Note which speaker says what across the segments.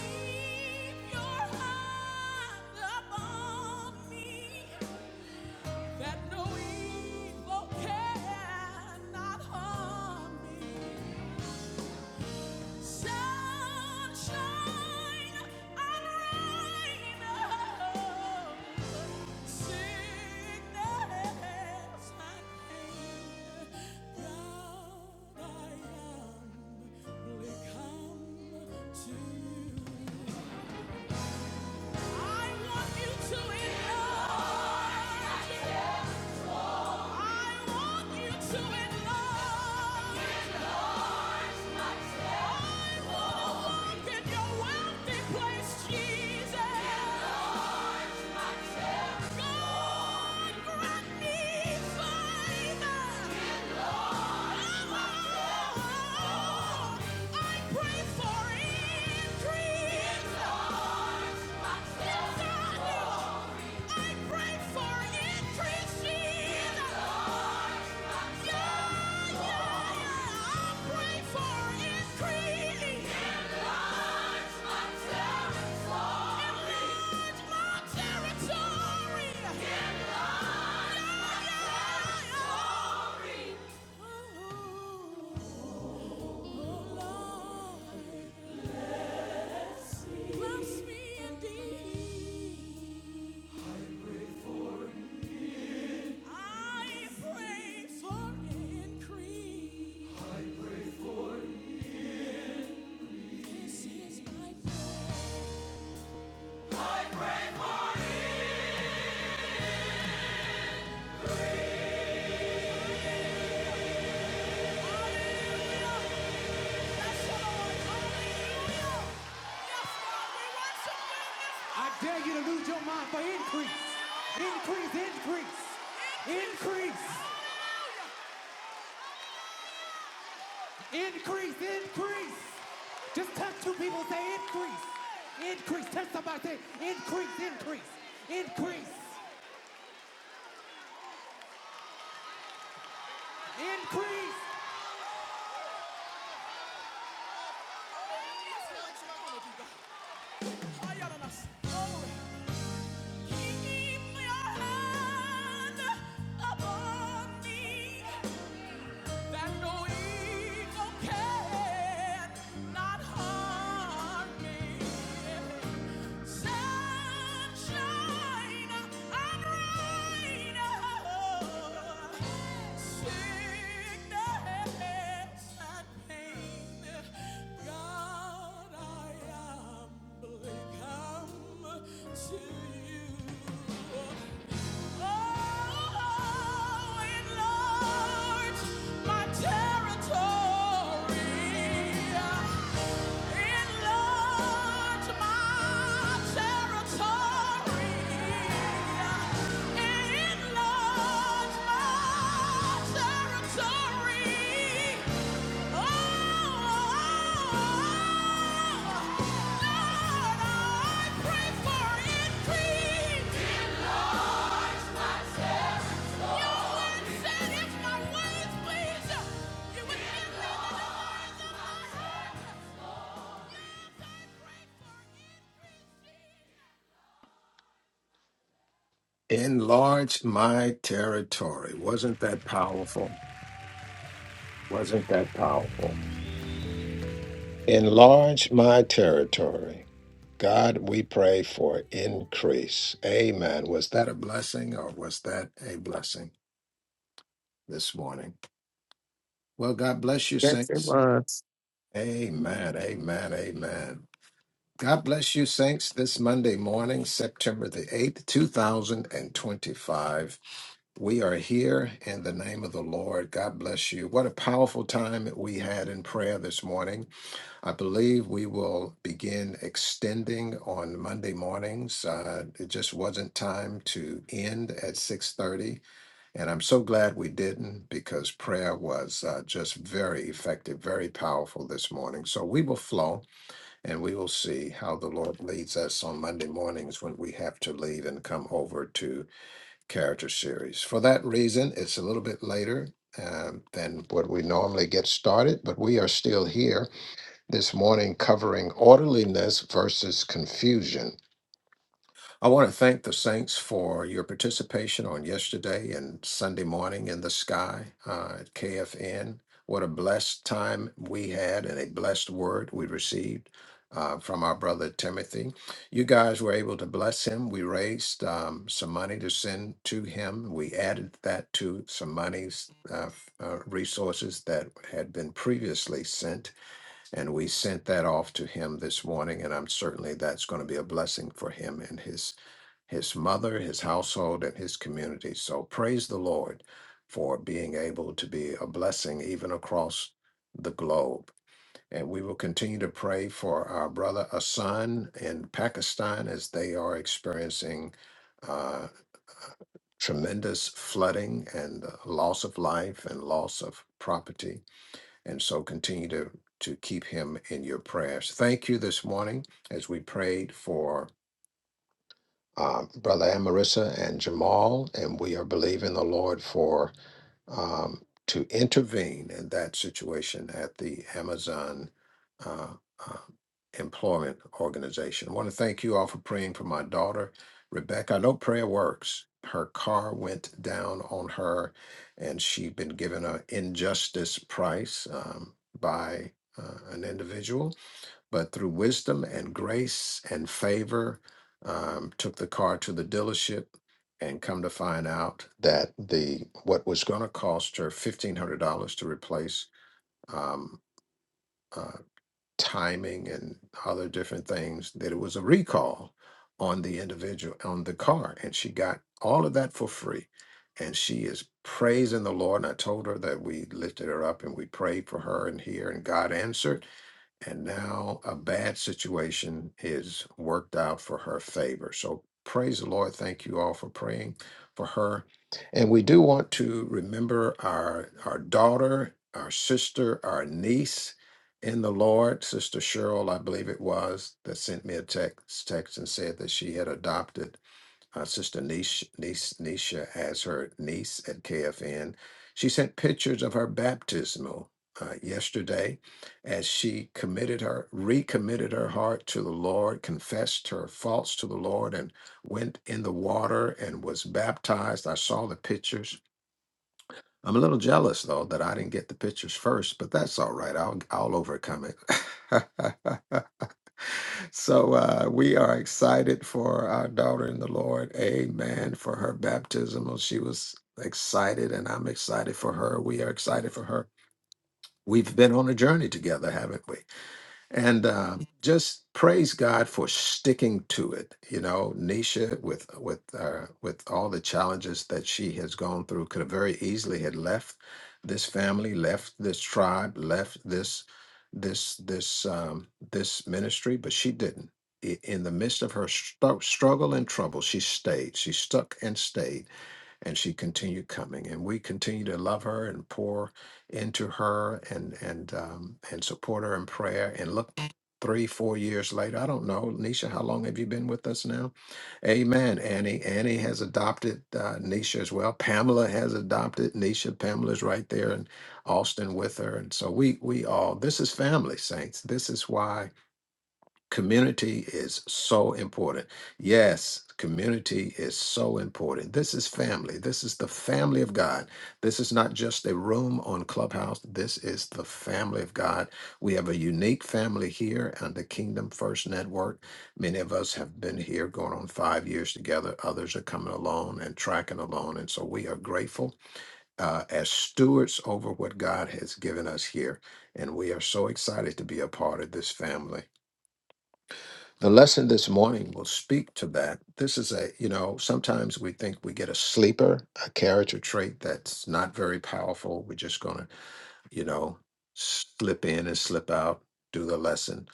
Speaker 1: Keep your hand upon me, that no evil cannot harm me. Sunshine and rain, oh, sickness and pain. God, I humbly come to you. Pray for increase. Yes, I do. I pray for increase, Yeah, yeah, yeah. I pray for increase. Enlarge my territory. Enlarge my territory. Enlarge my territory. Oh, oh, Lord, bless me indeed. I pray for increase. This is my prayer. Hallelujah. Bless Hallelujah. Yes, we worship you this I dare you to lose your mind for increase. Increase, increase, Increase. increase, increase, Just touch two people and say increase. Increase. Touch somebody say increase, increase, increase, increase, Keep your hand upon me that no evil can not harm me. Sunshine and rain, sickness and pain. God, I am come to you. Oh, oh, oh. Enlarge my Said if my ways please you, you would give me the desires of I pray for increase.
Speaker 2: Enlarge my territory. Wasn't that powerful? Wasn't that powerful? Enlarge my territory. God, we pray for increase. Amen. Was that a blessing or was that a blessing this morning? Well, God bless you,
Speaker 3: Yes, it
Speaker 2: saints.
Speaker 3: was.
Speaker 2: Amen. Amen. Amen. God bless you, saints, this Monday morning, September the 8th, 2025. We are here in the name of the Lord. God bless you. What a powerful time we had in prayer this morning. I believe we will begin extending on Monday mornings. Uh, it just wasn't time to end at 6:30, and I'm so glad we didn't because prayer was uh, just very effective, very powerful this morning. So we will flow. And we will see how the Lord leads us on Monday mornings when we have to leave and come over to Character Series. For that reason, it's a little bit later um, than what we normally get started, but we are still here this morning covering orderliness versus confusion. I want to thank the saints for your participation on yesterday and Sunday morning in the sky uh, at KFN. What a blessed time we had and a blessed word we received uh, from our brother Timothy. You guys were able to bless him. We raised um, some money to send to him. We added that to some monies, uh, f- uh, resources that had been previously sent. And we sent that off to him this morning, and I'm certainly that's going to be a blessing for him and his his mother, his household, and his community. So praise the Lord for being able to be a blessing even across the globe. And we will continue to pray for our brother Asan in Pakistan as they are experiencing uh, tremendous flooding and uh, loss of life and loss of property. And so continue to, to keep him in your prayers. Thank you this morning as we prayed for um, Brother Amarissa and Jamal, and we are believing the Lord for um, to intervene in that situation at the Amazon uh, uh, Employment Organization. I want to thank you all for praying for my daughter, Rebecca. I know prayer works. Her car went down on her, and she'd been given an injustice price um, by uh, an individual but through wisdom and grace and favor, um, took the car to the dealership and come to find out that the what was going to cost her fifteen hundred dollars to replace um, uh, timing and other different things that it was a recall on the individual on the car, and she got all of that for free. And she is praising the Lord. And I told her that we lifted her up and we prayed for her and here, and God answered and now a bad situation is worked out for her favor. So praise the Lord. Thank you all for praying for her. And we do want to remember our our daughter, our sister, our niece in the Lord, Sister Cheryl, I believe it was, that sent me a text text and said that she had adopted uh, sister Nisha, niece, Nisha as her niece at KFN. She sent pictures of her baptismal uh, yesterday as she committed her, recommitted her heart to the Lord, confessed her faults to the Lord, and went in the water and was baptized. I saw the pictures. I'm a little jealous though that I didn't get the pictures first, but that's all right. I'll I'll overcome it. So uh, we are excited for our daughter in the Lord. Amen. For her baptismal. She was excited, and I'm excited for her. We are excited for her. We've been on a journey together, haven't we? and uh, just praise God for sticking to it. You know, Nisha, with with uh, with all the challenges that she has gone through, could have very easily had left this family, left this tribe, left this this this um, this ministry, but she didn't. I- In the midst of her stru- struggle and trouble, she stayed. She stuck and stayed, and she continued coming. And we continue to love her and pour into her and and um, and support her in prayer. And look, three four years later, I don't know, Nisha, how long have you been with us now? Amen. Annie Annie has adopted uh, Nisha as well. Pamela has adopted Nisha. Pamela's right there in Austin with her, and so we we all this is family, saints. This is why. Community is so important. Yes, community is so important. This is family. This is the family of God. This is not just a room on Clubhouse. This is the family of God. We have a unique family here on the Kingdom First Network. Many of us have been here going on five years together. Others are coming along and tracking along. And so we are grateful uh, as stewards over what God has given us here. And we are so excited to be a part of this family the lesson this morning will speak to that. This is a, you know, sometimes we think we get a sleeper, a character trait that's not very powerful. We're just going to, you know, slip in and slip out, do the lesson.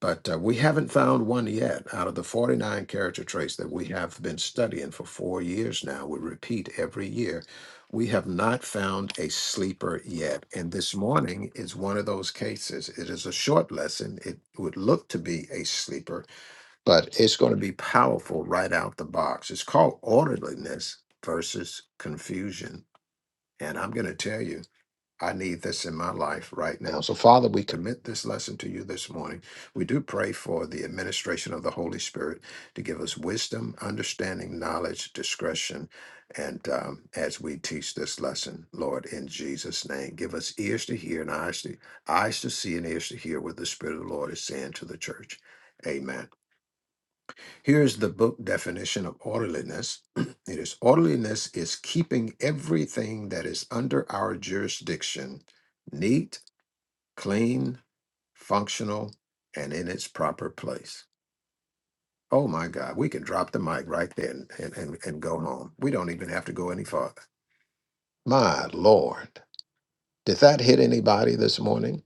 Speaker 2: But uh, we haven't found one yet out of the 49 character traits that we have been studying for four years now. We repeat every year. We have not found a sleeper yet. And this morning is one of those cases. It is a short lesson. It would look to be a sleeper but it's going to be powerful right out the box. It's called orderliness versus confusion. And I'm going to tell you, I need this in my life right now. So, Father, we commit this lesson to you this morning. We do pray for the administration of the Holy Spirit to give us wisdom, understanding, knowledge, discretion. And um, as we teach this lesson, Lord, in Jesus' name, give us ears to hear and eyes to, eyes to see and ears to hear what the Spirit of the Lord is saying to the church. Amen. Here's the book definition of orderliness it is orderliness is keeping everything that is under our jurisdiction neat, clean, functional, and in its proper place. Oh my God, we can drop the mic right there and, and, and, and go home. We don't even have to go any farther. My Lord, did that hit anybody this morning?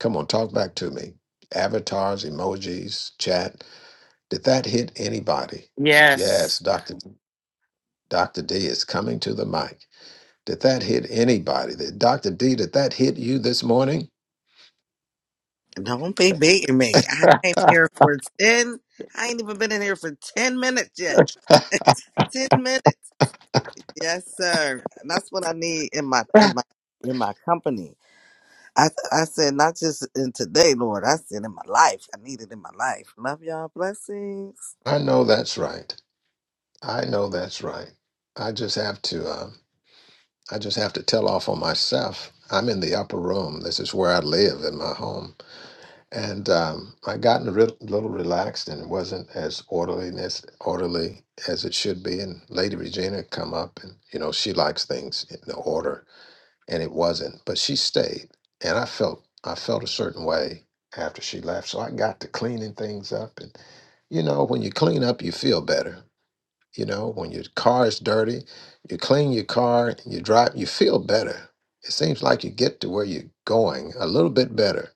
Speaker 2: Come on, talk back to me. Avatars, emojis, chat. Did that hit anybody? Yes,
Speaker 3: Yes,
Speaker 2: Dr. Dr. D is coming to the mic. Did that hit anybody? Did Dr. D, did that hit you this morning?
Speaker 4: Don't be baiting me. I ain't here for 10. I ain't even been in here for 10 minutes yet. 10 minutes. Yes, sir. And that's what I need in my in my in my company. I I said not just in today, Lord. I said in my life. I need it in my life. Love y'all. Blessings.
Speaker 2: I know that's right. I know that's right. I just have to um, I just have to tell off on myself. I'm in the upper room. This is where I live in my home. And um, I gotten a re- little relaxed and wasn't as orderly as orderly as it should be. And Lady Regina come up and you know she likes things in order and it wasn't. But she stayed, and I felt I felt a certain way after she left. So I got to cleaning things up, and you know, when you clean up, you feel better. You know, when your car is dirty, you clean your car, and you drive, you feel better. It seems like you get to where you're going a little bit better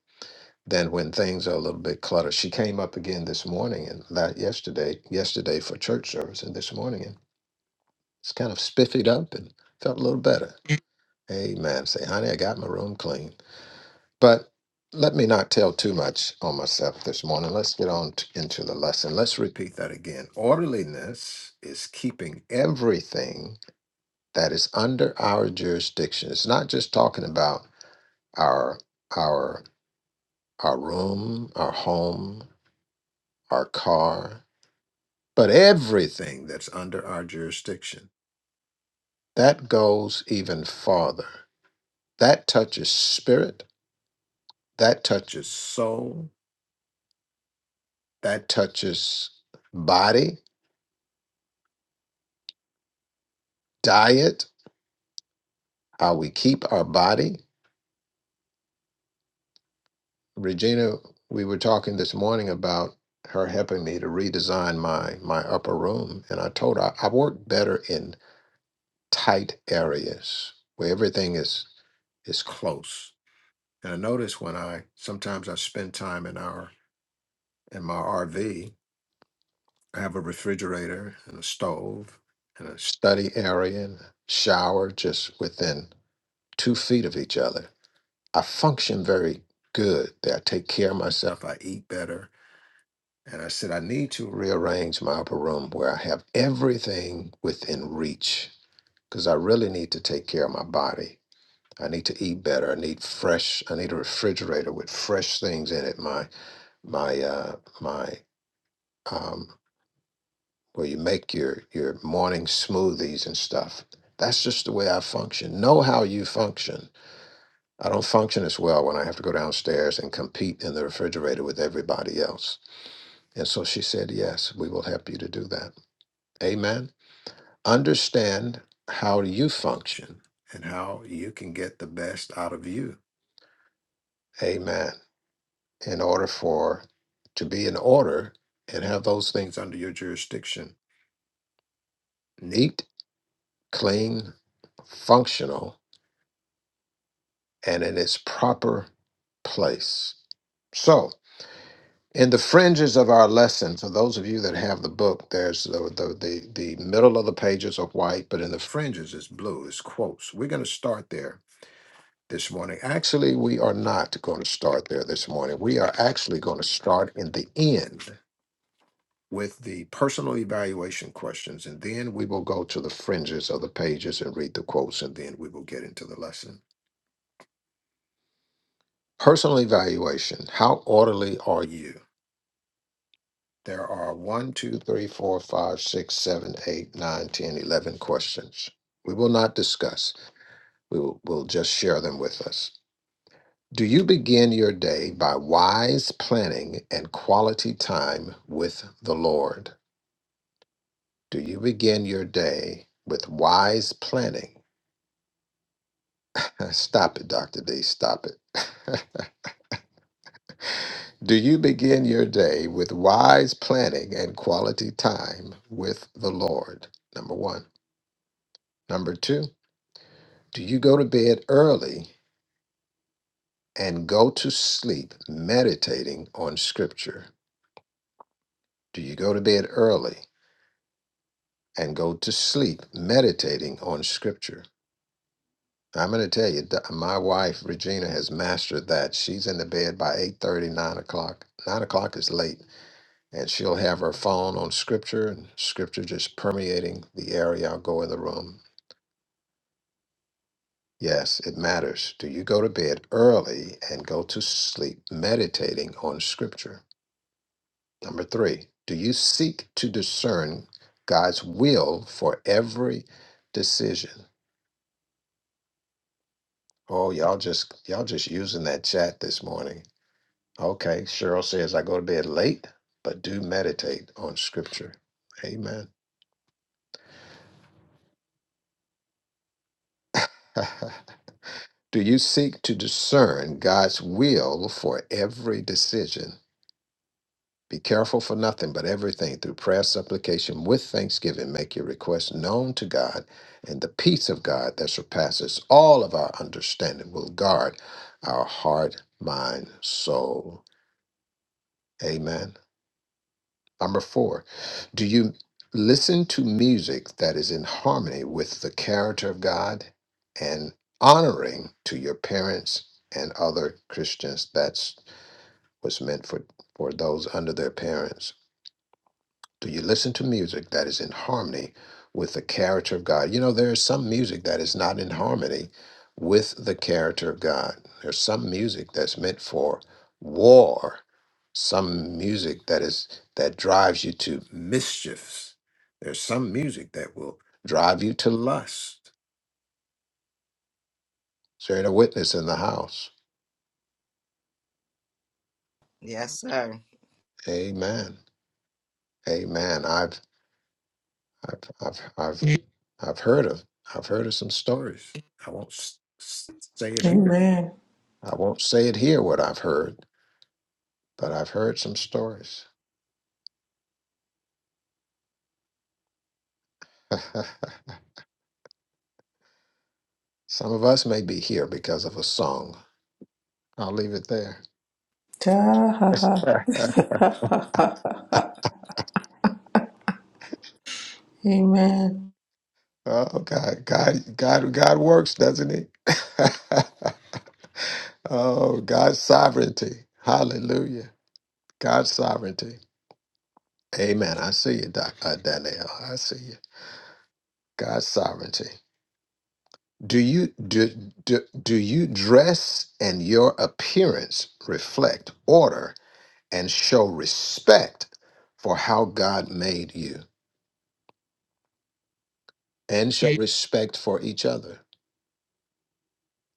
Speaker 2: than when things are a little bit cluttered. She came up again this morning and that yesterday, yesterday for church service, and this morning and it's kind of spiffied up and felt a little better. Amen. Say, honey, I got my room clean. But let me not tell too much on myself this morning. Let's get on t- into the lesson. Let's repeat that again. Orderliness is keeping everything that is under our jurisdiction. It's not just talking about our our our room, our home, our car, but everything that's under our jurisdiction. That goes even farther. That touches spirit, that touches soul, that touches body, diet, how we keep our body. Regina, we were talking this morning about her helping me to redesign my my upper room, and I told her I work better in tight areas where everything is is close. And I notice when I sometimes I spend time in our in my RV, I have a refrigerator and a stove and a study area and a shower just within two feet of each other I function very good. That I take care of myself. I eat better. And I said, I need to rearrange my upper room where I have everything within reach because I really need to take care of my body. I need to eat better. I need fresh. I need a refrigerator with fresh things in it. My my uh, my um, where you make your your morning smoothies and stuff. That's just the way I function. Know how you function I don't function as well when I have to go downstairs and compete in the refrigerator with everybody else. And so she said, Yes, we will help you to do that. Amen. Understand how you function and how you can get the best out of you. Amen. In order for to be in order and have those things under your jurisdiction. Neat, clean, functional, and in its proper place. So. in the fringes of our lesson for those of you that have the book there's the the, the, the middle of the pages are white but in the fringes is blue it's quotes we're going to start there this morning actually we are not going to start there this morning we are actually going to start in the end with the personal evaluation questions and then we will go to the fringes of the pages and read the quotes and then we will get into the lesson personal evaluation how orderly are you There are one, two, three, four, five, six, seven, eight, nine, ten, eleven questions. We will not discuss. We will we'll just share them with us. Do you begin your day by wise planning and quality time with the Lord? Do you begin your day with wise planning? Stop it, Dr. D. Stop it. Do you begin your day with wise planning and quality time with the Lord? Number one. Number two. Do you go to bed early and go to sleep meditating on Scripture? Do you go to bed early and go to sleep meditating on Scripture? I'm going to tell you, th- my wife Regina has mastered that. She's in the bed by eight thirty, nine o'clock. 9 o'clock is late, and she'll have her phone on Scripture, and Scripture just permeating the area. I'll go in the room. Yes, it matters. Do you go to bed early and go to sleep meditating on Scripture? Number three, do you seek to discern God's will for every decision? Oh, y'all just y'all just using that chat this morning. Okay, Cheryl says I go to bed late, but do meditate on scripture. Amen. do you seek to discern God's will for every decision? Be careful for nothing, but everything through prayer, supplication, with thanksgiving, make your requests known to God, and the peace of God that surpasses all of our understanding will guard our heart, mind, soul. Amen. Number four, do you listen to music that is in harmony with the character of God and honoring to your parents and other Christians? That's what's meant for, for those under their parents. Do you listen to music that is in harmony with the character of God? You know, there is some music that is not in harmony with the character of God. There's some music that's meant for war, some music that is that drives you to mischiefs. There's some music that will drive you to lust. Is there a witness in the house?
Speaker 4: Yes, sir.
Speaker 2: Amen. Amen. I've I've I've I've, Mm. I've heard of I've heard of some stories. I won't s- s- say it here.
Speaker 5: Amen.
Speaker 2: I won't say it here what I've heard, but I've heard some stories. some of us may be here because of a song. I'll leave it there.
Speaker 5: Ta ha ha. Amen.
Speaker 2: oh God, God, God, God works, doesn't He? oh God's sovereignty. Hallelujah. God's sovereignty. Amen. I see you, Doc, uh, Danielle. I see you. God's sovereignty. Do you do, do do you dress and your appearance reflect order and show respect for how God made you and show Yeah. respect for each other,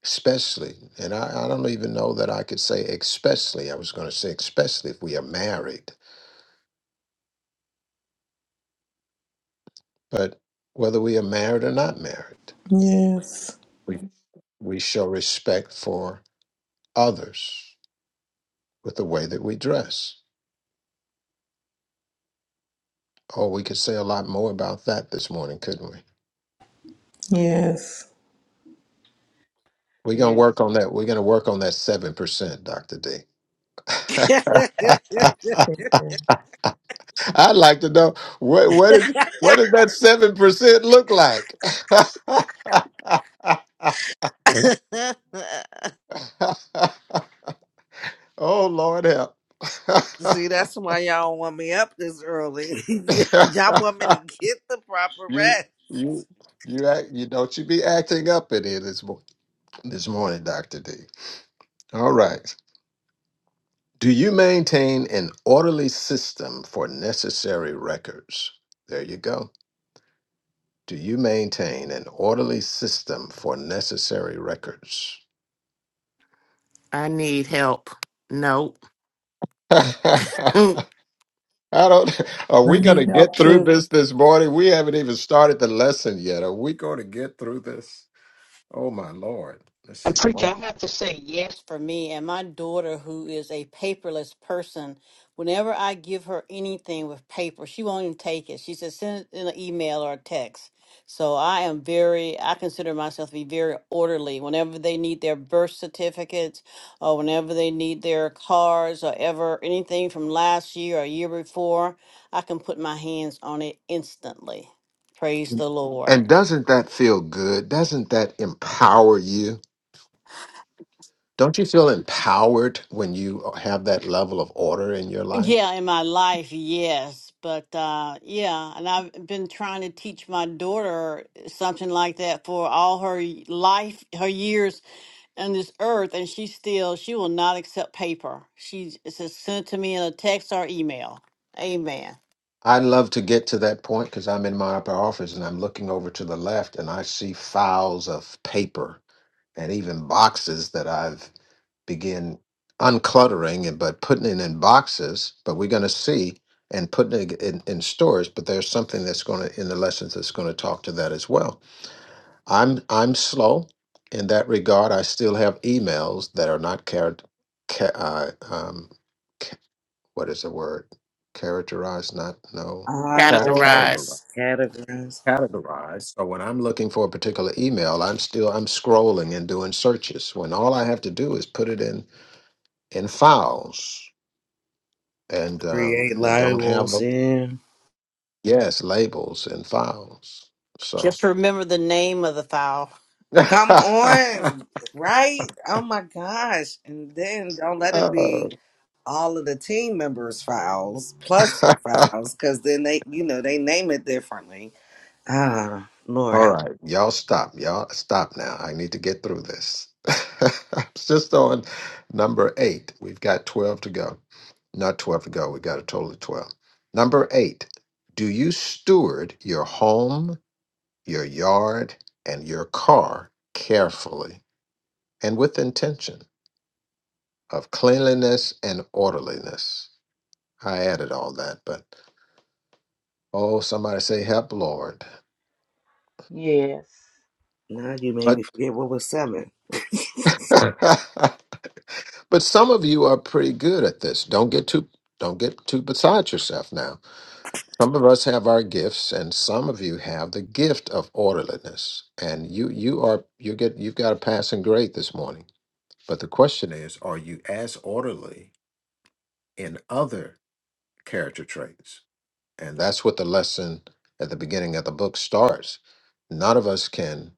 Speaker 2: especially. And I, I don't even know that I could say especially. I was going to say especially if we are married, but whether we are married or not married,
Speaker 5: Yes.
Speaker 2: we, we show respect for others with the way that we dress. Oh, we could say a lot more about that this morning, couldn't we?
Speaker 5: Yes.
Speaker 2: We're going to
Speaker 6: Yes.
Speaker 2: work on that. We're going to work on that 7%, Dr. D. I'd like to know what what is what does that seven percent look like? oh Lord help!
Speaker 4: See, that's why y'all don't want me up this early. y'all want me to get the proper
Speaker 2: you
Speaker 4: rest.
Speaker 2: you you act, you don't you be acting up in here this mo- this morning, Doctor D. All right. Do you maintain an orderly system for necessary records? There you go. Do you maintain an orderly system for necessary records?
Speaker 3: I need help. Nope.
Speaker 2: I don't. Are
Speaker 5: I
Speaker 2: we going to
Speaker 5: need
Speaker 2: get
Speaker 5: help
Speaker 2: through
Speaker 5: too.
Speaker 2: this this morning? We haven't even started the lesson yet. Are we going to get through this? Oh my lord! Let's
Speaker 7: And
Speaker 2: see.
Speaker 7: preacher, I have to say yes for me and my daughter, who is a paperless person. Whenever I give her anything with paper, she won't even take it. She says send it in an email or a text. So I am very, I consider myself to be very orderly. Whenever they need their birth certificates, or whenever they need their cards, or ever anything from last year or year before, I can put my hands on it instantly. Praise the Lord.
Speaker 2: And doesn't that feel good? Doesn't that empower you? Don't you feel empowered when you have that level of order in your
Speaker 7: Yeah,
Speaker 2: life?
Speaker 7: in my life, yes. But uh yeah, and I've been trying to teach my daughter something like that for all her y- life, her years on this earth, and she still she will not accept paper. She says send it to me in a text or email. Amen.
Speaker 2: I would love to get to that point because I'm in my upper office and I'm looking over to the left and I see files of paper and even boxes that I've begin uncluttering and but putting it in boxes but we're going to see and putting it in, in stores but there's something that's going to in the lessons that's going to talk to that as well i'm i'm slow in that regard i still have emails that are not carried ca- uh, um, ca- what is the word characterized not no cat-
Speaker 4: Unorganized
Speaker 2: categorized
Speaker 3: Categorize
Speaker 4: categories
Speaker 2: categorized. So when I'm looking for a particular email, I'm still I'm scrolling and doing searches. When all I have to do is put it in in files and, um,
Speaker 4: create
Speaker 2: and don't have
Speaker 4: labels.
Speaker 2: them.
Speaker 4: Yeah.
Speaker 2: Yes, labels and files. So.
Speaker 7: Just remember the name of the file.
Speaker 4: Come on, right? Oh my gosh! And then don't let it
Speaker 2: Oh.
Speaker 4: be all of the team members' files plus files, because then they, you know, they name it differently. Ah, Lord
Speaker 2: All
Speaker 4: help!
Speaker 2: right, y'all stop. Y'all stop now. I need to get through this. It's Just on number eight. We've got 12 to go. Not 12 to go. We got a total of 12. Number eight. Do you steward your home, your yard, and your car carefully and with intention of cleanliness and orderliness? I added all that, but oh, somebody say, help, Lord.
Speaker 6: Yes,
Speaker 4: Now you made
Speaker 2: But
Speaker 4: me forget what was seven.
Speaker 2: But some of you are pretty good at this. Don't get too don't get too beside yourself now. Some of us have our gifts and some of you have the gift of orderliness. And you you are you get you've got a passing grade this morning. But the question is, are you as orderly in other character traits? And that's what the lesson at the beginning of the book starts. None of us can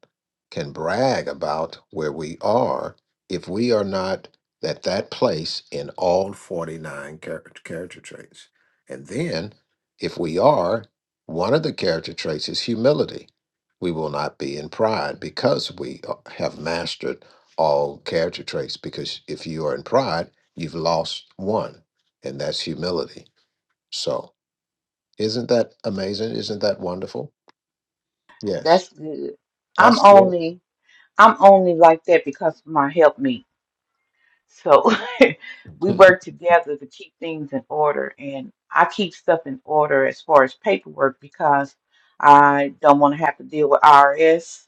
Speaker 2: can brag about where we are if we are not at that place in all 49 char- character traits. And then if we are, one of the character traits is humility. We will not be in pride because we uh, have mastered all character traits because if you are in pride, you've lost one, and that's humility. So, isn't that amazing? Isn't that wonderful? Yes,
Speaker 6: that's good. I'm
Speaker 2: that's good.
Speaker 6: only I'm only like that because my help me. So we work together to keep things in order, and I keep stuff in order as far as paperwork because I don't want to have to deal with IRS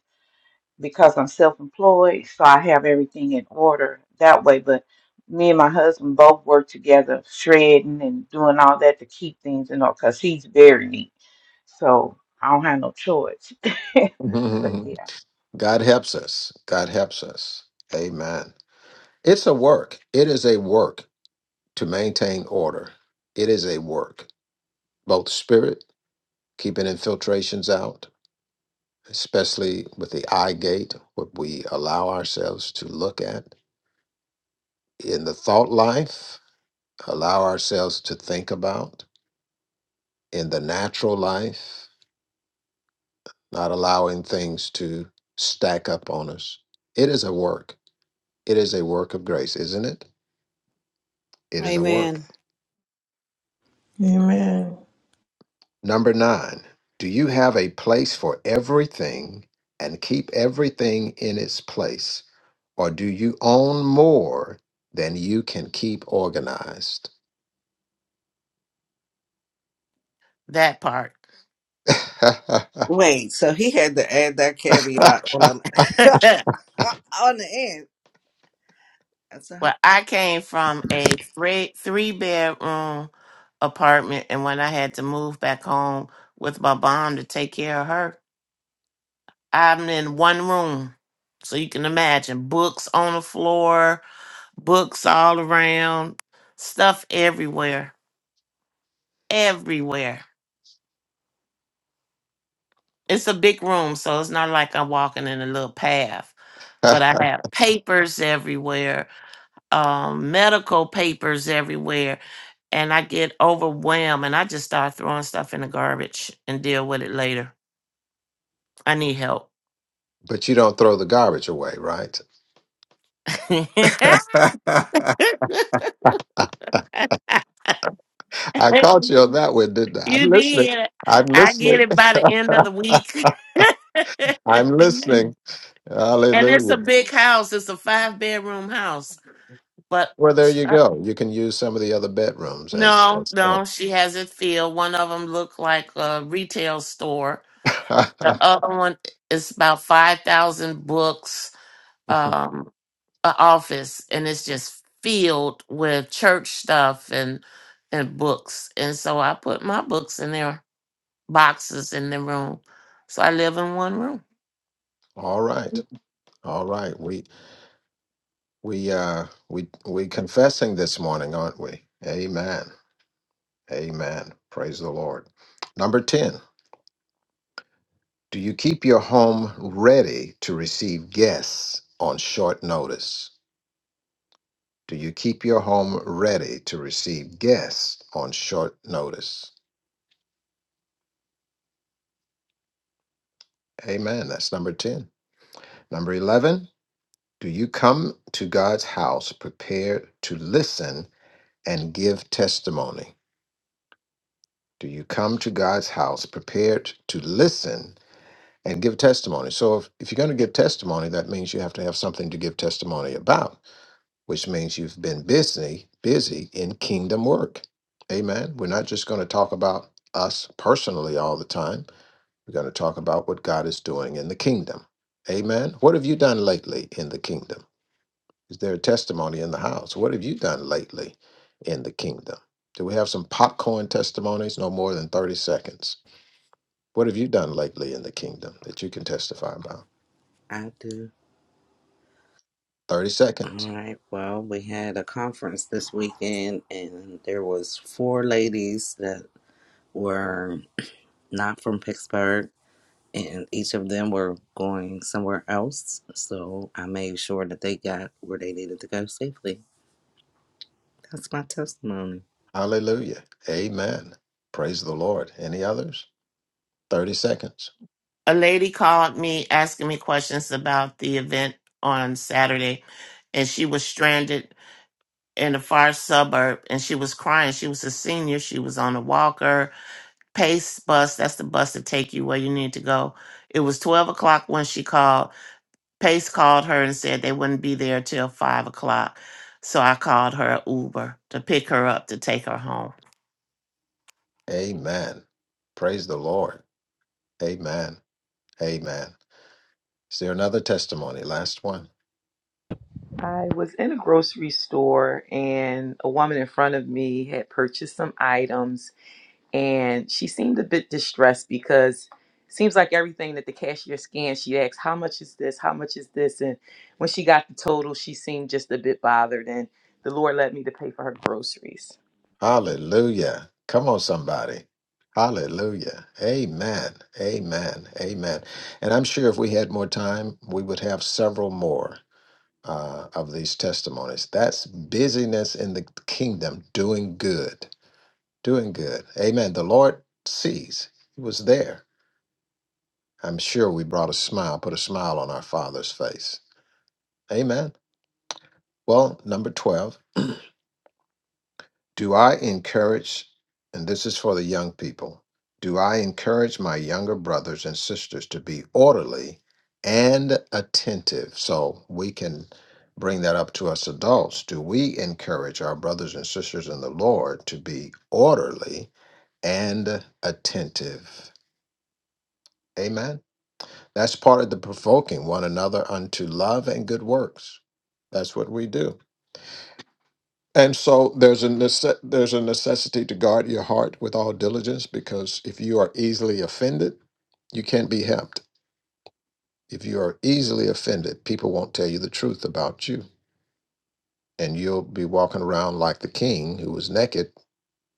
Speaker 6: because I'm self employed, so I have everything in order that way. But me and my husband both work together, shredding and doing all that to keep things in order because he's very neat. So I don't have no choice. but yeah.
Speaker 2: God helps us. God helps us. Amen. It's a work. It is a work to maintain order. It is a work, both spirit, keeping infiltrations out, especially with the eye gate, what we allow ourselves to look at in the thought life, allow ourselves to think about in the natural life. not allowing things to stack up on us. It is a work. It is a work of grace, isn't it? It is a work.
Speaker 7: Amen.
Speaker 5: Amen.
Speaker 2: Number nine, do you have a place for everything and keep everything in its place? Or do you own more than you can keep organized?
Speaker 3: that part.
Speaker 4: Wait, so he had to add that
Speaker 2: but
Speaker 4: caveat on the
Speaker 3: well,
Speaker 4: on the end. That's a,
Speaker 3: I came from a three three bedroom apartment, and when I had to move back home with my mom to take care of her, I'm in one room. So you can imagine books on the floor, books all around, stuff everywhere, everywhere. It's a big room, so it's not like I'm walking in a little path. But I have papers everywhere, um, medical papers everywhere, and I get overwhelmed and I just start throwing stuff in the garbage and deal with it later. I need help.
Speaker 2: you don't throw the garbage away, right?
Speaker 3: you
Speaker 2: I caught you on that one, didn't I? I'm listening.
Speaker 3: did.
Speaker 2: I'm
Speaker 3: I get
Speaker 2: listening.
Speaker 3: it by the end of the week.
Speaker 2: I'm listening.
Speaker 3: and it's
Speaker 2: Hallelujah.
Speaker 3: a big house, it's a five bedroom house. But
Speaker 2: Well, there you go. You can use some of the other bedrooms as
Speaker 3: No,
Speaker 2: as all.
Speaker 3: no, she has it filled. One of them look like a retail store. The other one is about five thousand books, um, a office, and it's just filled with church stuff and and books. And so I put my books in their boxes in the room. So I live in one room.
Speaker 2: all right, all right. We we uh we we confessing this morning, aren't we? Amen. Amen. Praise the Lord. Number ten. Do you keep your home ready to receive guests on short notice? Do you keep your home ready to receive guests on short notice? Amen. That's number ten. Number eleven. Do you come to God's house prepared to listen and give testimony? Do you come to God's house prepared to listen and give testimony? So, if, if you're going to give testimony, that means you have to have something to give testimony about, which means you've been busy, busy in kingdom work. Amen. We're not just going to talk about us personally all the time. We're going to talk about what God is doing in the kingdom. Amen. What have you done lately in the kingdom? Is there a testimony in the house? What have you done lately in the kingdom? Do we have some popcorn testimonies? No more than 30 seconds. What have you done lately in the kingdom that you can testify about?
Speaker 4: I do.
Speaker 2: 30
Speaker 4: All
Speaker 2: seconds.
Speaker 4: right. Well, we had a conference this weekend, and there was four ladies that were not from Pittsburgh, and each of them were going somewhere else. So I made sure that they got where they needed to go safely. That's my testimony.
Speaker 2: Hallelujah. Amen. Praise the Lord. Any others? 30 seconds.
Speaker 3: A lady called me asking me questions about the event on Saturday, and she was stranded in the far suburb and she was crying. She was a senior. She was on a walker. Pace bus, that's the bus to take you where you need to go. It was 12 o'clock when she called. Pace called her and said they wouldn't be there till 5 o'clock. So I called her a Uber to pick her up to take her home.
Speaker 2: Amen. Praise the Lord. Amen. Amen. Is there another testimony? Last one.
Speaker 8: I was in a grocery store and a woman in front of me had purchased some items and she seemed a bit distressed because it seems like everything that the cashier scanned, she asked, How much is this? How much is this? And when she got the total, she seemed just a bit bothered and the Lord led me to pay for her groceries.
Speaker 2: Hallelujah. Come on, somebody. Hallelujah. Amen. Amen. Amen. And I'm sure if we had more time, we would have several more uh, of these testimonies. That's busyness in the kingdom, doing good, doing good. Amen. The Lord sees, He was there. I'm sure we brought a smile, put a smile on our Father's face. Amen. Well, number 12. Do I encourage, and this is for the young people, do I encourage my younger brothers and sisters to be orderly and attentive? So we can bring that up to us adults. Do we encourage our brothers and sisters in the Lord to be orderly and attentive? Amen. That's part of the provoking one another unto love and good works. That's what we do. And so there's a nece- there's a necessity to guard your heart with all diligence because if you are easily offended, you can't be helped. If you are easily offended, people won't tell you the truth about you, and you'll be walking around like the king who was naked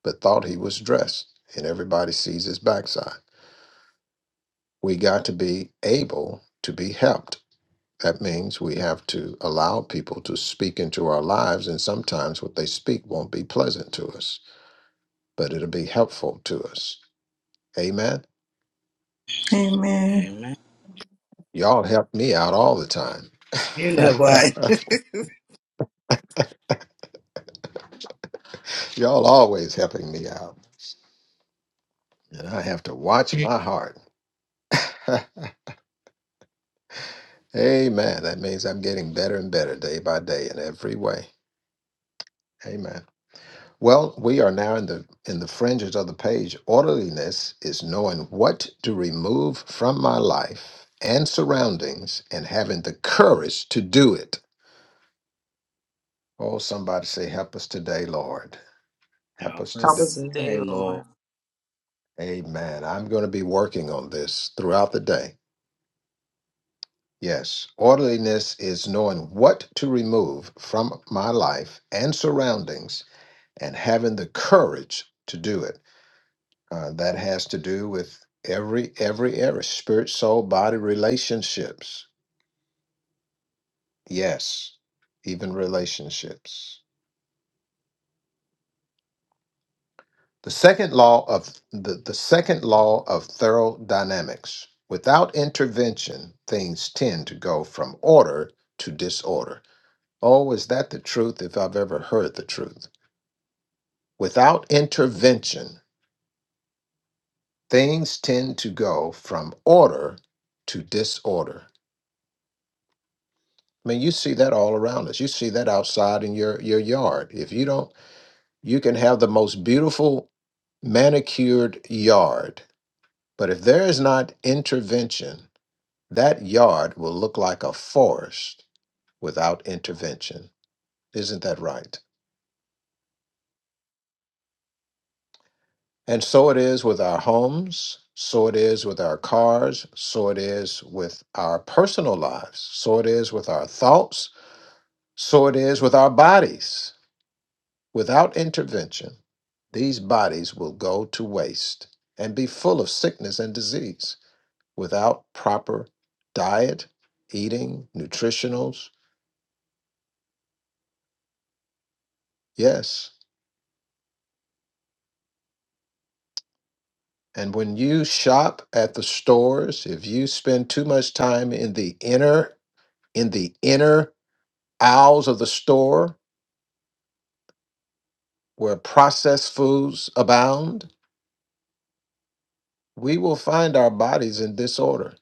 Speaker 2: but thought he was dressed, and everybody sees his backside. We got to be able to be helped. That means we have to allow people to speak into our lives, and sometimes what they speak won't be pleasant to us, but it'll be helpful to us Amen.
Speaker 5: Amen.
Speaker 4: Amen.
Speaker 2: Y'all help me out all the time.
Speaker 4: You know what?
Speaker 2: Y'all always helping me out. And I have to watch my heart. Amen. That means I'm getting better and better day by day in every way. Amen. Well, we are now in the in the fringes of the page. Orderliness is knowing what to remove from my life and surroundings and having the courage to do it. Oh, somebody say, help us today, Lord. Help us
Speaker 4: Help
Speaker 8: Help
Speaker 2: today."
Speaker 4: us
Speaker 8: us today,
Speaker 4: today, Lord.
Speaker 8: Lord.
Speaker 2: Amen. I'm going to be working on this throughout the day. Yes. Orderliness is knowing what to remove from my life and surroundings and having the courage to do it. Uh, that has to do with every every area spirit soul body relationships yes even relationships The second law of the, the second law of thermodynamics. Without intervention, things tend to go from order to disorder. Oh, is that the truth if I've ever heard the truth? Without intervention, things tend to go from order to disorder. I mean, you see that all around us. You see that outside in your, your yard. If you don't, you can have the most beautiful manicured yard, but if there is not intervention, That yard will look like a forest without intervention. Isn't that right? And so it is with our homes, so it is with our cars, so it is with our personal lives, so it is with our thoughts, so it is with our bodies. Without intervention, these bodies will go to waste and be full of sickness and disease without proper diet, eating, nutritionals. Yes, And when you shop at the stores, if you spend too much time in the inner in the inner aisles of the store where processed foods abound, we will find our bodies in disorder.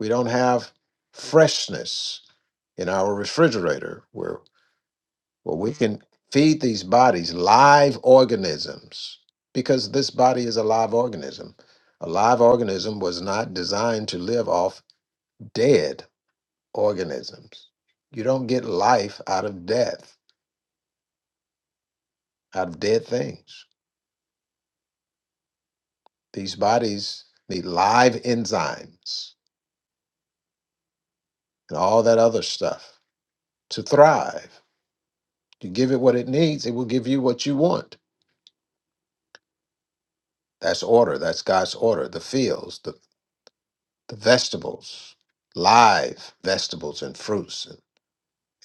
Speaker 2: We don't have freshness in our refrigerator where where we can feed these bodies live organisms because this body is a live organism. A live organism was not designed to live off dead organisms. You don't get life out of death, out of dead things. These bodies need live enzymes and all that other stuff to thrive. You give it what it needs, it will give you what you want. That's order. That's God's order. The fields, the, the vegetables, live vegetables and fruits, and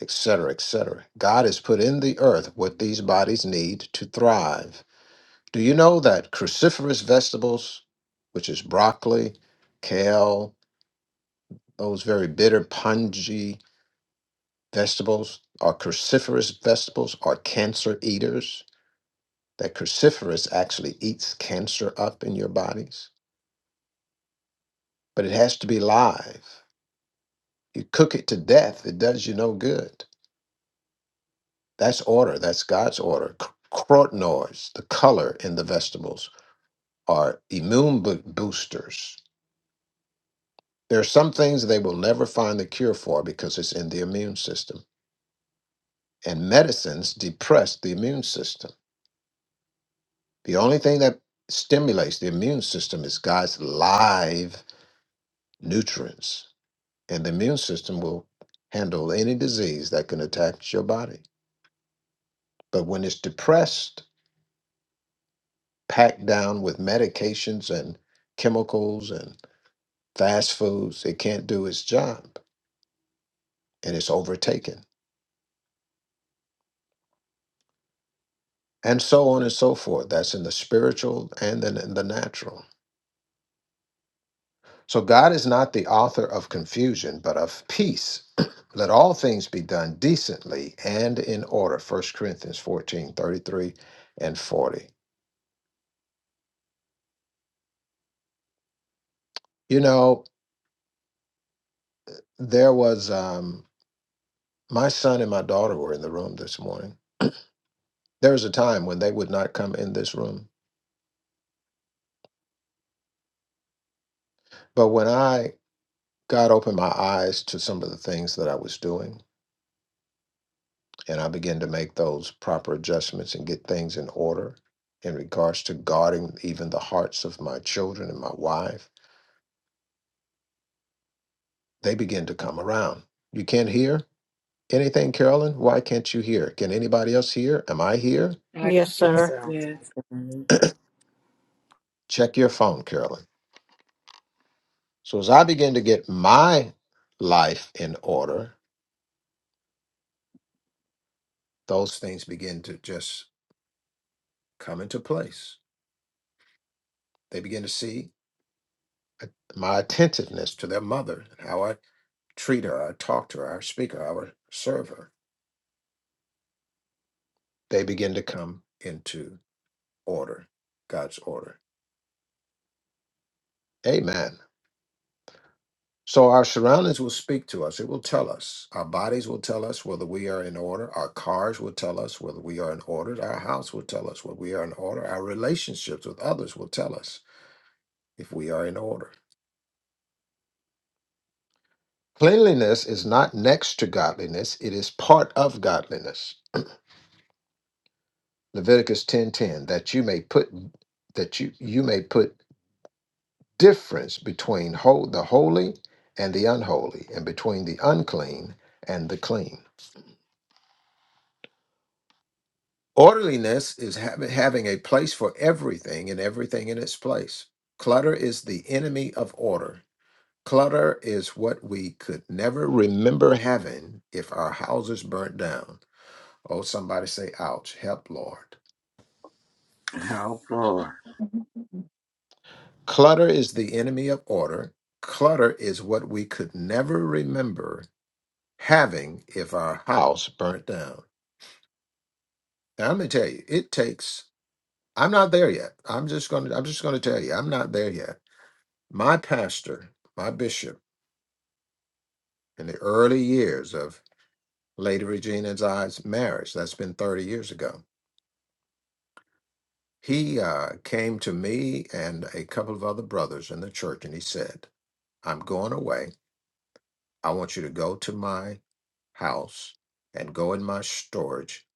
Speaker 2: et cetera, et cetera. God has put in the earth what these bodies need to thrive Do you know that cruciferous vegetables, which is broccoli, kale, those very bitter, pungy vegetables, are cruciferous vegetables, are cancer eaters? That cruciferous actually eats cancer up in your bodies, but it has to be live. You cook it to death, it does you no good. That's order, that's God's order. C- Carotenoids, the color in the vegetables, are immune bo- boosters There are some things they will never find the cure for because it's in the immune system. And medicines depress the immune system. The only thing that stimulates the immune system is God's live nutrients. And the immune system will handle any disease that can attack your body. But when it's depressed, packed down with medications and chemicals and fast foods, it can't do its job and it's overtaken. and so on and so forth. That's in the spiritual and then in the natural. So God is not the author of confusion, but of peace. Let all things be done decently and in order. First Corinthians 14 33 and 40. You know, there was um my son and my daughter were in the room this morning. There was a time when they would not come in this room. But when I God opened my eyes to some of the things that I was doing, and I begin to make those proper adjustments and get things in order in regards to guarding even the hearts of my children and my wife, they begin to come around. You can't hear anything, Carolyn? Why can't you hear? Can anybody else hear? Am I here?
Speaker 8: I
Speaker 7: Yes,
Speaker 8: can do
Speaker 4: Yes,
Speaker 8: that,
Speaker 7: sir.
Speaker 4: our
Speaker 8: yes.
Speaker 4: Lord.
Speaker 2: Check your phone, Carolyn. So as I begin to get my life in order, those things begin to just come into place. They begin to see uh, my attentiveness to their mother and how I treat her, I talk to her, I speak to her, I serve her they begin to come into order, God's order. Amen. So our surroundings will speak to us. It will tell us. Our bodies will tell us whether we are in order. Our cars will tell us whether we are in order. Our house will tell us whether we are in order. Our relationships with others will tell us if we are in order. Cleanliness is not next to godliness, it is part of godliness. Leviticus 10:10 that you may put that you you may put difference between ho- the holy and the unholy, and between the unclean and the clean. Orderliness is hav- having a place for everything and everything in its place. Clutter is the enemy of order. Clutter is what we could never remember having if our houses burnt down. Oh, somebody say, ouch, help, Lord.
Speaker 4: Help, Lord.
Speaker 2: Clutter is the enemy of order. Clutter is what we could never remember having if our house burnt down. And I'm gonna tell you, it takes. I'm not there yet. I'm just gonna. I'm just gonna tell you, I'm not there yet. My pastor, my bishop, in the early years of Lady Regina and I's marriage, that's been 30 years ago. He uh, came to me and a couple of other brothers in the church, and he said, "I'm going away. I want you to go to my house and go in my storage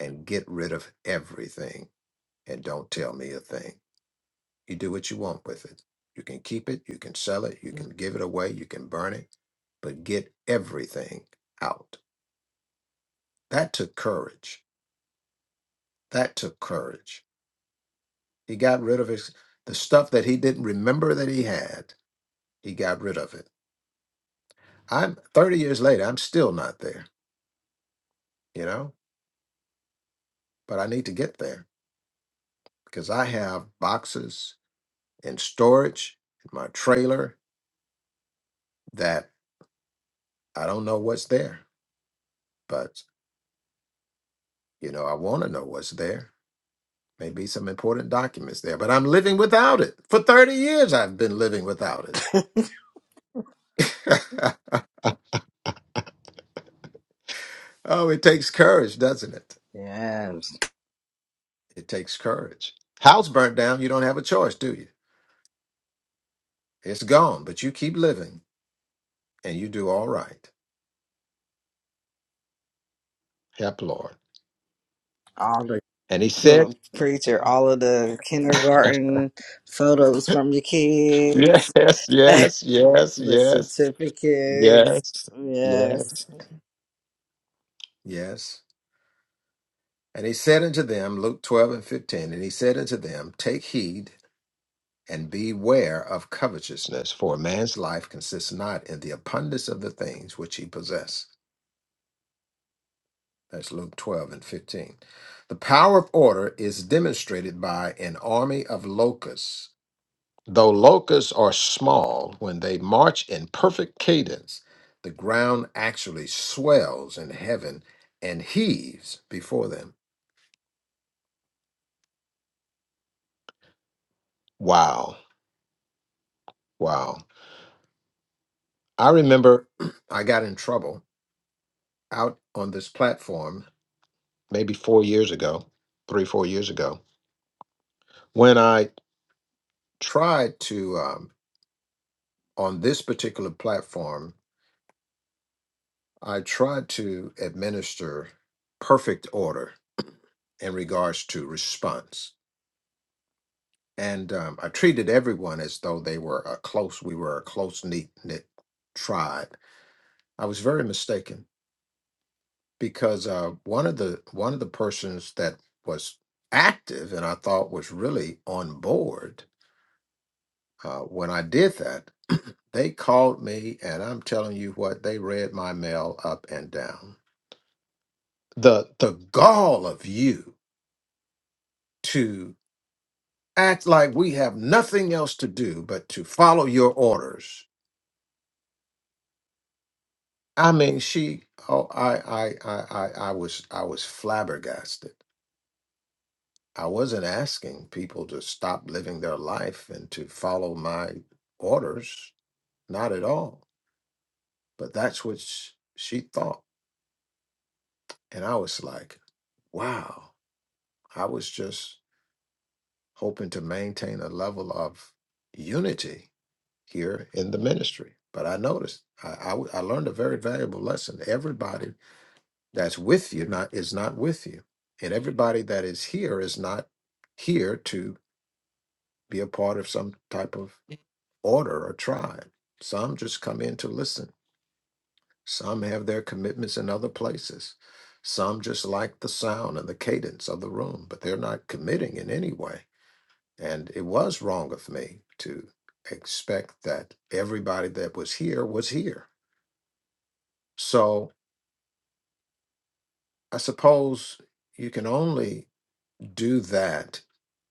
Speaker 2: and get rid of everything, and don't tell me a thing." You do what you want with it. You can keep it, you can sell it, you can give it away, you can burn it, but get everything out. That took courage. That took courage. He got rid of his the stuff that he didn't remember that he had. He got rid of it. I'm 30 years later, I'm still not there, you know, but I need to get there because I have boxes in storage in my trailer that I don't know what's there, but you know, I want to know what's there May be some important documents there, but I'm living without it. For 30 years, I've been living without it. oh, it takes courage, doesn't it?
Speaker 4: Yes.
Speaker 2: It takes courage. House burnt down, you don't have a choice, do you? It's gone, but you keep living and you do all right. Help, Lord.
Speaker 4: All the
Speaker 2: And he said,
Speaker 4: Look, preacher, all of the kindergarten photos from your
Speaker 2: Yes,
Speaker 4: kids,
Speaker 2: yes,
Speaker 4: the
Speaker 2: yes, yes, yes,
Speaker 4: certificates. Yes.
Speaker 2: yes. Yes. And he said unto them, Luke 12 and 15, and he said unto them, Take heed and beware of covetousness, for a man's life consists not in the abundance of the things which he possesses. That's Luke 12 and 15. The power of order is demonstrated by an army of locusts. Though locusts are small, when they march in perfect cadence, the ground actually swells in heaven and heaves before them. Wow, wow. I remember I got in trouble out on this platform maybe four years ago, three, four years ago, when I tried to, um, on this particular platform, I tried to administer perfect order in regards to response. And um, I treated everyone as though they were a close, we were a close knit knit tribe. I was very mistaken because uh, one of the one of the persons that was active and I thought was really on board Uh, when I did that, they called me, and I'm telling you what, they read my mail up and down. The the gall of you to act like we have nothing else to do but to follow your orders. I mean, she. Oh, I, I, I, I, I was, I was flabbergasted. I wasn't asking people to stop living their life and to follow my orders, not at all. But that's what sh- she thought. And I was like, wow, I was just hoping to maintain a level of unity here in the ministry. But I noticed, I, I, w- I learned a very valuable lesson. Everybody that's with you not, is not with you. And everybody that is here is not here to be a part of some type of order or tribe. Some just come in to listen Some have their commitments in other places. Some just like the sound and the cadence of the room, but they're not committing in any way. And it was wrong of me to expect that everybody that was here was here. So I suppose you can only do that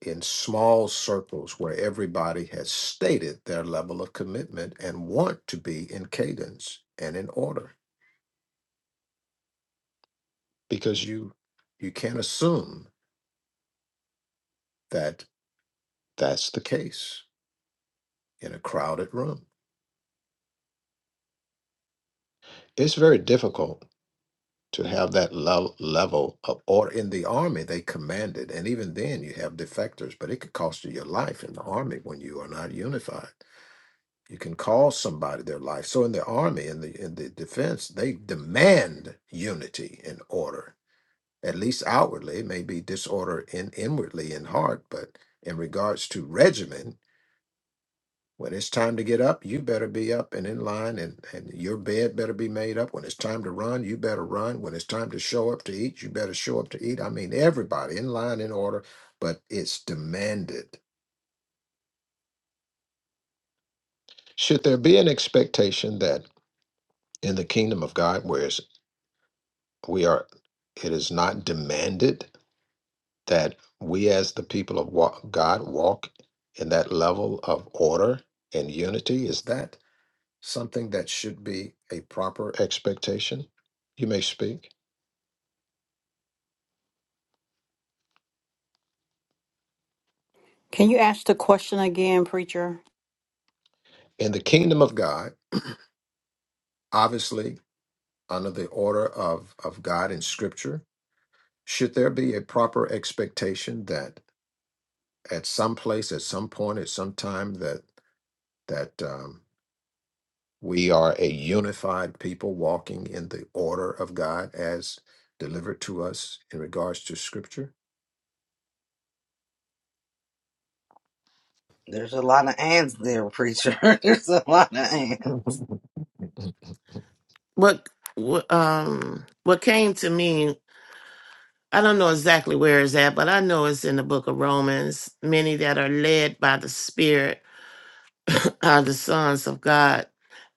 Speaker 2: in small circles where everybody has stated their level of commitment and want to be in cadence and in order because you you can't assume that that's the case in a crowded room. It's very difficult to have that level level of order. In the army, they command it, and even then, you have defectors. But it could cost you your life in the army when you are not unified. You can cause somebody their life. So in the army, in the in the defense, they demand unity and order. At least outwardly, it may be disorder in inwardly in heart, but in regards to regimen, When it's time to get up, you better be up and in line, and, and your bed better be made up. When it's time to run, you better run. When it's time to show up to eat, you better show up to eat. I mean, everybody in line, in order, but it's demanded. Should there be an expectation that in the kingdom of God, whereas we are, it is not demanded that we as the people of wa- God walk in that level of order and unity? Is that? something that should be a proper expectation. You may speak.
Speaker 7: Can you ask the question again, preacher?
Speaker 2: In the kingdom of God, obviously, under the order of, of God in scripture, should there be a proper expectation that at some place, at some point, at some time, that that um, we are a unified people walking in the order of God as delivered to us in regards to scripture?
Speaker 4: There's a lot of ands there, preacher. There's a lot of ands.
Speaker 3: What, what, um, what came to me, I don't know exactly where it's at, but I know it's in the book of Romans. Many that are led by the Spirit are the sons of God.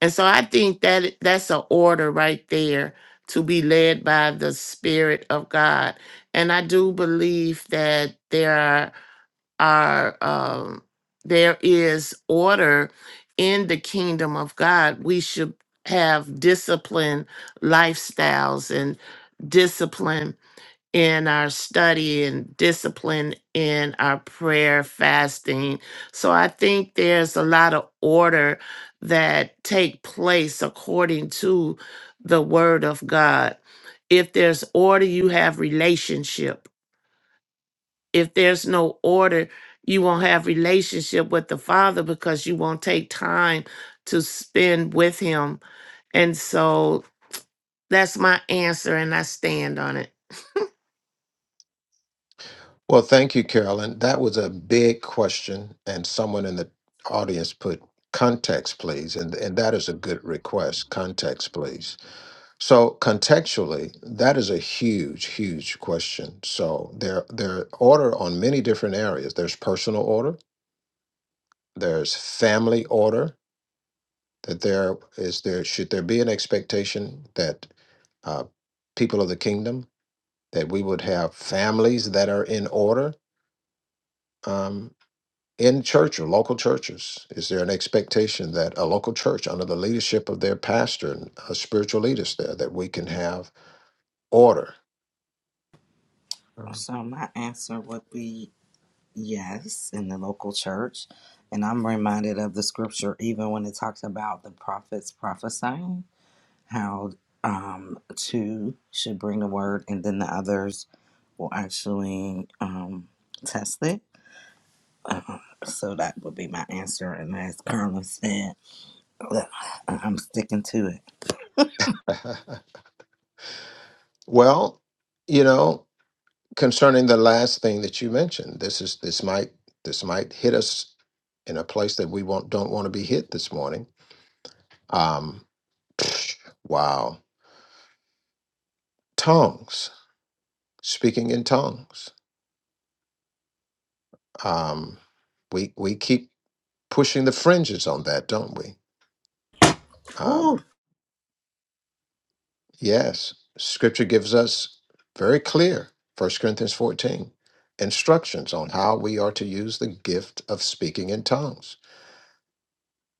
Speaker 3: And so I think that that's an order right there to be led by the Spirit of God. And I do believe that there are, are um, there is order in the kingdom of God. We should have disciplined lifestyles and discipline in our study and discipline in our prayer fasting so i think there's a lot of order that take place according to the word of god if there's order you have relationship if there's no order you won't have relationship with the father because you won't take time to spend with him and so that's my answer and i stand on it
Speaker 2: Well, thank you, Carolyn. That was a big question, and someone in the audience put context, please. And, and that is a good request context, please. So, contextually, that is a huge, huge question. So, there, there are order on many different areas there's personal order, there's family order. That there is there should there be an expectation that uh, people of the kingdom that we would have families that are in order um, in church or local churches? Is there an expectation that a local church, under the leadership of their pastor and uh, spiritual leaders there, that we can have order? Um,
Speaker 4: So my answer would be yes in the local church. And I'm reminded of the scripture even when it talks about the prophets prophesying, how um two should bring the word and then the others will actually um test it Um, so that would be my answer. And as Carla said, look, I'm sticking to it.
Speaker 2: well, you know, concerning the last thing that you mentioned, this is this might this might hit us in a place that we won't, don't want to be hit this morning. Um, wow, tongues, speaking in tongues Um, we we keep pushing the fringes on that, don't we? Um,
Speaker 4: Whew,
Speaker 2: yes, Scripture gives us very clear, First Corinthians fourteen, instructions on how we are to use the gift of speaking in tongues.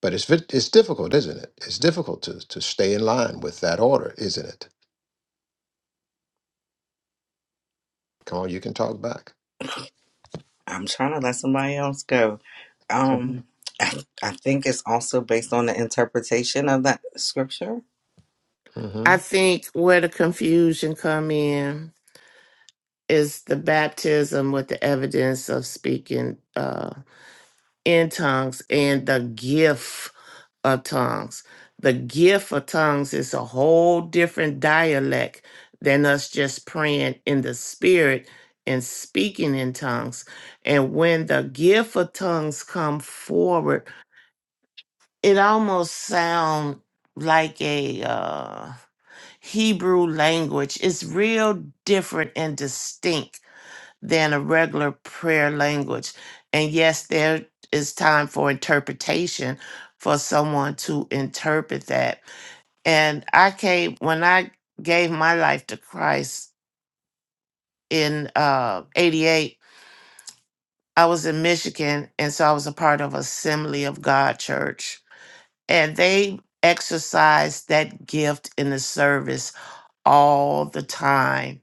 Speaker 2: But it's vi- it's difficult, isn't it? It's difficult to to stay in line with that order, isn't it? Come on, you can talk back.
Speaker 4: I'm trying to let somebody else go. Um, I, I think it's also based on the interpretation of that scripture.
Speaker 2: Mm-hmm.
Speaker 3: I think where the confusion come in is the baptism with the evidence of speaking uh, in tongues and the gift of tongues. The gift of tongues is a whole different dialect than us just praying in the spirit and speaking in tongues. And when the gift of tongues come forward, it almost sounds like a uh Hebrew language is real different and distinct than a regular prayer language. And yes, there is time for interpretation for someone to interpret that. And I came, when I gave my life to Christ in uh, 88, I was in Michigan. And so I was a part of Assembly of God Church. And they exercised that gift in the service all the time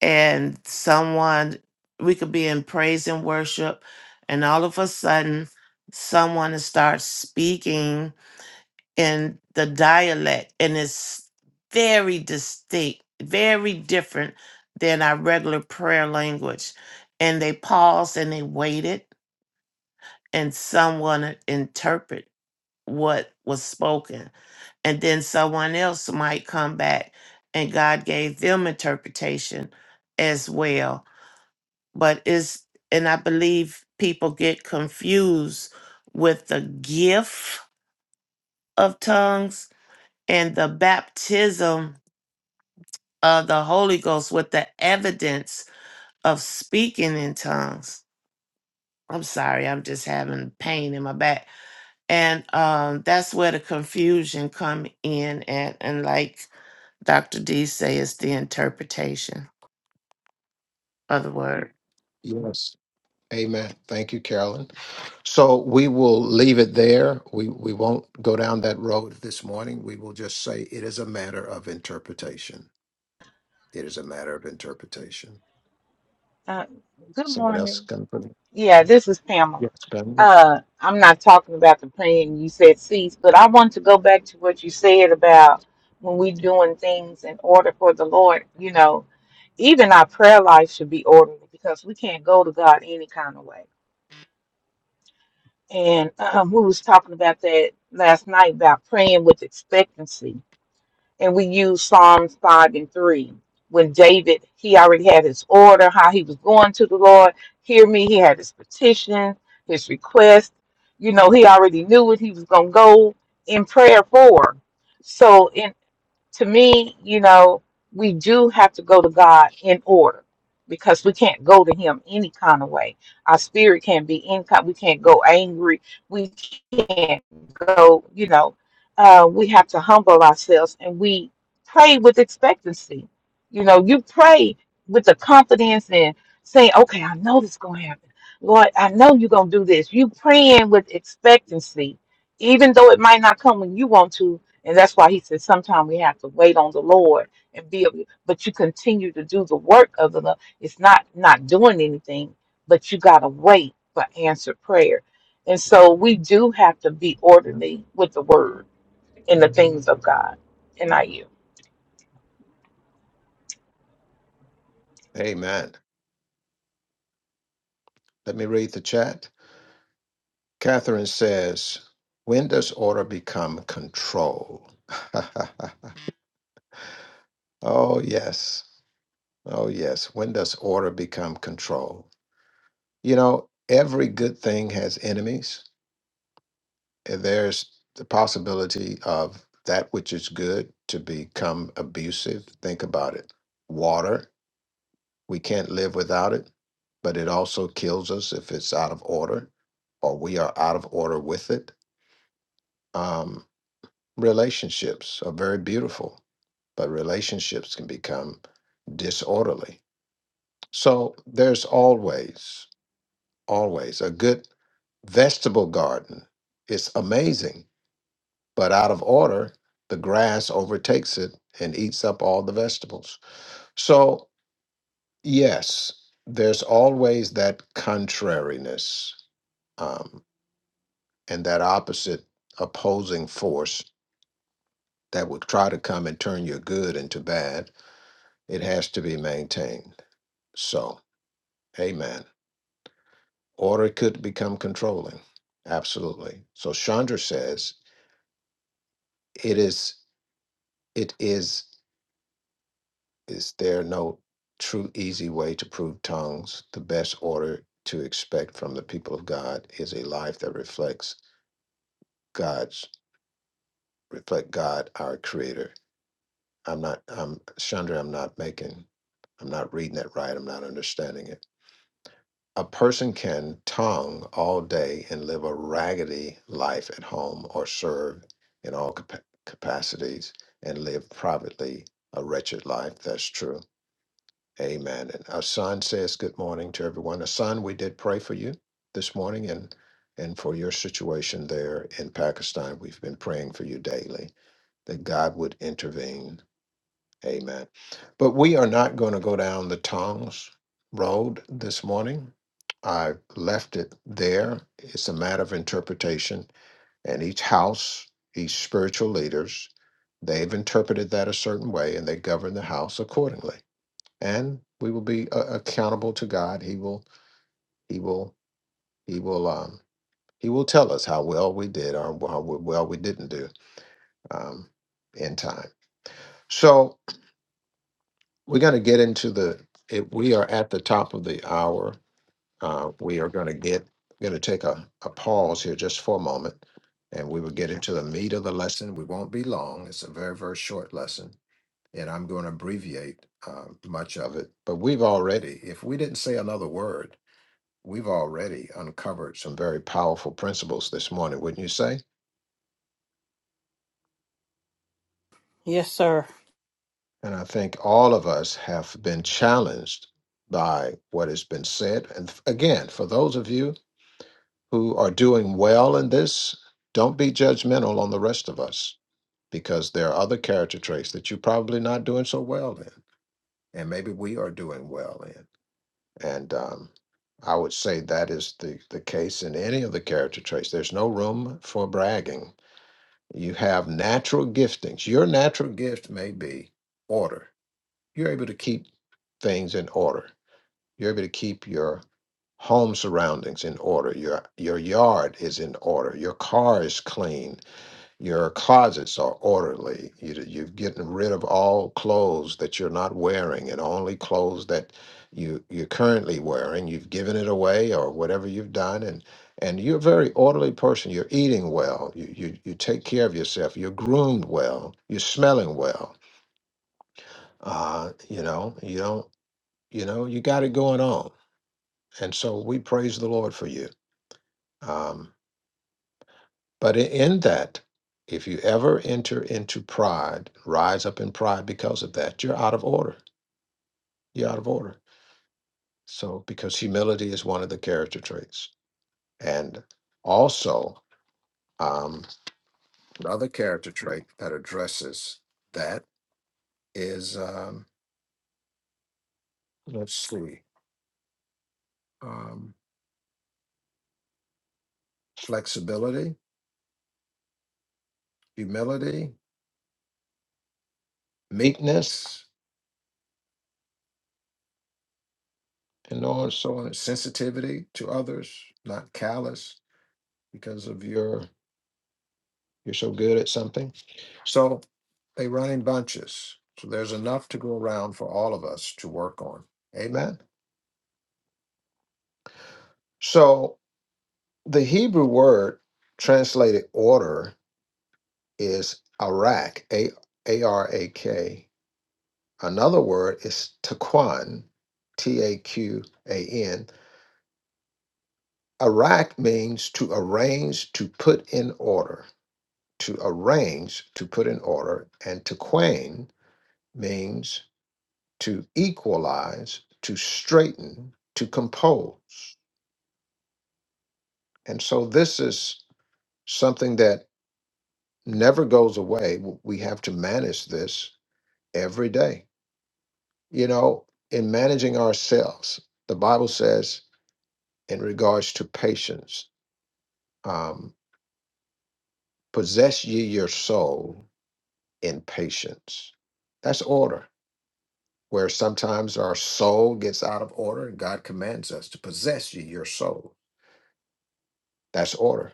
Speaker 3: and someone we could be in praise and worship and all of a sudden someone starts speaking in the dialect and it's very distinct very different than our regular prayer language and they paused and they waited and someone interpret what was spoken and then someone else might come back and god gave them interpretation as well but is and I believe people get confused with the gift of tongues and the baptism of the Holy Ghost with the evidence of speaking in tongues. I'm sorry, I'm just having pain in my back. And um, that's where the confusion come in at and like Dr. D say it's the interpretation of the word.
Speaker 2: Yes. Amen. Thank you, Carolyn. So we will leave it there. We we won't go down that road this morning. We will just say it is a matter of interpretation. It is a matter of interpretation.
Speaker 6: Uh, good
Speaker 2: Someone else
Speaker 6: morning.
Speaker 2: can put it.
Speaker 6: Yeah, this is Pamela.
Speaker 2: Yes, Ben.
Speaker 6: Uh, I'm not talking about the plan you said cease, but I want to go back to what you said about when we doing things in order for the Lord. You know, even our prayer life should be orderly because we can't go to God any kind of way. And um, we was talking about that last night about praying with expectancy and we use Psalms 5 and 3. When David, he already had his order, how he was going to the Lord. Hear me, he had his petition, his request. You know, he already knew what he was going to go in prayer for. So, in to me, you know, we do have to go to God in order because we can't go to Him any kind of way. Our spirit can't be in. We can't go angry. We can't go. You know, uh, we have to humble ourselves and we pray with expectancy. You know, you pray with the confidence and saying, "Okay, I know this is going to happen, Lord. I know you're going to do this." You praying with expectancy, even though it might not come when you want to and that's why he said sometimes we have to wait on the Lord and be of but you continue to do the work of the Lord. It's not not doing anything, but you gotta wait for answered prayer. And so we do have to be orderly with the word and the things of God. And I you.
Speaker 2: Amen. Let me read the chat. Catherine says, "When does order become control?" oh yes, oh yes. When does order become control? You know, every good thing has enemies and there's the possibility of that which is good to become abusive. Think about it. Water, we can't live without it, but it also kills us if it's out of order or we are out of order with it. Um, relationships are very beautiful, but relationships can become disorderly. So there's always, always a good vegetable garden. It's amazing but out of order, the grass overtakes it and eats up all the vegetables. So, yes, there's always that contrariness um, and that opposite opposing force that would try to come and turn your good into bad. It has to be maintained. So, amen. Order could become controlling. Absolutely. So Chandra says it is it is Is there no true easy way to prove tongues? The best order to expect from the people of God is a life that reflects God's reflect God, our creator. I'm not I'm Chandra, I'm not making I'm not reading it right, I'm not understanding it. A person can tongue all day and live a raggedy life at home or serve in all capa- capacities and live privately a wretched life. That's true Amen. And Asan says good morning to everyone. Asan, we did pray for you this morning and and for your situation there in Pakistan. We've been praying for you daily that God would intervene. Amen. But we are not going to go down the tongues road this morning. I left it there. It's a matter of interpretation. And each house, each spiritual leaders, they've interpreted that a certain way and they govern the house accordingly and we will be uh, accountable to God. He will, he will, he will, um, he will tell us how well we did or how w- well we didn't do um, in time. So we're going to get into the. It, we are at the top of the hour. Uh, we are going to get going to take a, a pause here just for a moment, and we will get into the meat of the lesson. We won't be long. It's a very very short lesson, and I'm going to abbreviate uh, much of it. But we've already, if we didn't say another word we've already uncovered some very powerful principles this morning, wouldn't you say?
Speaker 7: Yes, sir.
Speaker 2: And I think all of us have been challenged by what has been said. And f- again, for those of you who are doing well in this, don't be judgmental on the rest of us because there are other character traits that you're probably not doing so well in, and maybe we are doing well in. And um, I would say that is the, the case in any of the character traits. There's no room for bragging You have natural giftings. Your natural gift may be order. You're able to keep things in order. You're able to keep your home surroundings in order. Your your yard is in order. Your car is clean your closets are orderly. You, you're getting rid of all clothes that you're not wearing and only clothes that you, you're currently wearing. You've given it away or whatever you've done. And, and you're a very orderly person. You're eating well. You, you, you take care of yourself. You're groomed well. You're smelling well. Uh, you know, you don't, you know, you got it going on. And so we praise the Lord for you. Um, But i- in that, if you ever enter into pride, rise up in pride because of that, you're out of order. You're out of order. So, because humility is one of the character traits. And also, um, another character trait that addresses that is, um, let's see, um, flexibility, humility, meekness, and so on and so on, sensitivity to others, not callous because of your You're so good at something. So they run in bunches. So there's enough to go around for all of us to work on. Amen. So the Hebrew word translated order is arak, A A R A K. Another word is taquan, T A Q A N. Arak means to arrange, to put in order, to arrange, to put in order. And taquan means to equalize, to straighten, to compose. And so this is something that never goes away. W- We have to manage this every day. You know, in managing ourselves, the Bible says in regards to patience, um, possess ye your soul in patience. That's order, where sometimes our soul gets out of order and God commands us to possess ye your soul. That's order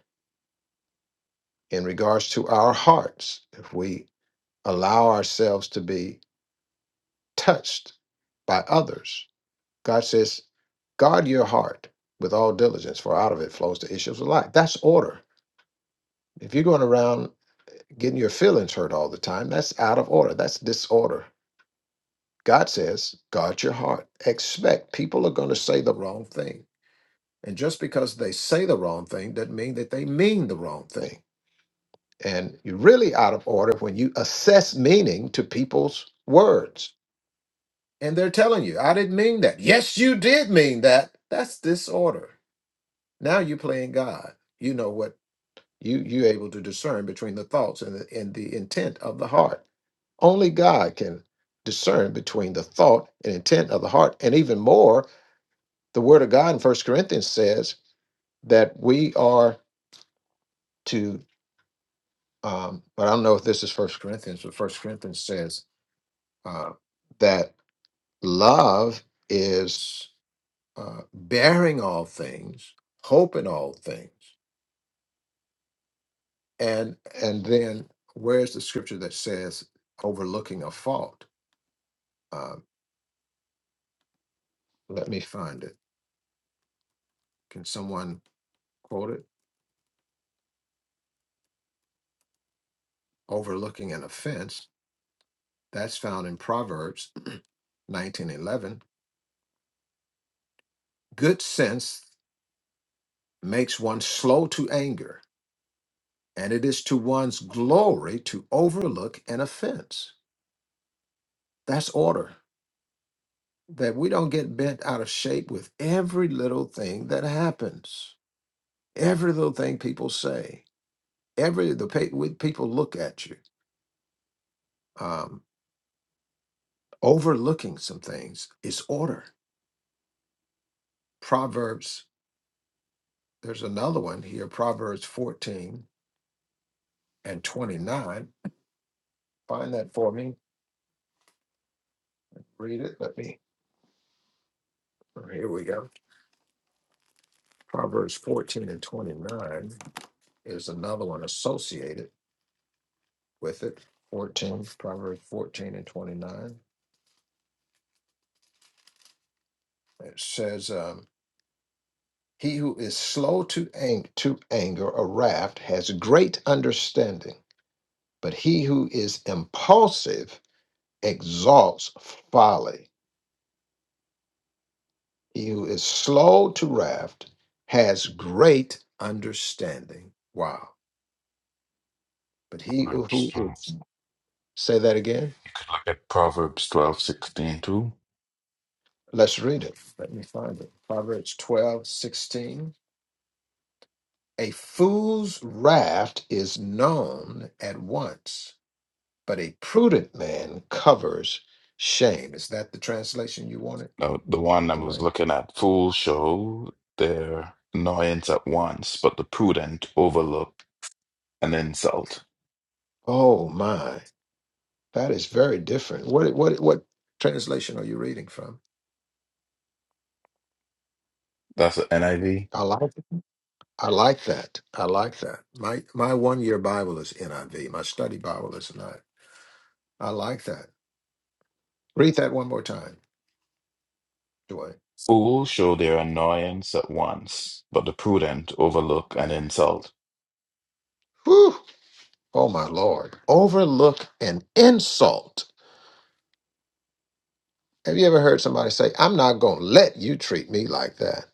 Speaker 2: in regards to our hearts, if we allow ourselves to be touched by others, God says, guard your heart with all diligence, for out of it flows the issues of life. That's order. If you're going around getting your feelings hurt all the time, that's out of order. That's disorder. God says, guard your heart. Expect people are going to say the wrong thing. And just because they say the wrong thing doesn't mean that they mean the wrong thing. And you're really out of order when you assess meaning to people's words. And they're telling you, I didn't mean that. Yes, you did mean that. That's disorder. Now you're playing God. You know what you you're able to discern between the thoughts and the, and the intent of the heart. Only God can discern between the thought and intent of the heart. And even more, the word of God in First Corinthians says that we are to um, but I don't know if this is First Corinthians, but First Corinthians says uh, that love is uh, bearing all things, hope in all things, and and then where's the scripture that says overlooking a fault? Uh, let me find it. Can someone quote it? Overlooking an offense. That's found in Proverbs nineteen eleven. Good sense makes one slow to anger, and it is to one's glory to overlook an offense. That's order that we don't get bent out of shape with every little thing that happens, every little thing people say, every the pa- with people look at you, um, overlooking some things is order. Proverbs. There's another one here, Proverbs 14 and 29. Find that for me. Read it. Let me. oh, Here we go. Proverbs 14 and 29 is another one associated with it. 14, Proverbs 14 and 29. It says, um, He who is slow to, ang- to anger or wrath has great understanding, but he who is impulsive exalts folly. He who is slow to wrath has great understanding. Wow. But he
Speaker 9: Proverbs
Speaker 2: who is,
Speaker 9: 12.
Speaker 2: say that again.
Speaker 9: You could look at Proverbs twelve sixteen too.
Speaker 2: Let's read it. Let me find it. Proverbs 12 16. A fool's wrath is known at once but a prudent man covers shame. Is that the translation you wanted,
Speaker 9: Now, the one I was
Speaker 2: Dwayne?
Speaker 9: looking at, fools show their annoyance at once, but the prudent overlook an insult.
Speaker 2: Oh my, that is very different. What what what translation are you reading from?
Speaker 9: That's the NIV.
Speaker 2: I like it. I like that. I like that. My my one year Bible is NIV. My study Bible is not. I like that. Read that one more time, Dwayne.
Speaker 9: Fools show their annoyance at once, but the prudent overlook an insult.
Speaker 2: Whew. Oh my Lord. Overlook an insult. Have you ever heard somebody say, I'm not gonna let you treat me like that?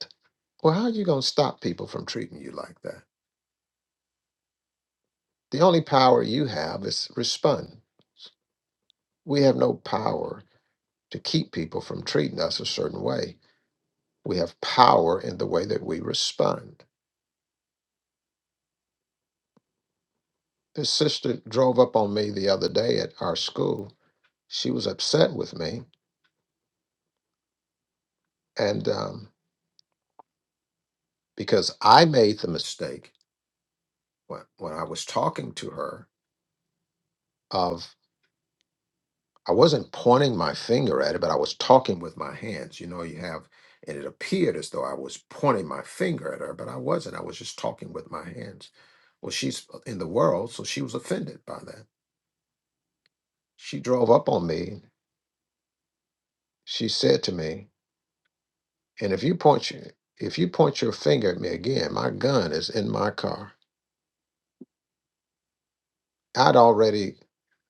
Speaker 2: Well, how are you going to stop people from treating you like that? The only power you have is respond. We have no power to keep people from treating us a certain way. We have power in the way that we respond. This sister drove up on me the other day at our school. She was upset with me, and um, because I made the mistake when, when I was talking to her of. I wasn't pointing my finger at it, but I was talking with my hands. You know, you have, and it appeared as though I was pointing my finger at her, but I wasn't. I was just talking with my hands. Well, she's uh, in the world, so she was offended by that. She drove up on me. She said to me, "And if you point your, if you point your finger at me again, my gun is in my car." I'd already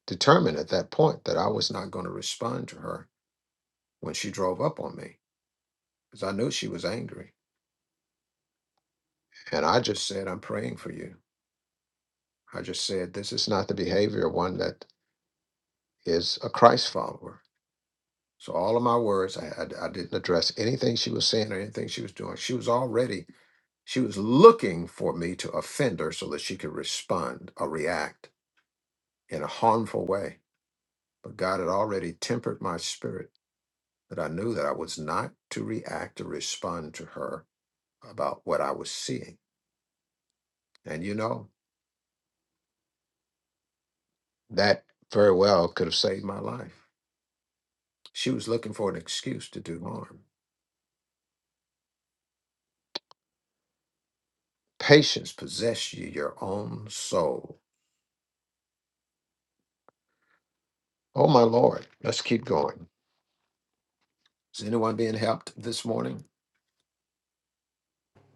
Speaker 2: determined at that point that I was not going to respond to her when she drove up on me because I knew she was angry, and I just said, "I'm praying for you." I just said this is not the behavior of one that is a Christ follower. So all of my words, I, I, I didn't address anything she was saying or anything she was doing. She was already she was looking for me to offend her so that she could respond or react in a harmful way. But God had already tempered my spirit that I knew that I was not to react or respond to her about what I was seeing. And you know, that very well could have saved my life. She was looking for an excuse to do harm Patience possess you, your own soul. Oh, my Lord. Let's keep going. Is anyone being helped this morning?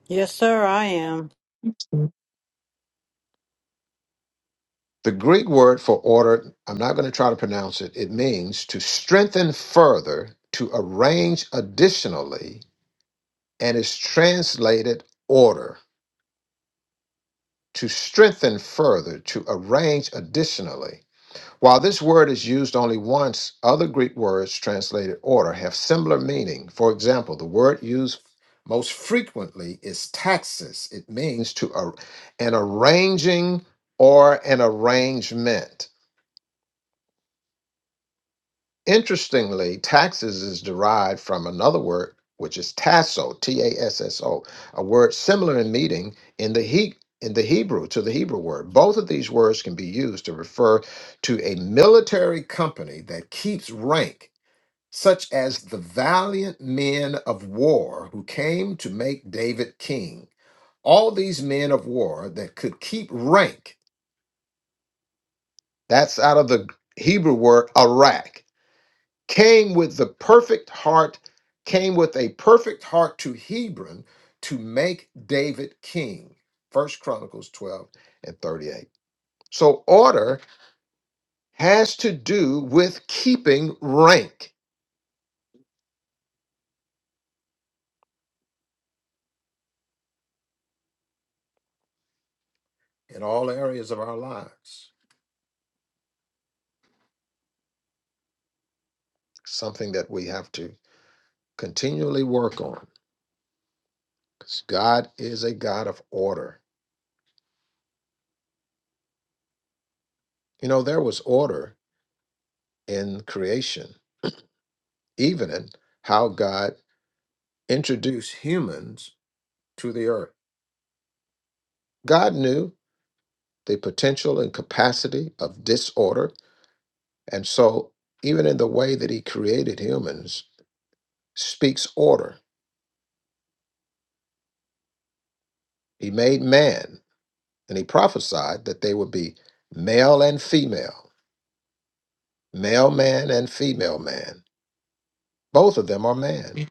Speaker 7: Yes, sir, I am.
Speaker 2: The Greek word for order, I'm not going to try to pronounce it. It means to strengthen further, to arrange additionally, and is translated order. To strengthen further, to arrange additionally. While this word is used only once, other Greek words translated order have similar meaning. For example, the word used most frequently is taxis. It means to ar- an arranging or an arrangement. Interestingly, taxes is derived from another word, which is tasso, T-A-S-S-O, a S S O, a word similar in meaning in the he in the Hebrew to the Hebrew word. Both of these words can be used to refer to a military company that keeps rank, such as the valiant men of war who came to make David king. All these men of war that could keep rank, that's out of the Hebrew word arak. came with the perfect heart, came with a perfect heart to Hebron to make David king. First Chronicles 12 and 38. So order has to do with keeping rank in all areas of our lives. Something that we have to continually work on. 'cause God is a God of order. You know, there was order in creation, even in how God introduced humans to the earth God knew the potential and capacity of disorder. And so, even in the way that He created humans, speaks order. He made man, and He prophesied that they would be male and female, male man and female man. Both of them are man.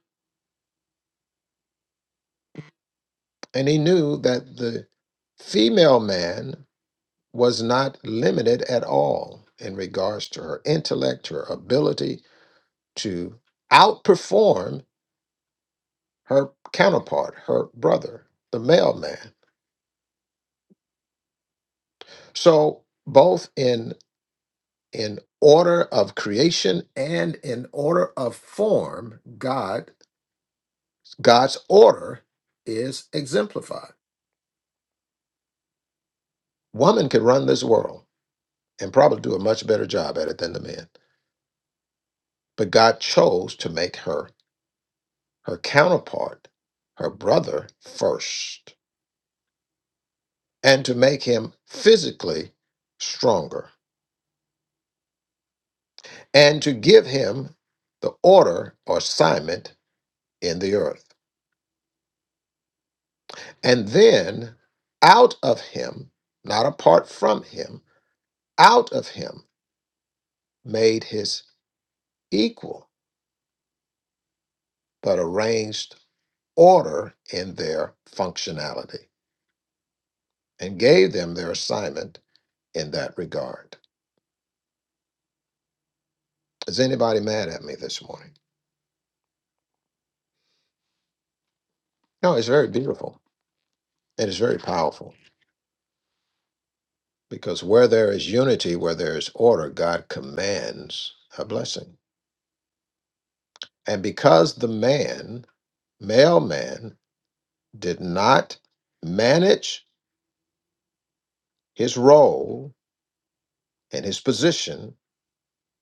Speaker 2: And He knew that the female man was not limited at all in regards to her intellect, her ability to outperform her counterpart, her brother, the mailman. So both in in order of creation and in order of form, God God's order is exemplified. Woman could run this world and probably do a much better job at it than the men. But God chose to make her her counterpart, her brother first, and to make him physically stronger and to give him the order or assignment in the earth. And then out of him, not apart from him, out of him made his equal, but arranged order in their functionality and gave them their assignment in that regard. Is anybody mad at me this morning? No, it's very beautiful and it's very powerful because where there is unity, where there is order, God commands a blessing. And because the man, male man, did not manage his role and his position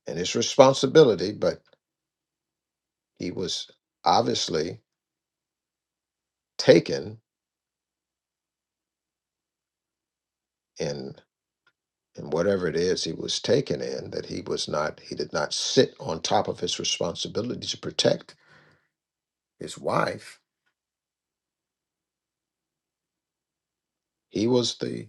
Speaker 2: and his responsibility, but he was obviously taken in in whatever it is he was taken in, that he was not, he did not sit on top of his responsibility to protect his wife. He was the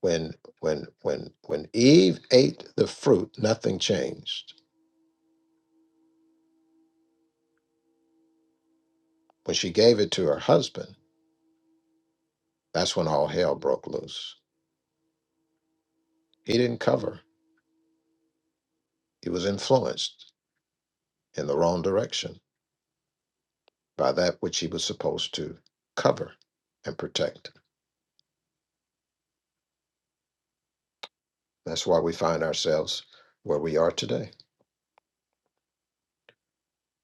Speaker 2: when when when when Eve ate the fruit, nothing changed. When she gave it to her husband That's when all hell broke loose. He didn't cover, he was influenced in the wrong direction by that which he was supposed to cover and protect. That's why we find ourselves where we are today,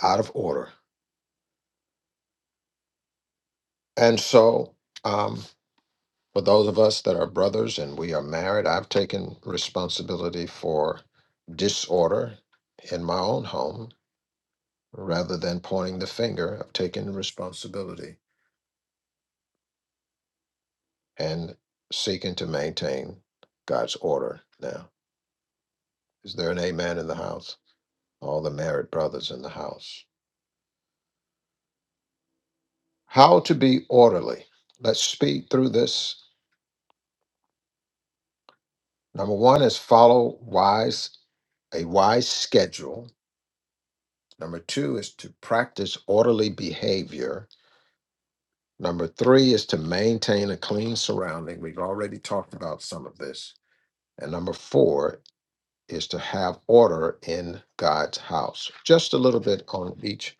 Speaker 2: out of order. And so, um, for those of us that are brothers and we are married, I've taken responsibility for disorder in my own home rather than pointing the finger. I've taken responsibility and seeking to maintain God's order now. Is there an amen in the house? All the married brothers in the house. How to be orderly. Let's speed through this. Number one is follow wise, a wise schedule. Number two is to practice orderly behavior. Number three is to maintain a clean surrounding. We've already talked about some of this. And number four is to have order in God's house. Just a little bit on each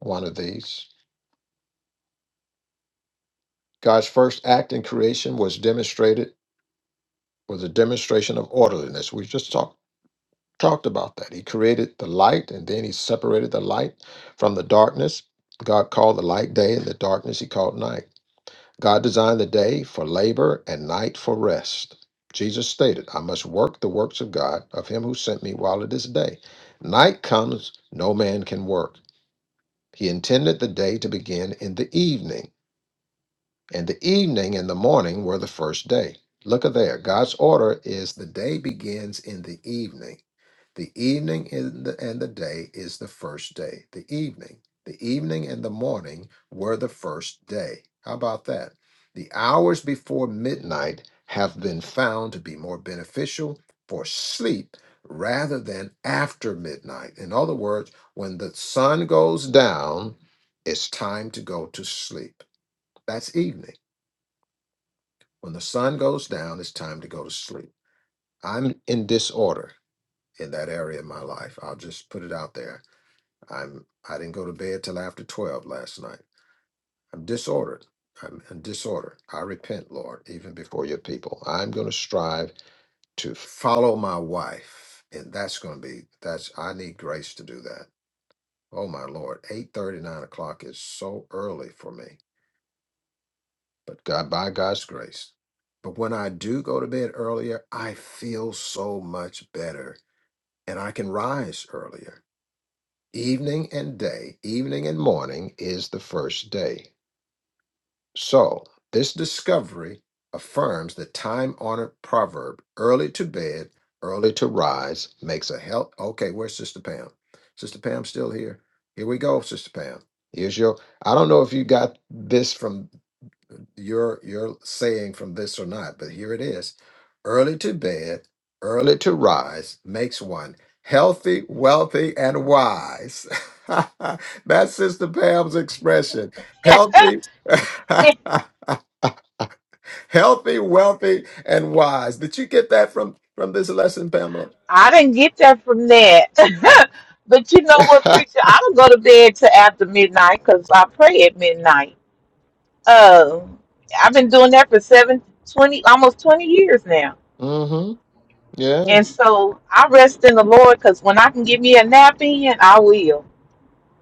Speaker 2: one of these. God's first act in creation was demonstrated was a demonstration of orderliness. We just talked talked about that. He created the light and then he separated the light from the darkness. God called the light day and the darkness he called night. God designed the day for labor and night for rest. Jesus stated, I must work the works of God, of him who sent me while it is day. Night comes, no man can work. He intended the day to begin in the evening And the evening and the morning were the first day. Look at there. God's order is the day begins in the evening. The evening in the, and the day is the first day. The evening. The evening and the morning were the first day. How about that? The hours before midnight have been found to be more beneficial for sleep rather than after midnight. In other words, when the sun goes down, it's time to go to sleep. That's evening. When the sun goes down, it's time to go to sleep. I'm in disorder in that area of my life. I'll just put it out there. I'm I didn't go to bed till after 12 last night. I'm disordered. I'm in disorder. I repent, Lord, even before your people. I'm going to strive to follow my wife. And that's going to be that's I need grace to do that. Oh my Lord, 8 30, 9 o'clock is so early for me. but God by God's grace. But when I do go to bed earlier, I feel so much better and I can rise earlier. Evening and day, evening and morning is the first day. So, this discovery affirms the time honored proverb early to bed, early to rise makes a health." Okay, where's Sister Pam? Sister Pam's still here. Here we go, Sister Pam. Here's your. I don't know if you got this from your your saying from this or not, but here it is. Early to bed, early to rise makes one healthy, wealthy, and wise. That's Sister Pam's expression. Healthy, healthy, wealthy, and wise. Did you get that from from this lesson, Pamela?
Speaker 6: I didn't get that from that. but you know what, preacher? I don't go to bed till after midnight because I pray at midnight. Um I've been doing that for seven twenty, almost 20 years now
Speaker 2: mm-hmm. Yeah.
Speaker 6: And so I rest in the Lord because when I can give me a nap in, I will.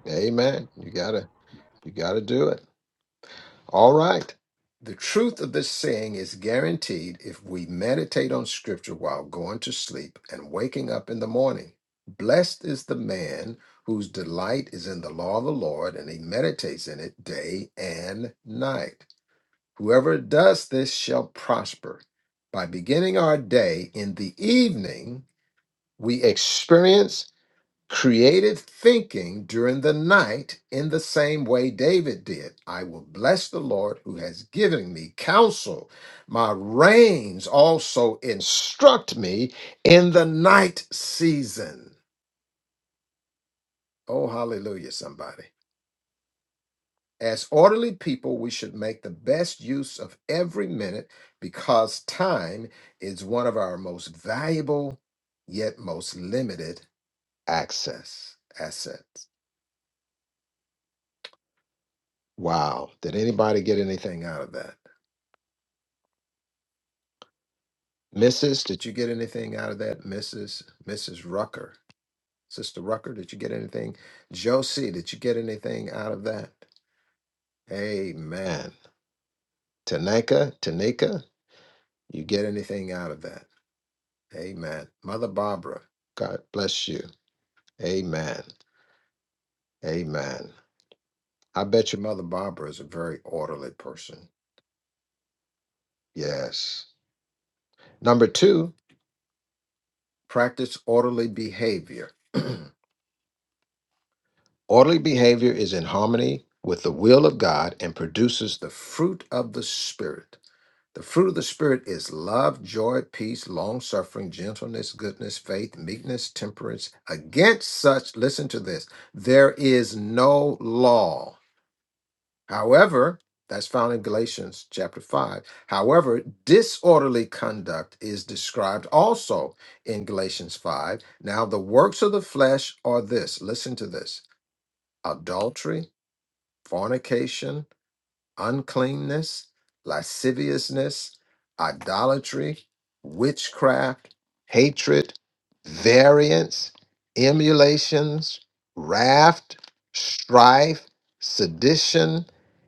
Speaker 2: Amen. You gotta you gotta do it. All right. The truth of this saying is guaranteed if we meditate on Scripture while going to sleep and waking up in the morning. Blessed is the man whose delight is in the law of the Lord, and he meditates in it day and night. Whoever does this shall prosper. By beginning our day in the evening, we experience creative thinking during the night in the same way David did. I will bless the Lord who has given me counsel. My reins also instruct me in the night season. Oh, hallelujah, somebody. As orderly people, we should make the best use of every minute because time is one of our most valuable yet most limited access assets. Wow. Did anybody get anything out of that? Mrs., did you get anything out of that? Mrs. Mrs. Rucker. Sister Rucker, did you get anything? Josie, did you get anything out of that? Amen. Tanaka, Tanika, you get anything out of that? Amen. Mother Barbara, God bless you. Amen. Amen. I bet your Mother Barbara is a very orderly person. Yes. Number two, practice orderly behavior. Orderly behavior is in harmony with the will of God and produces the fruit of the Spirit. The fruit of the Spirit is love, joy, peace, long suffering, gentleness, goodness, faith, meekness, temperance. Against such, listen to this, there is no law. However, that's found in Galatians chapter 5. However, disorderly conduct is described also in Galatians 5. Now, the works of the flesh are this listen to this adultery fornication, uncleanness, lasciviousness, idolatry, witchcraft, hatred, variance, emulations, wrath, strife, sedition,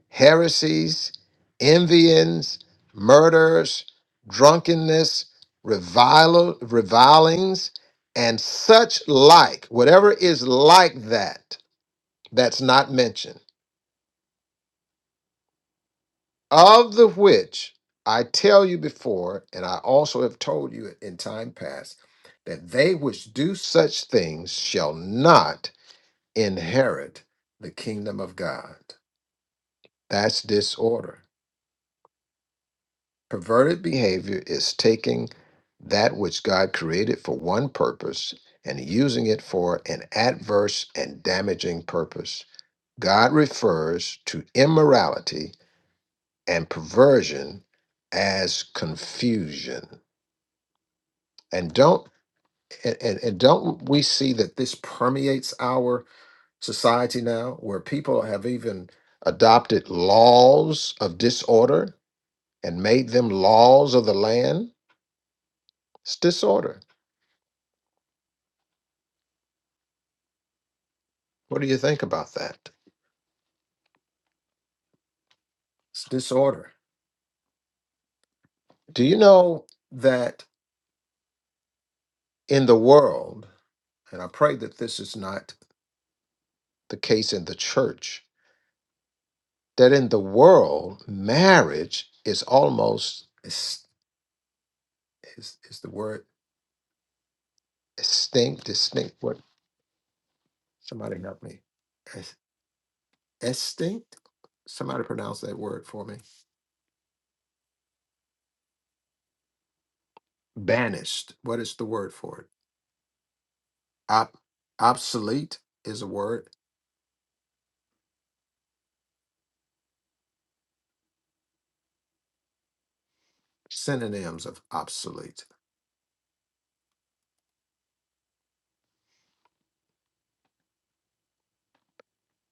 Speaker 2: heresies, envyings, murders, drunkenness, revil- revilings, and such like, whatever is like that, that's not mentioned of the which I tell you before, and I also have told you in time past, that they which do such things shall not inherit the kingdom of God. That's disorder. Perverted behavior is taking that which God created for one purpose and using it for an adverse and damaging purpose. God refers to immorality and perversion as confusion. and don't and, and, and don't we see that this permeates our society now where people have even adopted laws of disorder and made them laws of the land it's disorder what do you think about that it's disorder do you know that in the world and i pray that this is not the case in the church that in the world marriage is almost is, is, is the word distinct distinct Somebody help me. Es- Extinct? Somebody pronounce that word for me. Banished. What is the word for it? Op- obsolete is a word. Synonyms of obsolete.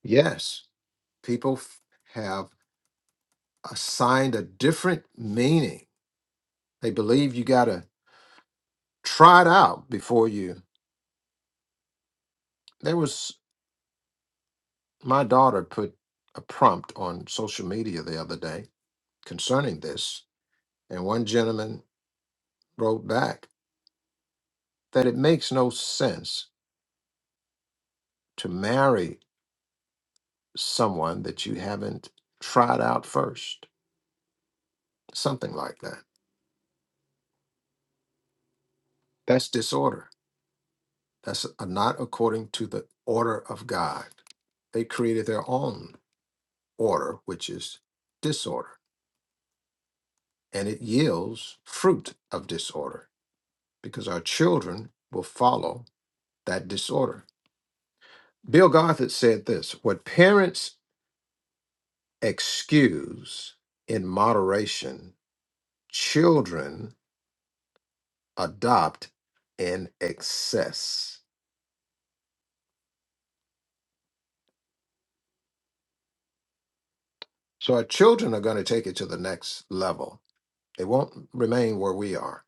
Speaker 2: Yes, people f- have assigned a different meaning. They believe you got to try it out before you. There was my daughter put a prompt on social media the other day concerning this, and one gentleman wrote back that it makes no sense to marry someone that you haven't tried out first, something like that. That's disorder. That's a- not according to the order of God. They created their own order, which is disorder, and it yields fruit of disorder because our children will follow that disorder. Bill Gothard said this what parents excuse in moderation, children adopt, and access. So our children are going to take it to the next level. They won't remain where we are.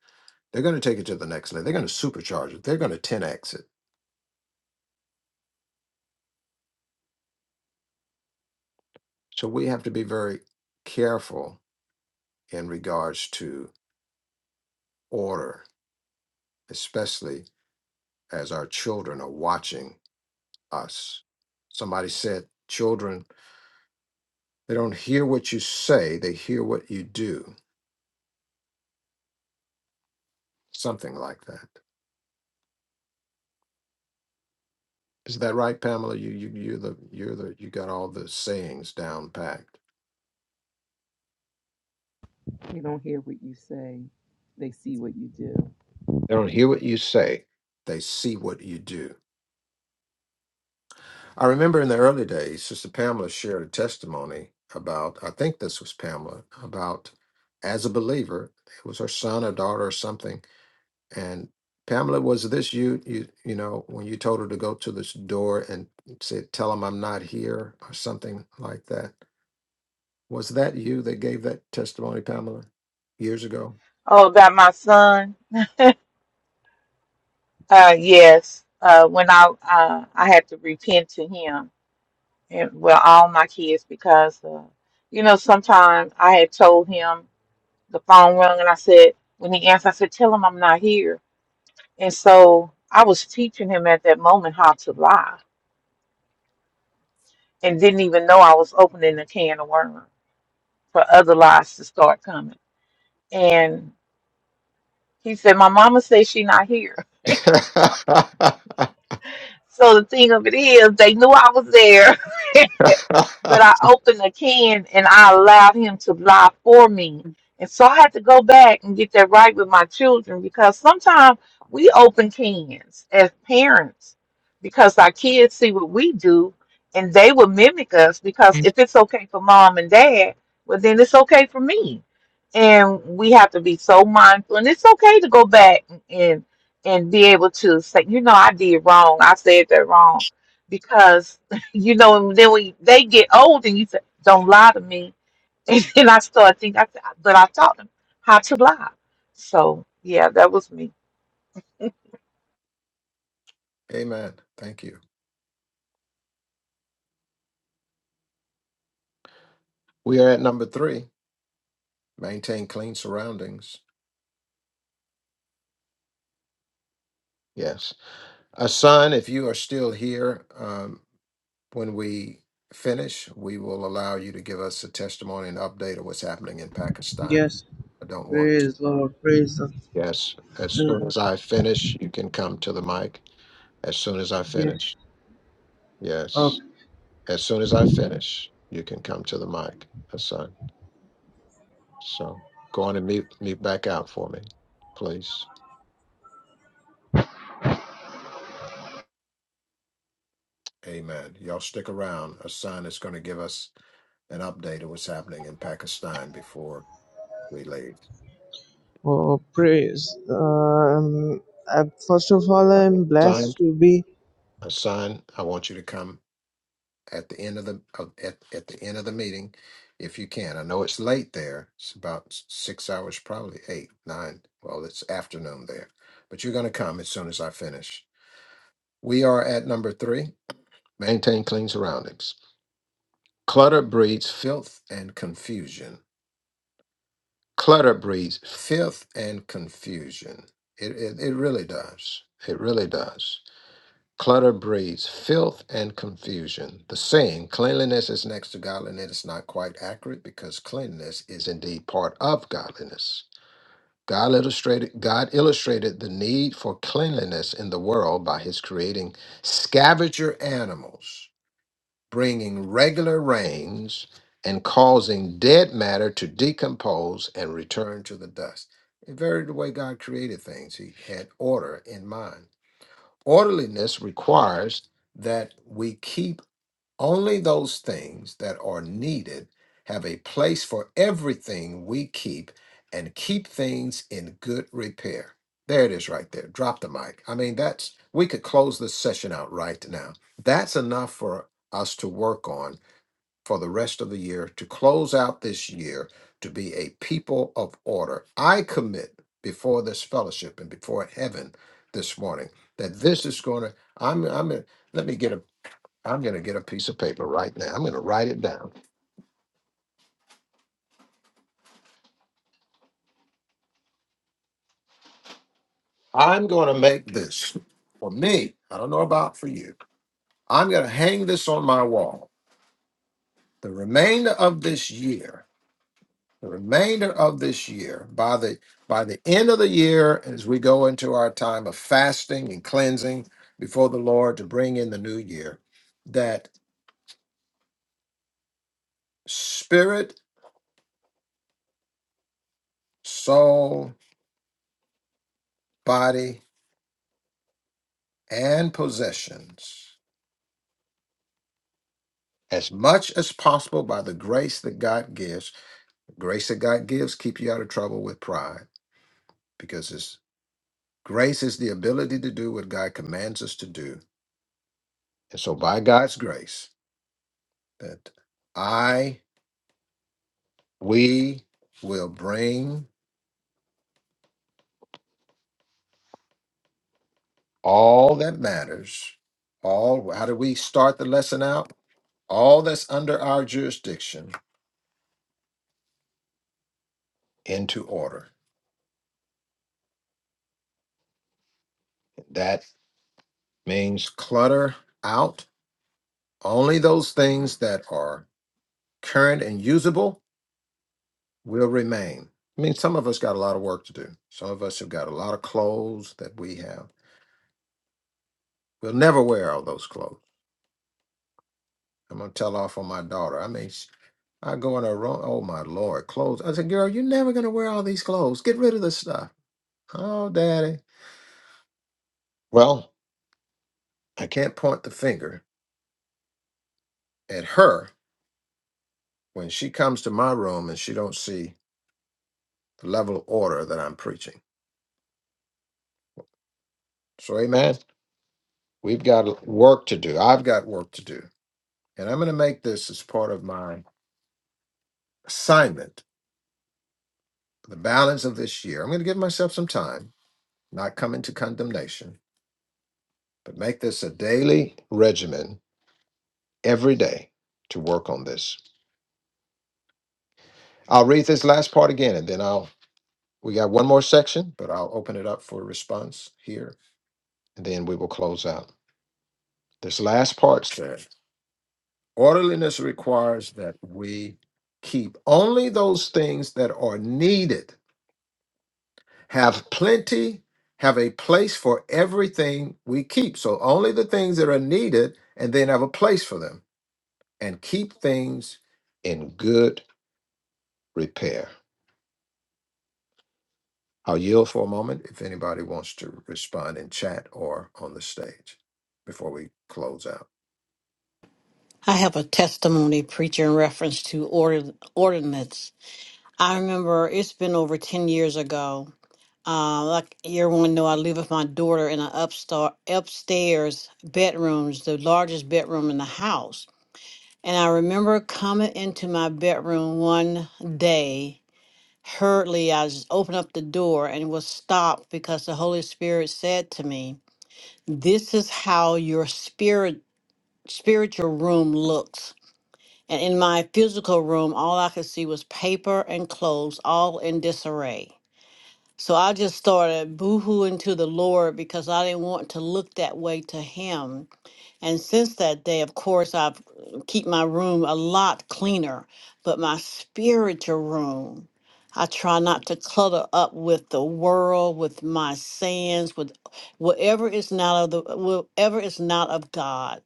Speaker 2: They're going to take it to the next level. They're going to supercharge it. They're going to 10x it. So we have to be very careful in regards to order, especially as our children are watching us. Somebody said, children, they don't hear what you say, they hear what you do, something like that. Is that right, Pamela? You you you're the you're the you got all the sayings down packed.
Speaker 8: They don't hear what you say, they see what you do.
Speaker 2: They don't hear what you say. They see what you do. I remember in the early days, Sister Pamela shared a testimony about I think this was Pamela about as a believer, it was her son or daughter or something, and Pamela was this you you you know when you told her to go to this door and said tell him I'm not here or something like that. Was that you that gave that testimony, Pamela, years ago?
Speaker 6: Oh, about my son. Uh, yes. Uh, when I uh, I had to repent to him and well, all my kids because uh, you know sometimes I had told him the phone rung and I said when he answered I said tell him I'm not here. And so I was teaching him at that moment how to lie and didn't even know I was opening a can of worms for other lies to start coming. And He said, My mama says she not here. so, so the thing of it is, they knew I was there, but I opened the can and I allowed him to lie for me. And so I had to go back and get that right with my children because sometimes we open cans as parents because our kids see what we do and they will mimic us because if it's okay for mom and dad, well, then it's okay for me. And we have to be so mindful. And it's okay to go back and and be able to say, you know, I did wrong. I said that wrong. Because, you know, and then when they get old and you say, don't lie to me. And then I start thinking, I said, but I taught them how to lie. So, yeah, that was me.
Speaker 2: Amen. Thank you. We are at number three maintain clean surroundings. Yes. A son, if you are still here, um, when we finish, we will allow you to give us a testimony and update of what's happening in Pakistan.
Speaker 10: Yes,
Speaker 2: I don't want to.
Speaker 10: praise
Speaker 2: Uh,
Speaker 10: Lord, praise the
Speaker 2: yes. As
Speaker 10: uh,
Speaker 2: soon as I finish, you can come to the mic. As soon as I
Speaker 10: yes.
Speaker 2: finish. Yes.
Speaker 10: Okay.
Speaker 2: As soon as I finish, you can come to the mic, Hassan. So go on and mute, mute back out for me, please. Amen. Y'all stick around. A son is going to give us an update of what's happening in Pakistan before we leave.
Speaker 10: Oh, praise. Um, I, first of all, I'm
Speaker 2: Son,
Speaker 10: blessed to be
Speaker 2: a son, I want you to come at the end of the of- at, at the end of the meeting, if you can. I know it's late there. It's about s- six hours, probably eight, nine. Well, it's afternoon there, but you're going to come as soon as I finish. We are at number three. maintain clean surroundings. Clutter breeds filth and confusion. clutter breeds Filth and confusion. It, it, it really does. It really does. Clutter breeds filth and confusion. The saying, cleanliness is next to godliness, is not quite accurate because cleanliness is indeed part of godliness. God illustrated, God illustrated the need for cleanliness in the world by his creating Scavenger animals. bringing regular rains and causing dead matter to decompose and return to the dust. It varied the way God created things. He had order in mind. Orderliness requires that we keep only those things that are needed, have a place for everything we keep, and keep things in good repair. There it is right there. Drop the mic. I mean, that's we could close this session out right now. That's enough for us to work on for the rest of the year to close out this year to be a people of order. I commit before this fellowship and before heaven this morning that this is going to I'm I'm gonna- let me get a I'm going to get a piece of paper right now. I'm going to write it down. I'm going to make this for me. I don't know about for you. I'm going to hang this on my wall. The remainder of this year the remainder of this year by the by the end of the year as we go into our time of fasting and cleansing before the lord to bring in the new year that spirit soul body and possessions as much as possible by the grace that god gives grace that god gives keep you out of trouble with pride because his grace is the ability to do what god commands us to do and so by god's grace that i we will bring all that matters all how do we start the lesson out all that's under our jurisdiction into order that means clutter out only those things that are current and usable will remain i mean some of us got a lot of work to do some of us have got a lot of clothes that we have we'll never wear all those clothes i'm going to tell off on my daughter i mean I go in a room. Oh my lord, clothes. I said, girl, you're never gonna wear all these clothes. Get rid of this stuff. Oh, daddy. Well, I can't point the finger at her when she comes to my room and she don't see the level of order that I'm preaching. So, amen. We've got work to do. I've got work to do, and I'm gonna make this as part of my assignment. for The balance of this year, I'm gonna give myself some time. Not come into condemnation, but make this a daily regimen every day to work on this I'll read this last part again and then I'll, we got one more section, but I'll open it up for response here and then we will close out. This last part says orderliness requires that we keep only those things that are needed, have plenty, have a place for everything we keep. So only the things that are needed and then have a place for them and keep things in good repair. I'll yield for a moment if anybody wants to respond in chat or on the stage before we close out.
Speaker 7: I have a testimony preacher in reference to order, ordinance. I remember it's been over 10 years ago. Uh, like everyone know, I live with my daughter in an upstart, upstairs bedrooms, the largest bedroom in the house. And I remember coming into my bedroom one day, hurriedly, I just opened up the door and was stopped because the Holy Spirit said to me, this is how your spirit spiritual room looks and in my physical room, all I could see was paper and clothes, all in disarray. So I just started boohooing to the Lord because I didn't want to look that way to Him and since that day, of course, I've uh, keep my room a lot cleaner, but my spiritual room, I try not to clutter up with the world, with my sins, with whatever is not of the whatever is not of God.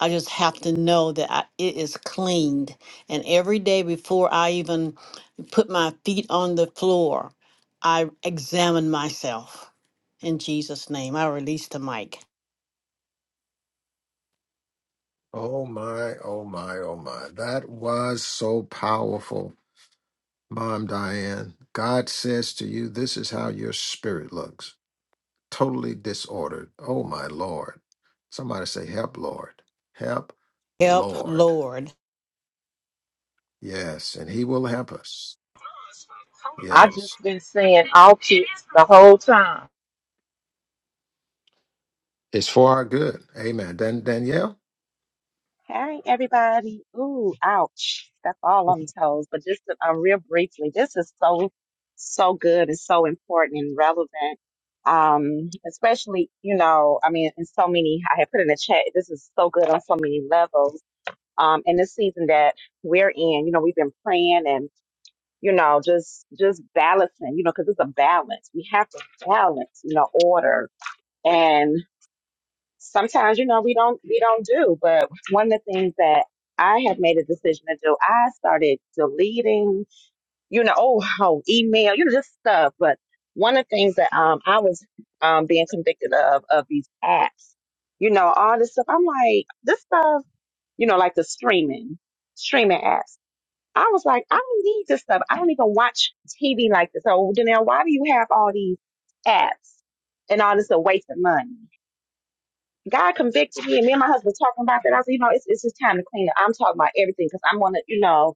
Speaker 7: I just have to know that I, it is cleaned. And every day before I even put my feet on the floor, I examine myself. In Jesus' name, I release the mic.
Speaker 2: Oh my, oh my, oh my. That was so powerful, Mom Diane. God says to you, this is how your spirit looks totally disordered. Oh my Lord. Somebody say, Help, Lord. Help,
Speaker 7: Help,
Speaker 2: Lord.
Speaker 7: Lord.
Speaker 2: Yes, and He will help us.
Speaker 6: I just
Speaker 2: Yes.
Speaker 6: been saying all kids the whole time.
Speaker 2: It's for our good. Amen. Dan- Danielle?
Speaker 11: Hey everybody. Ooh, ouch. That's all on toes. But just to, um, real briefly, this is so, so good and so important and relevant. Um, especially, you know, I mean, in so many, I had put in the chat, this is so good on so many levels. Um, in this season that we're in, you know, we've been praying and, you know, just, just balancing, you know, cause it's a balance. We have to balance, you know, order sometimes you know we don't we don't do but one of the things that i have made a decision to do i started deleting you know oh, oh email you know just stuff but one of the things that um i was um being convicted of of these apps you know all this stuff i'm like this stuff you know like the streaming streaming apps i was like i don't need this stuff i don't even watch tv like this so Janelle, why do you have all these apps and all this a waste of money God convicted me, and me and my husband were talking about that. I said, you know, it's it's just time to clean up. I'm talking about everything because I want to, you know,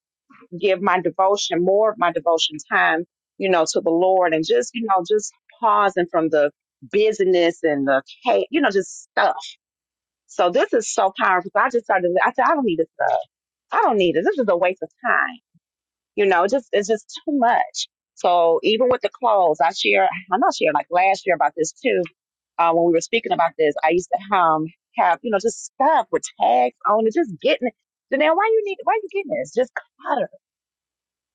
Speaker 11: give my devotion more of my devotion time, you know, to the Lord, and just you know, just pausing from the busyness and the ca- you know, just stuff. So this is so powerful. So I just started. I said, I don't need this stuff. I don't need it. This is a waste of time. You know, just it's just too much. So even with the clothes, I share. I know I shared like last year about this too uh, when we were speaking about this, I used to um have you know just stuff with tags on it, just getting. it. Janelle, why you need? Why you getting this? Just clutter.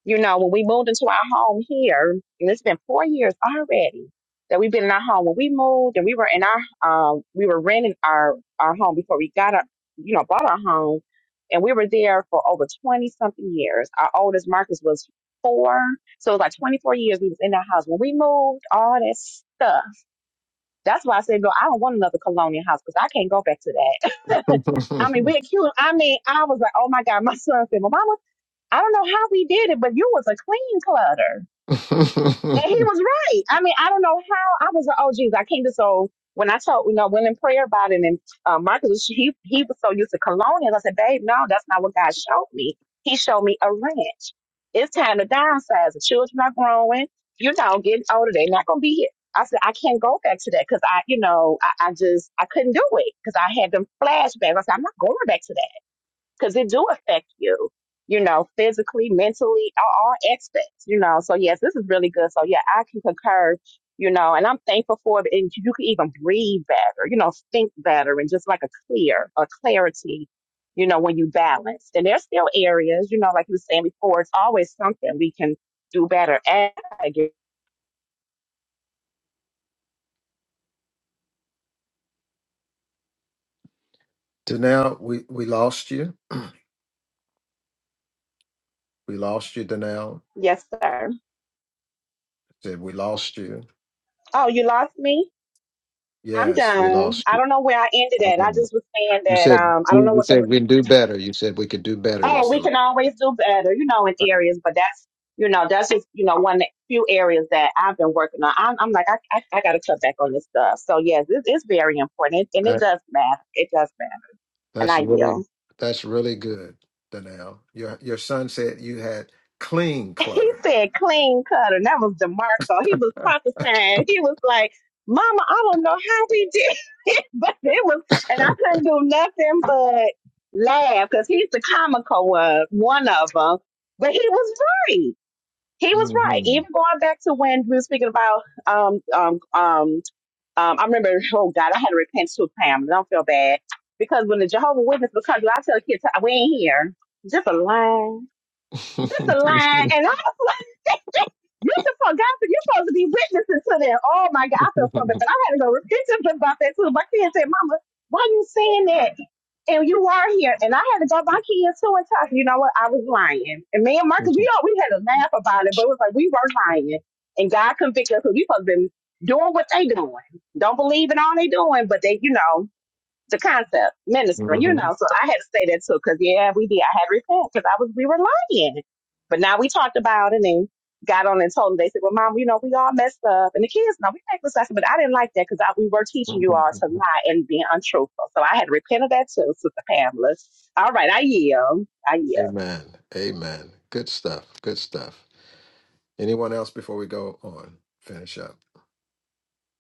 Speaker 11: You know, when we moved into our home here, and it's been four years already that we've been in our home. When we moved and we were in our um, we were renting our our home before we got our you know bought our home, and we were there for over twenty something years. Our oldest Marcus was four, so it was like twenty four years we was in that house. When we moved, all that stuff that's why I said, girl, I don't want another colonial house because I can't go back to that. I mean, we're cute. I mean, I was like, oh my God, my son said, well, mama, I don't know how we did it, but you was a clean clutter. And he was right. I mean, I don't know how I was like, oh geez, I came to so when I told you know went in prayer about it and uh, Marcus was- he he was so used to colonials. I said, babe, no, that's not what God showed me. He showed me a ranch. It's time to downsize. The children are growing. You know, getting older. They're not going to be here. I said I can't go back to that because I, you know, I, I just I couldn't do it because I had them flashbacks. I said I'm not going back to that because it do affect you, you know, physically, mentally, all, all aspects, you know. So yes, this is really good. So yeah, I can concur, you know, and I'm thankful for it. And you can even breathe better, you know, think better, and just like a clear, a clarity, you know, when you balance. And there's still areas, you know, like you were saying before, it's always something we can do better at.
Speaker 2: Danelle, we, we lost you. We lost you, Danelle.
Speaker 11: Yes, sir.
Speaker 2: Said we lost you.
Speaker 11: Oh, you lost me. I'm
Speaker 2: Yes, we
Speaker 11: done.
Speaker 2: lost
Speaker 11: I
Speaker 2: you.
Speaker 11: don't know where I ended at. I just was saying
Speaker 2: You
Speaker 11: that
Speaker 2: said
Speaker 11: um I
Speaker 2: we
Speaker 11: don't know
Speaker 2: you
Speaker 11: what the
Speaker 2: said we can do better. You said we could do better
Speaker 11: oh,
Speaker 2: was the
Speaker 11: we
Speaker 2: line.
Speaker 11: can always do better, you know, in areas, but that's, you know, that's just, you know, one of the few areas that I've been working on. I'm, I'm like, I, I, I got to cut back on this stuff. So, yes, it is very important, and it
Speaker 2: That
Speaker 11: does matter. It does matter. And
Speaker 2: that's
Speaker 11: I
Speaker 2: really
Speaker 11: yield.
Speaker 2: that's really good, Danelle. Your your son said you had clean
Speaker 11: He
Speaker 2: clutter.
Speaker 11: said clean cut, and that was DeMarco. He was prophesying. He was like, Mama, I don't know how we did it, but it was, and I couldn't do nothing but laugh because he's the comical one, one of them. But he was right. he was right.
Speaker 2: hmm
Speaker 11: Even going back to when we were speaking about, um, um, um, um, I remember, oh God, I had to repent to Pam. Don't feel bad because when the Jehovah Witness becomes, I tell kids, we ain't here. Just a lie. Just a line.
Speaker 2: hmm
Speaker 11: And I was like, you supposed, God, you're supposed to be witnessing to them. Oh my God, I feel so bad. But I had to go repent to them about that too. My kids said, Mama, why you saying that? And you are here. And I had to go to my kids too and tell you know what? I was lying. And me and Marcus, we all, we had a laugh about it, but it was like, we were lying. And God convicted us because we supposed to be doing what they doing. Don't believe in all they doing, but they, you know, the concept ministering, you know. So I had to say that too, because yeah, we did. I had to repent because I was we were lying. But now we talked about it and got on and told them. They said, "Well, mom, you know, we all messed up, and the kids, no, we make mistakes." But I didn't like that because we were teaching you all to lie and being untrue." So I had to repent of that too, Sister Pamela. All right, I yield. I yield.
Speaker 2: Amen. Amen. Good stuff. Good stuff. Anyone else before we go on? Finish up.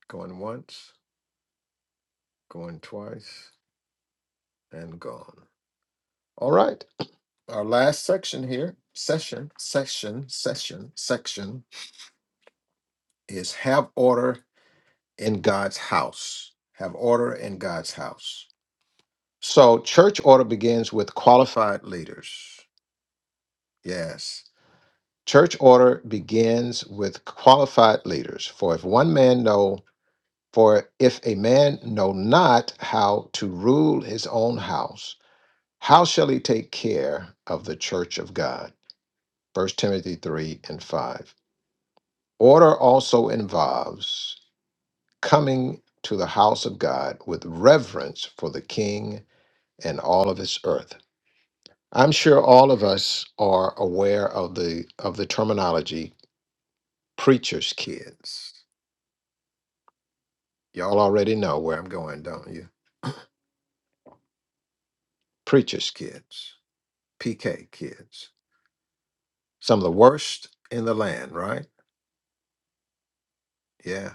Speaker 2: Going once, going twice, and gone. All right. Our last section here, session, session, session, section is have order in God's house. Have order in God's house. So church order begins with qualified leaders. Yes. Church order begins with qualified leaders. For if one man know, for if a man know not how to rule his own house, How shall he take care of the church of God? First Timothy 3 and 5. Order also involves coming to the house of God with reverence for the king and all of his earth. I'm sure all of us are aware of the of the terminology preacher's kids. Y'all already know where I'm going, don't you? Preacher's kids, PK kids. Some of the worst in the land, right? Yeah.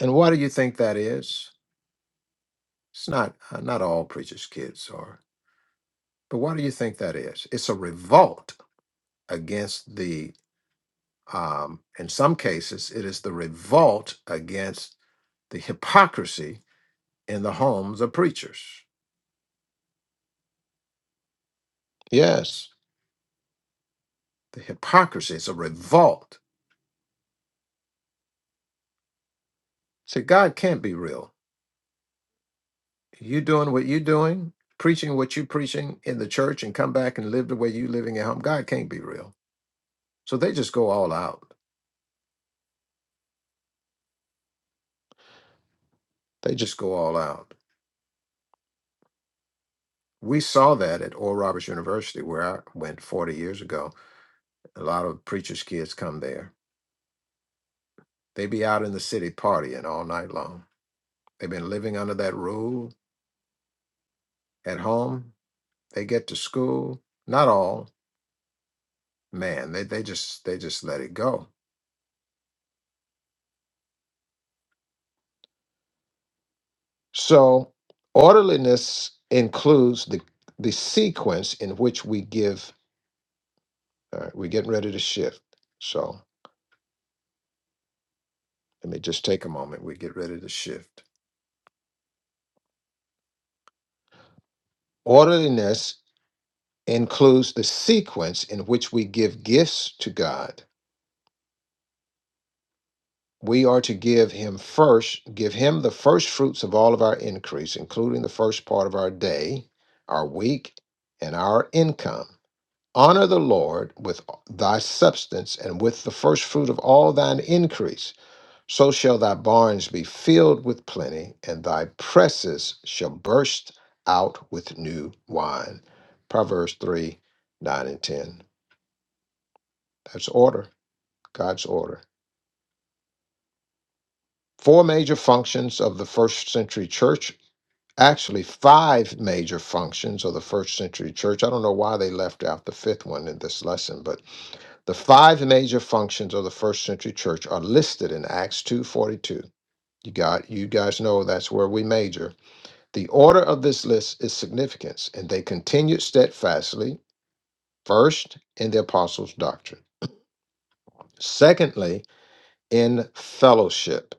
Speaker 2: And why do you think that is? It's not uh, not all preachers' kids are. But why do you think that is? It's a revolt against the. Um, in some cases, it is the revolt against the hypocrisy in the homes of preachers. Yes, the hypocrisy is a revolt. See, God can't be real. You doing what you're doing, preaching what you're preaching in the church, and come back and live the way you are living at home. God can't be real. So they just go all out. They just go all out we saw that at Oral Roberts University, where I went 40 years ago. A lot of preachers' kids come there. They be out in the city partying all night long. They've been living under that rule at home. They get to school. Not all, man. They they just they just let it go. So orderliness includes the the sequence in which we give. All right, we're getting ready to shift. So let me just take a moment. We get ready to shift. Orderliness includes the sequence in which we give gifts to God. We are to give Him first, give Him the first fruits of all of our increase, including the first part of our day, our week, and our income. Honor the Lord with thy substance and with the first fruit of all thine increase. So shall thy barns be filled with plenty, and thy presses shall burst out with new wine. Proverbs 3 9 and 10. That's order. God's order. Four major functions of the first century church, actually, five major functions of the first century church. I don't know why they left out the fifth one in this lesson, but the five major functions of the first century church are listed in Acts 2:42. You got you guys know that's where we major. The order of this list is significance, and they continued steadfastly, first in the apostles' doctrine, secondly, in fellowship,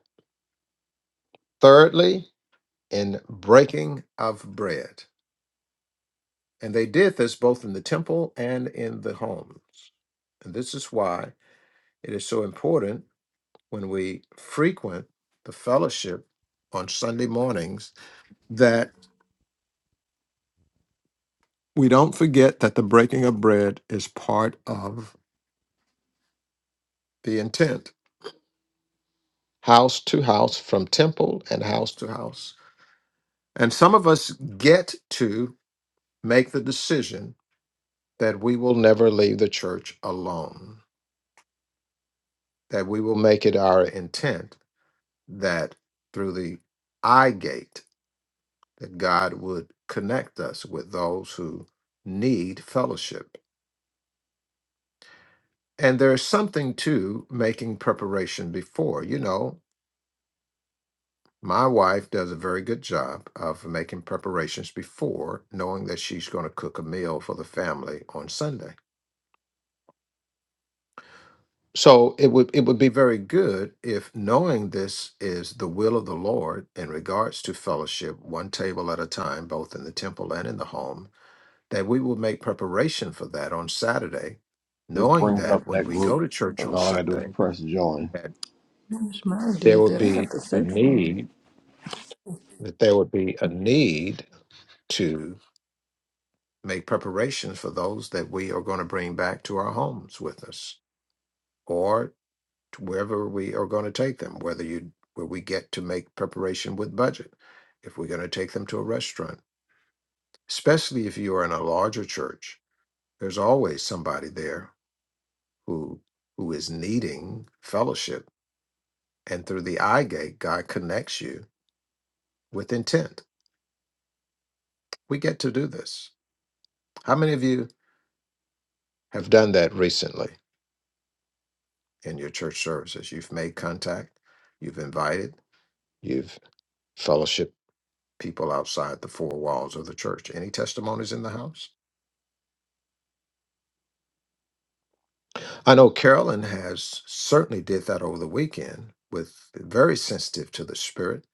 Speaker 2: thirdly, in breaking of bread. And they did this both in the temple and in the homes. And this is why it is so important when we frequent the fellowship on Sunday mornings that we don't forget that the breaking of bread is part of the intent, house to house, from temple and house to house. And some of us get to make the decision that we will never leave the church alone that we will make it our intent that through the eye gate that God would connect us with those who need fellowship. And there's something to making preparation before. You know, my wife does a very good job of making preparations before, knowing that she's going to cook a meal for the family on Sunday. So it would it would be very good if knowing this is the will of the Lord in regards to fellowship, one table at a time, both in the temple and in the home, that we will make preparation for that on Saturday,
Speaker 5: This
Speaker 2: knowing
Speaker 5: brings
Speaker 2: that
Speaker 5: up
Speaker 2: when
Speaker 5: that
Speaker 2: we
Speaker 5: group.
Speaker 2: go to church
Speaker 5: And
Speaker 2: on
Speaker 5: All I gotta do is
Speaker 2: Sunday,
Speaker 5: press join.
Speaker 2: that
Speaker 5: I wish mine
Speaker 2: there
Speaker 5: did
Speaker 2: would
Speaker 5: that. I have
Speaker 2: be
Speaker 5: to
Speaker 2: a
Speaker 5: search for him.
Speaker 2: need, that there would be a need to make preparations for those that we are going to bring back to our homes with us. or. to wherever we are going to take them, whether you where we get to make preparation with budget, if we're going to take them to a restaurant, especially if you are in a larger church, there's always somebody there who who is needing fellowship, and through the eye gate, God connects you with intent. We get to do this. How many of you have done that recently in your church services? You've made contact, you've invited, you've fellowship people outside the four walls of the church. Any testimonies in the house? I know Carolyn has certainly did that over the weekend with very sensitive to the spirit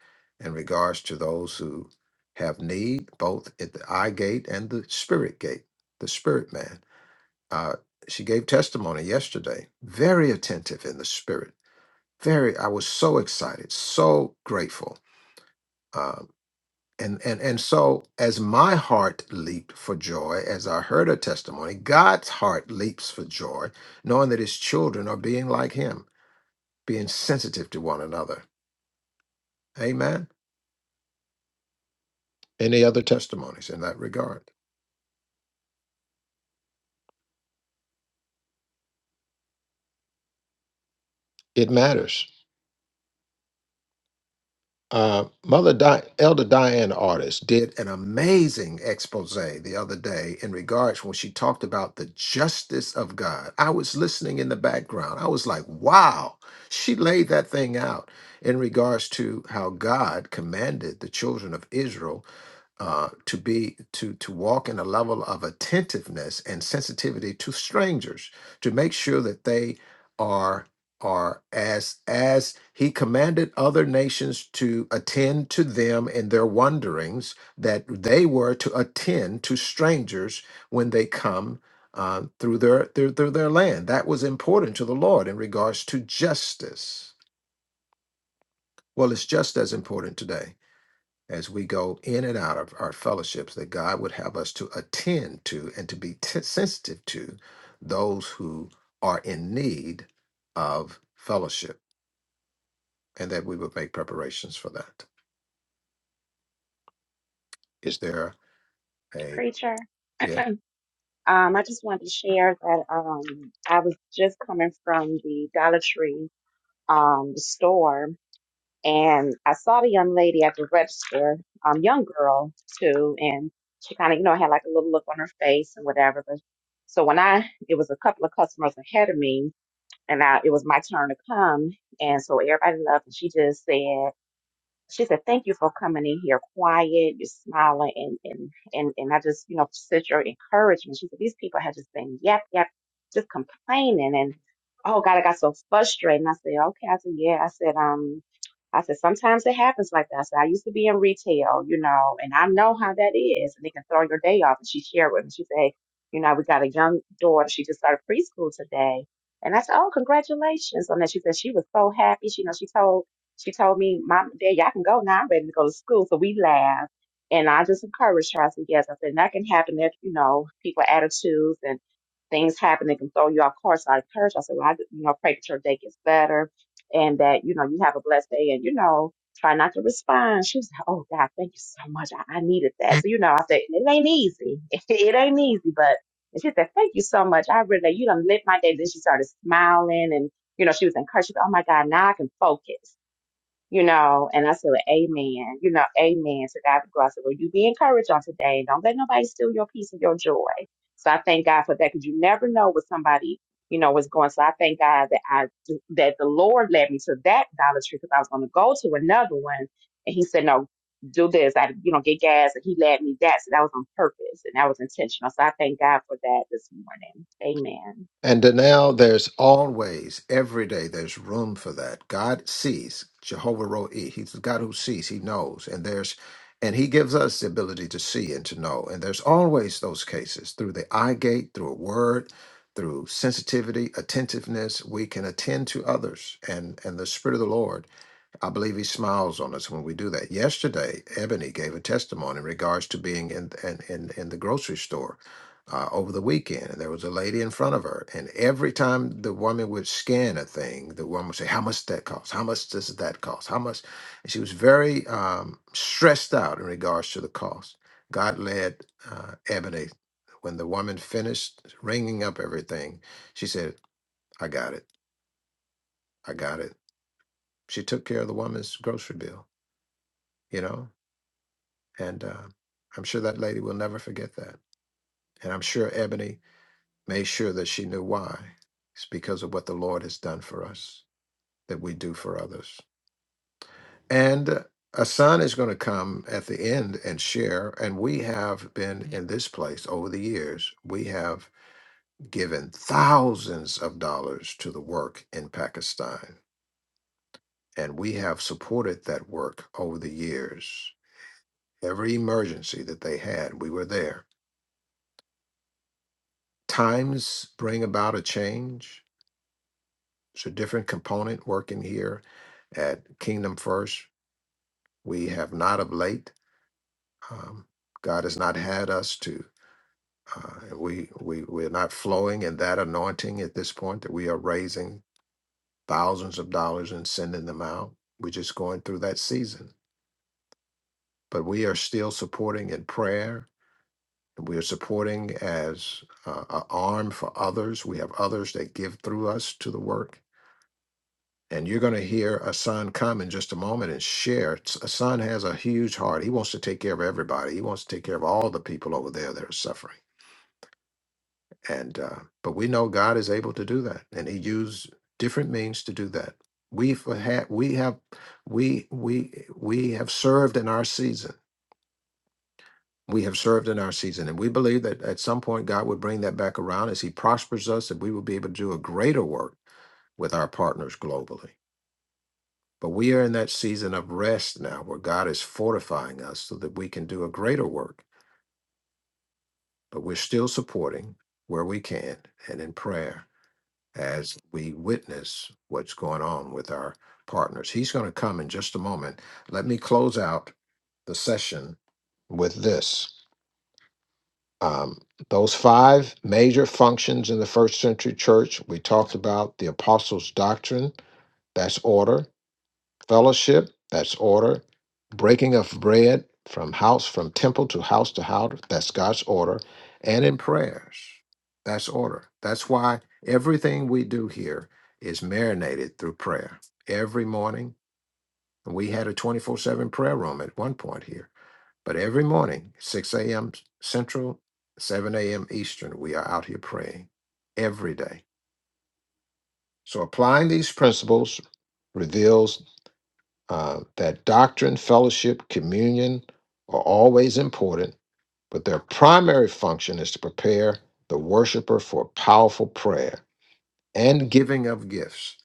Speaker 2: in regards to those who have need both at the eye gate and the spirit gate, the spirit man. Uh, she gave testimony yesterday, very attentive in the spirit. Very, I was so excited, so grateful. Um, And, and and so as my heart leaped for joy as I heard her testimony, God's heart leaps for joy, knowing that his children are being like him, being sensitive to one another. Amen. Any other testimonies in that regard? It matters. Uh, Mother Di- Elder Diane Artist did an amazing expose the other day in regards when she talked about the justice of God. I was listening in the background. I was like, wow, she laid that thing out in regards to how God commanded the children of Israel uh, to be to to walk in a level of attentiveness and sensitivity to strangers to make sure that they are are as as he commanded other nations to attend to them in their wanderings that they were to attend to strangers when they come uh, through their, their through their land that was important to the lord in regards to justice well it's just as important today as we go in and out of our fellowships that God would have us to attend to and to be t- sensitive to those who are in need of fellowship and that we would make preparations for that. Is there a
Speaker 11: Preacher.
Speaker 2: yes?
Speaker 11: Um, I just wanted to share that um, I was just coming from the Dollar Tree um, store and I saw the young lady at the register, um, young girl too, and she kind of, you know, had like a little look on her face and whatever. But so when I, it was a couple of customers ahead of me, and I, it was my turn to come, and so everybody left, and she just said, she said, "Thank you for coming in here quiet. You're smiling, and and and and I just, you know, such your encouragement." She said, "These people have just been yep, yep, just complaining, and oh God, I got so frustrated." And I said, "Okay," I said, "Yeah," I said, "Um." I said, sometimes it happens like that. I said, I used to be in retail, you know, and I know how that is. And they can throw your day off. And she shared with me. She said, hey, you know, we got a young daughter. She just started preschool today. And I said, oh, congratulations on that. She said she was so happy. She, you know, she told she told me, Mom, Dad, y'all can go now. I'm ready to go to school. So we laughed. And I just encouraged her. I said, Yes, I said, that can happen if, you know, people attitudes and things happen that can throw you off course. So I encouraged her. I said, Well, I, just, you know, pray that your day gets better and that, you know, you have a blessed day and, you know, try not to respond. She was like, Oh, God, thank you so much. I, I needed that. So, you know, I said, It ain't easy. it ain't easy, but. And she said, Thank you so much. I really, you done lit my day. Then she started smiling and you know, she was encouraged. She was, oh my God, now I can focus you know, and I said, well, Amen, you know, Amen to God be glory. I said, Well, you be encouraged on today. Don't let nobody steal your peace and your joy. So I thank God for that because you never know what somebody, you know, was going. So I thank God that I that the Lord led me to that Dollar Tree because I was going to go to another one, and He said, No, do this. I, you know, get gas, and He led me that. So that was on purpose and that was intentional. So I thank God for that this morning. Amen.
Speaker 2: And now there's always, every day, there's room for that. God sees, Jehovah Roe. He's the God who sees, He knows. And there's and he gives us the ability to see and to know. And there's always those cases through the eye gate, through a word, through sensitivity, attentiveness, we can attend to others and and the Spirit of the Lord. I believe he smiles on us when we do that. Yesterday, Ebony gave a testimony in regards to being in in in, in the grocery store uh, over the weekend, and there was a lady in front of her, and every time the woman would scan a thing, the woman would say, "How much that cost? How much does that cost? How much?" And she was very um, stressed out in regards to the cost. God led uh, Ebony when the woman finished ringing up everything. She said, "I got it. I got it." She took care of the woman's grocery bill. You know, And uh, I'm sure that lady will never forget that. And I'm sure Ebony made sure that she knew why. It's because of what the Lord has done for us that we do for others. And uh, a son is going to come at the end and share. And we have been in this place over the years, we have given thousands of dollars to the work in Pakistan. And we have supported that work over the years. Every emergency that they had, we were there times bring about a change. It's a different component working here at Kingdom First. We have not of late. Um, God has not had us to. Uh, we we we're not flowing in that anointing at this point. That we are raising thousands of dollars and sending them out. We're just going through that season, but we are still supporting in prayer. and We are supporting as uh, an arm for others. We have others that give through us to the work And you're going to hear Asan come in just a moment and share. S- Asan has a huge heart. He wants to take care of everybody. He wants to take care of all the people over there that are suffering. And uh, but we know God is able to do that, and He used different means to do that. We've had, we have, we we we have served in our season. We have served in our season, and we believe that at some point God would bring that back around as He prospers us, that we will be able to do a greater work with our partners globally. But we are in that season of rest now where God is fortifying us so that we can do a greater work, but we're still supporting where we can and in prayer as we witness what's going on with our partners. He's going to come in just a moment. Let me close out the session with this. Um, those five major functions in the first century church, we talked about the apostles' doctrine, that's order. fellowship, that's order, breaking of bread from house, from temple to house to house, that's God's order, and in prayers, that's order. That's why everything we do here is marinated through prayer. Every morning, we had a 24 7 prayer room at one point here, but every morning, 6 a.m. Central, 7 a.m. Eastern, we are out here praying every day. So applying these principles reveals. Uh, that doctrine, fellowship, communion are always important, but their primary function is to prepare the worshiper for powerful prayer and giving of gifts.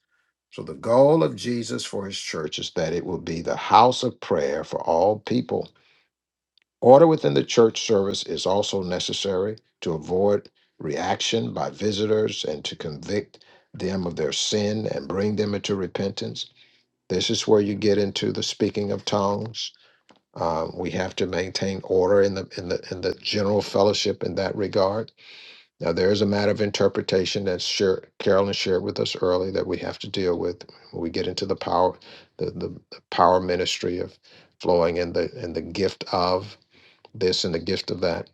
Speaker 2: So, the goal of Jesus for his church is that it will be the house of prayer for all people. Order within the church service is also necessary to avoid reaction by visitors and to convict them of their sin and bring them into repentance. This is where you get into the speaking of tongues um, we have to maintain order in the in the in the general fellowship in that regard. Now, there is a matter of interpretation that sure, Carolyn shared with us early that we have to deal with when we get into the power, the, the, the power ministry of flowing in the in the gift of this and the gift of that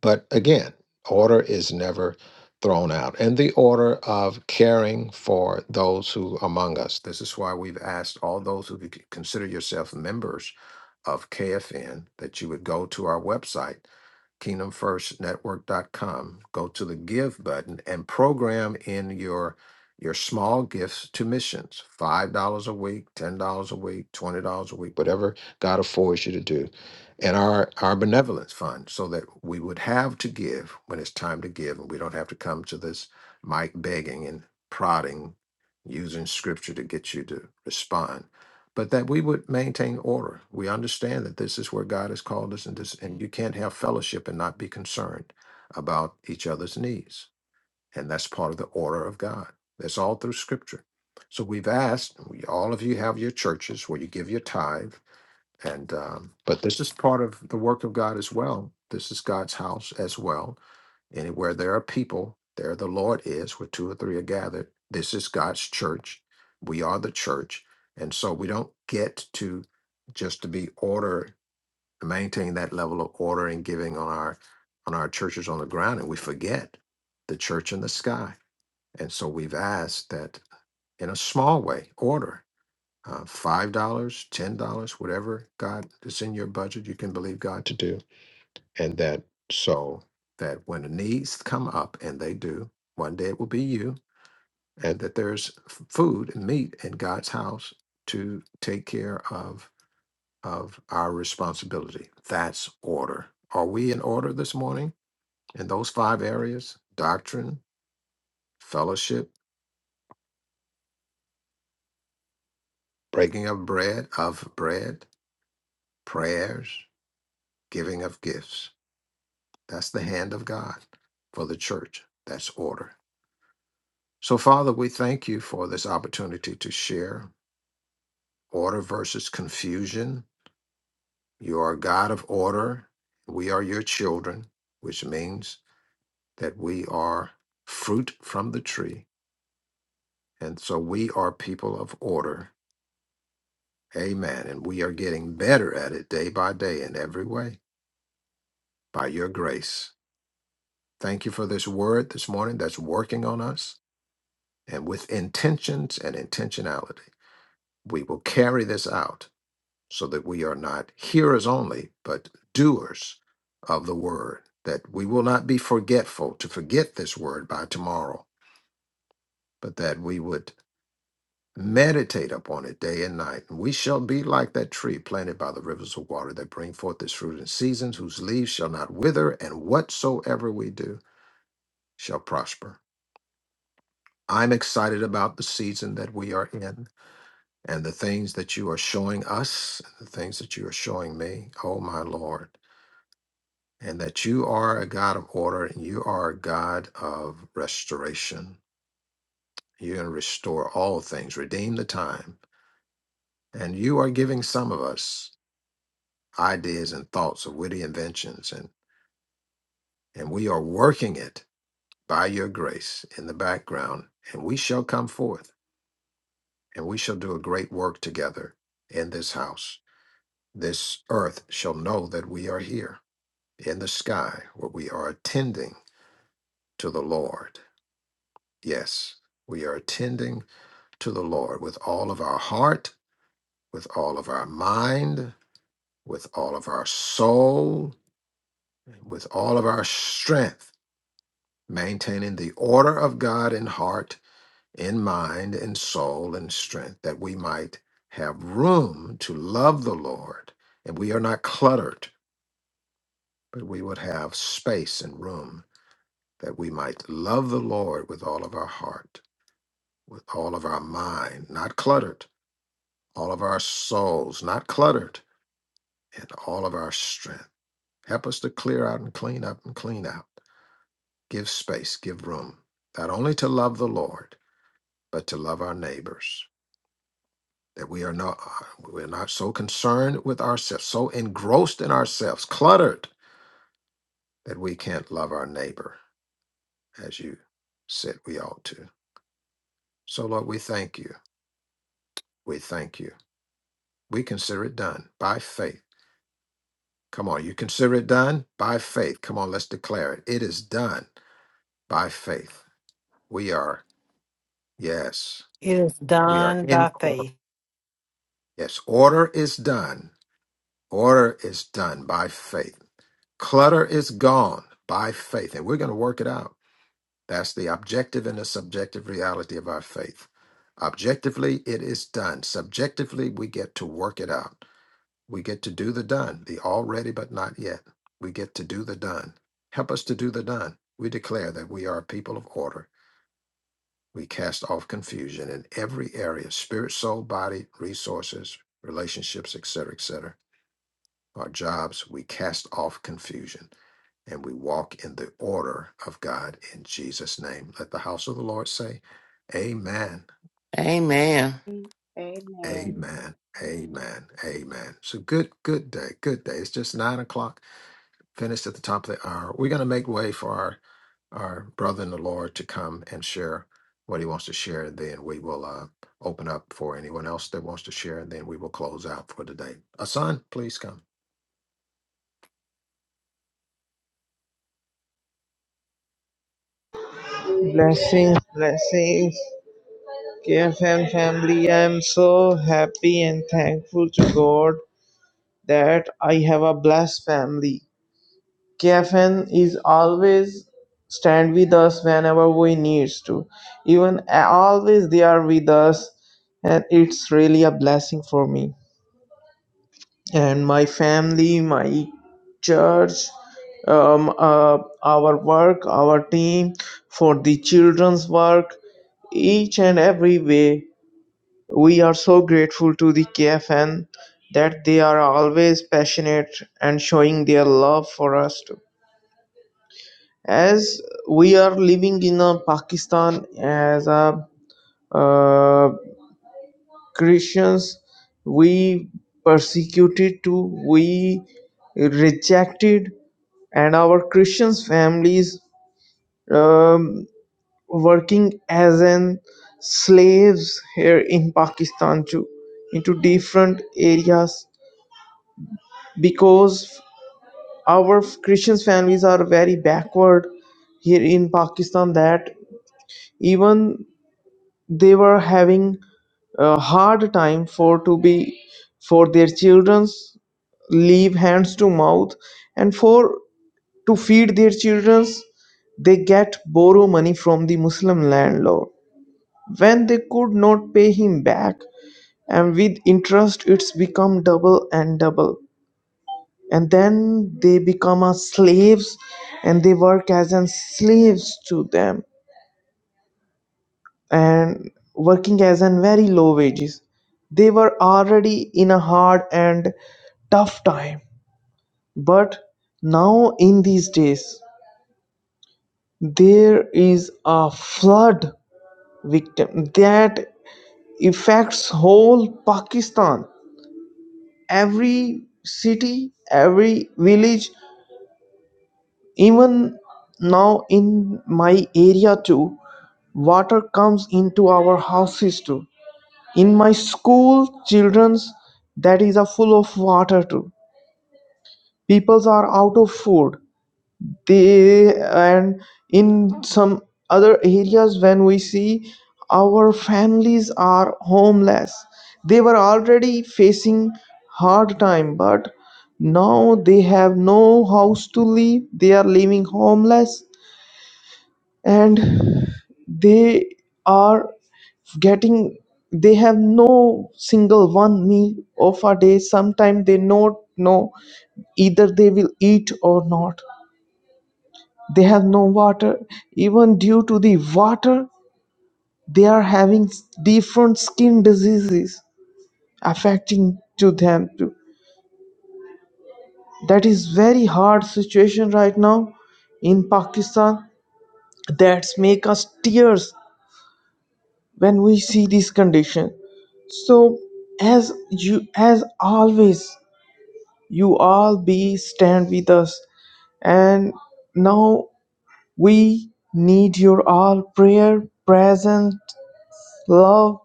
Speaker 2: but again, order is never thrown out. And the order of caring for those who among us. This is why we've asked all those who c- consider yourself members of KFN that you would go to our website kingdomfirstnetwork.com. Go to the give button and program in your your small gifts to missions. $5 a week, $10 a week, $20 a week, whatever God affords you to do. And our our benevolence fund so that we would have to give when it's time to give and we don't have to come to this mic begging and prodding using scripture to get you to respond but that we would maintain order. We understand that this is where God has called us, and this, and you can't have fellowship and not be concerned about each other's needs, and that's part of the order of God. That's all through Scripture. So we've asked we, all of you have your churches where you give your tithe, and um, but this is part of the work of God as well. This is God's house as well, Anywhere there are people, there the Lord is, where two or three are gathered. This is God's church. We are the church. And so we don't get to just to be order, maintain that level of order and giving on our on our churches on the ground, and we forget the church in the sky. And so we've asked that in a small way, order. Uh, $5, dollars, $10, whatever God is in your budget, you can believe God to do and that so that when the needs come up and they do one day it will be you and that there's f- food and meat in god's house to take care of of our responsibility that's order are we in order this morning in those five areas doctrine fellowship breaking of bread of bread prayers giving of gifts that's the hand of god for the church that's order So, Father, we thank you for this opportunity to share order versus confusion. You are a God of order. We are your children, which means that we are fruit from the tree. And so we are people of order. Amen. And we are getting better at it day by day in every way by your grace. Thank you for this word this morning that's working on us and with intentions and intentionality. We will carry this out so that we are not hearers only, but doers of the word, that we will not be forgetful to forget this word by tomorrow, but that we would meditate upon it day and night. And we shall be like that tree planted by the rivers of water that bring forth its fruit in seasons, whose leaves shall not wither, and whatsoever we do shall prosper. I'm excited about the season that we are in and the things that you are showing us, the things that you are showing me. Oh, my Lord. and that you are a God of order and you are a God of restoration. You're going to restore all things, redeem the time. And you are giving some of us ideas and thoughts of witty inventions, and, and we are working it by your grace in the background. And we shall come forth and we shall do a great work together in this house. This earth shall know that we are here in the sky where we are attending to the Lord. Yes, we are attending to the Lord with all of our heart, with all of our mind, with all of our soul, with all of our strength, maintaining the order of God in heart, in mind, in soul, and strength, that we might have room to love the Lord. And we are not cluttered, but we would have space and room that we might love the Lord with all of our heart, with all of our mind, not cluttered, all of our souls, not cluttered in all of our strength. Help us to clear out and clean up and clean out. Give space, give room, not only to love the Lord, but to love our neighbors. That we are not uh, we're not so concerned with ourselves, so engrossed in ourselves, cluttered that we can't love our neighbor as you said we ought to. So Lord, we thank you. We thank you. We consider it done by faith. Come on, you consider it done by faith. Come on, let's declare it. It is done by faith. We are Yes,
Speaker 7: It is
Speaker 2: we are
Speaker 7: done
Speaker 2: in
Speaker 7: by
Speaker 2: order.
Speaker 7: faith.
Speaker 2: Yes, order is done. Order is done by faith. Clutter is gone by faith, and we're going to work it out. That's the objective and the subjective reality of our faith. Objectively, it is done. Subjectively, we get to work it out. We get to do the done, the already but not yet. We get to do the done. Help us to do the done. We declare that we are a people of order We cast off confusion in every area spirit, soul, body, resources, relationships, etc., etc. Our jobs, we cast off confusion and we walk in the order of God in Jesus' name. Let the house of the Lord say, Amen,
Speaker 3: Amen.
Speaker 11: Amen.
Speaker 2: Amen, Amen, Amen. So good, good day, good day. It's just nine o'clock finished at the top of the hour. We're going to make way for our our brother in the Lord to come and share what he wants to share, and then we will uh, open up for anyone else that wants to share, and then we will close out for today. Asan, please come.
Speaker 10: blessings, blessings. KFM family, I'm so happy and thankful to God that I have a blessed family. KFM is always stand with us whenever we needs to. Even uh, always they are with us, and it's really a blessing for me. and my family, my church, um, uh, our work, our team, for the children's work, each and every way. We are so grateful to the KFN that they are always passionate and showing their love for us too. As we are living in uh, Pakistan as a uh, Christians, we persecuted too, we rejected and our Christian families um, working as an slaves here in Pakistan too into different areas because our Christian families are very backward here in Pakistan that even they were having a hard time for to be for their children's leave hands to mouth and for To feed their children, they get borrow money from the Muslim landlord. When they could not pay him back, and with interest it's become double and double. And then they become a slaves and they work as an slaves to them and working as an very low wages. They were already in a hard and tough time. But now in these days there is a flood victim that affects whole pakistan every city every village even now in my area too water comes into our houses too in my school children's that is a full of water too peoples are out of food they and in some other areas when we see our families are homeless they were already facing hard time but now they have no house to live they are living homeless and they are getting they have no single one meal of a day Sometimes they not know either they will eat or not they have no water even due to the water they are having different skin diseases affecting to them too that is very hard situation right now in pakistan that's make us tears when we see this condition so as you as always you all be stand with us and now we need your all prayer presence love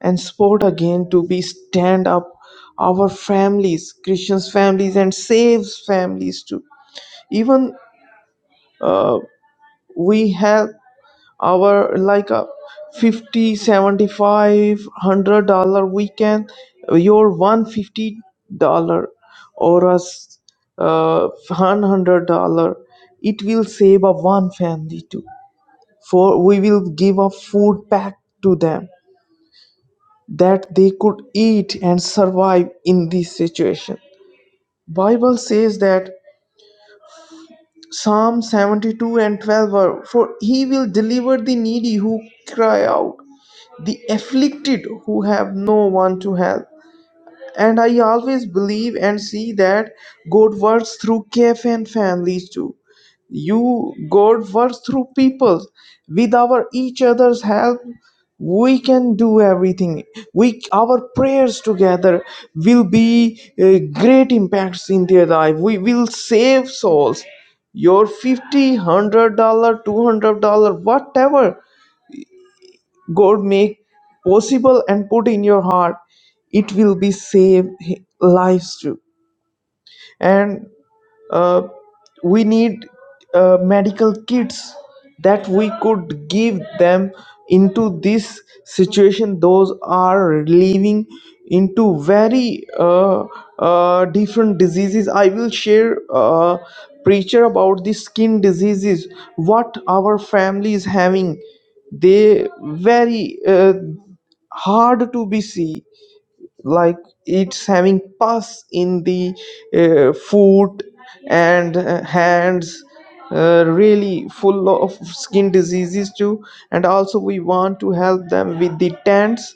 Speaker 10: and sport again to be stand up our families christians families and saves families too even uh, we have our like a fifty, seventy-five, 75 100 dollar weekend your 150 dollar or as uh, 100 dollar it will save a one family too for we will give a food pack to them that they could eat and survive in this situation bible says that psalm 72 and 12 are, for he will deliver the needy who cry out the afflicted who have no one to help And I always believe and see that God works through cafe and families too. You God works through people. With our each other's help, we can do everything. We our prayers together will be uh, great impacts in their life. We will save souls your fifty, hundred dollar 200 dollar whatever God make possible and put in your heart, it will be save lives too. And uh, we need uh, medical kits that we could give them into this situation those are living into very uh, uh, different diseases i will share a preacher about the skin diseases what our family is having they very uh, hard to be see like it's having pus in the uh, foot and uh, hands uh, really full of skin diseases too and also we want to help them with the tents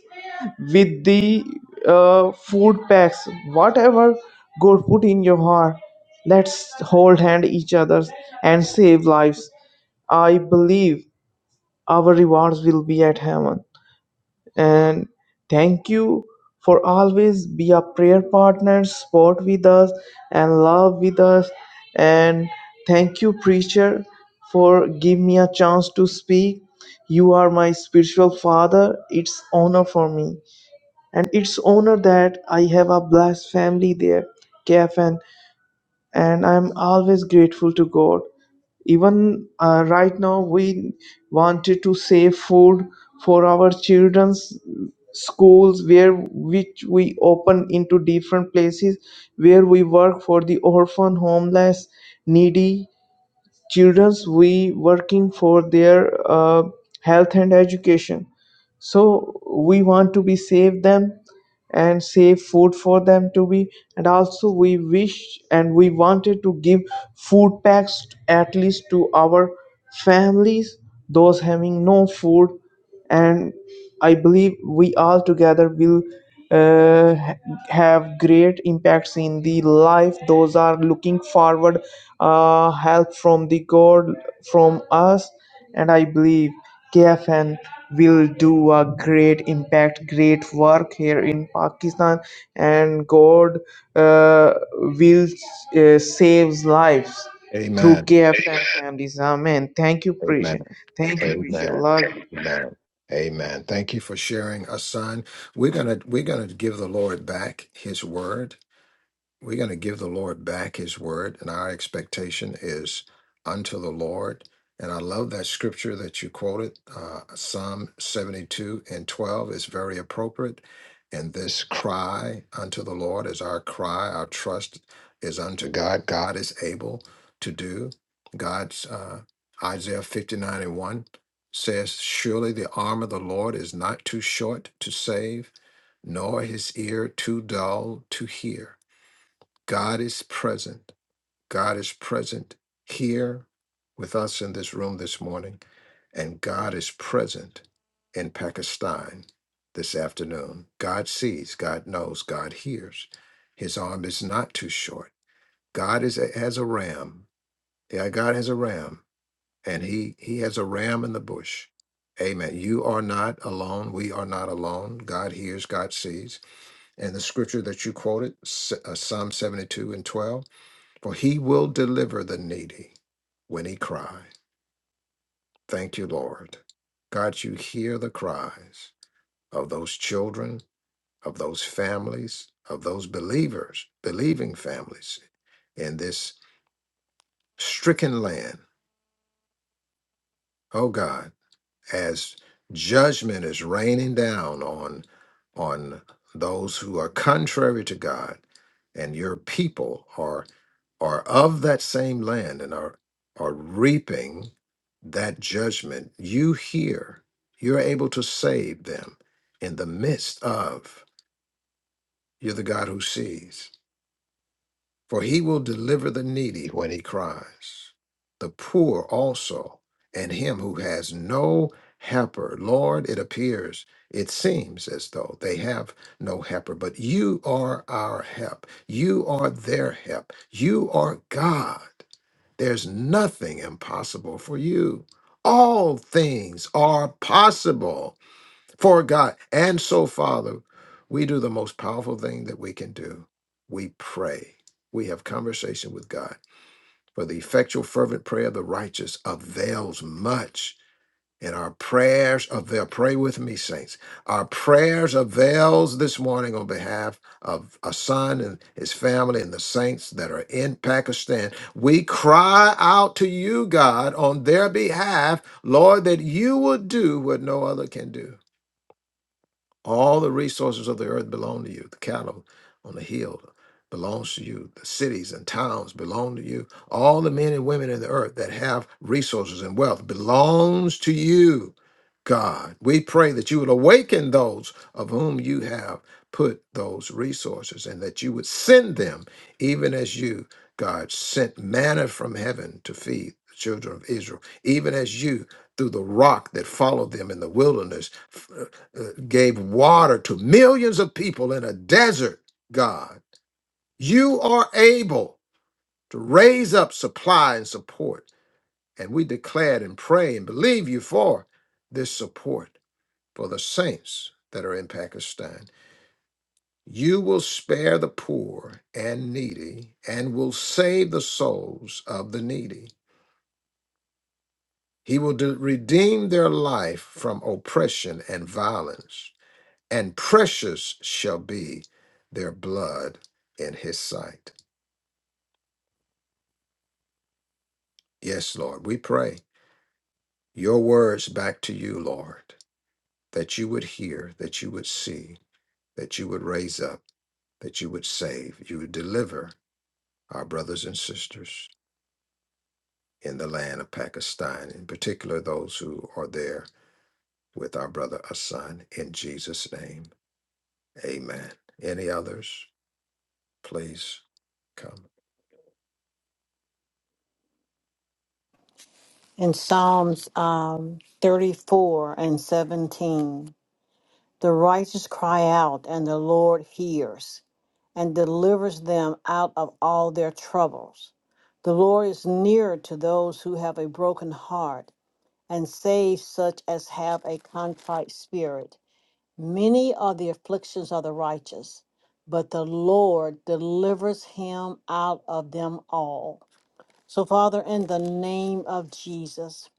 Speaker 10: with the uh, food packs whatever god put in your heart let's hold hand each other and save lives i believe our rewards will be at heaven and thank you for always be a prayer partner sport with us and love with us and thank you preacher for give me a chance to speak you are my spiritual father it's honor for me and it's honor that i have a blessed family there kfn and i'm always grateful to god even uh, right now we wanted to save food for our children's schools where which we open into different places where we work for the orphan homeless needy children's we working for their uh, health and education so we want to be save them and save food for them to be and also we wish and we wanted to give food packs at least to our families those having no food and i believe we all together will uh, ha- have great impacts in the life those are looking forward uh, help from the god from us and I believe KFN will do a great impact, great work here in Pakistan, and God uh, will uh, save lives through
Speaker 2: Amen.
Speaker 10: KFN families. Amen. Thank you, preacher.
Speaker 2: Amen.
Speaker 10: Thank you, preacher.
Speaker 2: Amen.
Speaker 10: Love you.
Speaker 2: Amen. Amen. Thank you for sharing, Asan. We're gonna we're gonna give the Lord back His word We're going to give the Lord back his word, and our expectation is unto the Lord. And I love that scripture that you quoted, uh, Psalm 72 and 12 is very appropriate. And this cry unto the Lord is our cry, our trust is unto God. God is able to do. God's uh, Isaiah 59 and 1 says, Surely the arm of the Lord is not too short to save, nor his ear too dull to hear. God is present. God is present here with us in this room this morning, and God is present in Pakistan this afternoon. God sees, God knows, God hears. His arm is not too short. God is has a ram. Yeah, God has a ram, and he he has a ram in the bush. Amen. You are not alone. We are not alone. God hears, God sees. And the scripture that you quoted, S- uh, Psalm 72 and 12, for he will deliver the needy when he cry. Thank you, Lord. God, you hear the cries of those children, of those families, of those believers, believing families in this stricken land. Oh God, as judgment is raining down on on those who are contrary to God and your people are are of that same land and are are reaping that judgment you hear you're able to save them in the midst of you're the god who sees for he will deliver the needy when he cries the poor also and him who has no helper lord it appears it seems as though they have no helper but you are our help you are their help you are god there's nothing impossible for you. All things are possible for God. And so, Father, we do the most powerful thing that we can do. We pray. We have conversation with God. For the effectual, fervent prayer of the righteous avails much. And our prayers avail. Pray with me, saints. Our prayers avails this morning on behalf of a son and his family and the saints that are in Pakistan. We cry out to you, God, on their behalf, Lord, that you will do what no other can do. All the resources of the earth belong to you. The cattle on the hill belongs to you. The cities and towns belong to you. All the men and women in the earth that have resources and wealth belongs to you, God. We pray that you would awaken those of whom you have put those resources and that you would send them even as you, God, sent manna from heaven to feed the children of Israel, even as you through the rock that followed them in the wilderness uh, gave water to millions of people in a desert, God. You are able to raise up supply and support. And we declared and pray and believe you for this support for the saints that are in Pakistan. You will spare the poor and needy and will save the souls of the needy. He will de- redeem their life from oppression and violence. and precious shall be their blood in his sight. Yes, Lord, we pray your words back to you, Lord, that you would hear, that you would see, that you would raise up, that you would save, you would deliver our brothers and sisters in the land of Pakistan, in particular those who are there with our brother Hassan, in Jesus' name. Amen. Any others, please come.
Speaker 7: In Psalms um, 34 and 17, the righteous cry out, and the Lord hears and delivers them out of all their troubles. The Lord is near to those who have a broken heart and saves such as have a contrite spirit. Many are the afflictions of the righteous, but the Lord delivers him out of them all. So, Father, in the name of Jesus,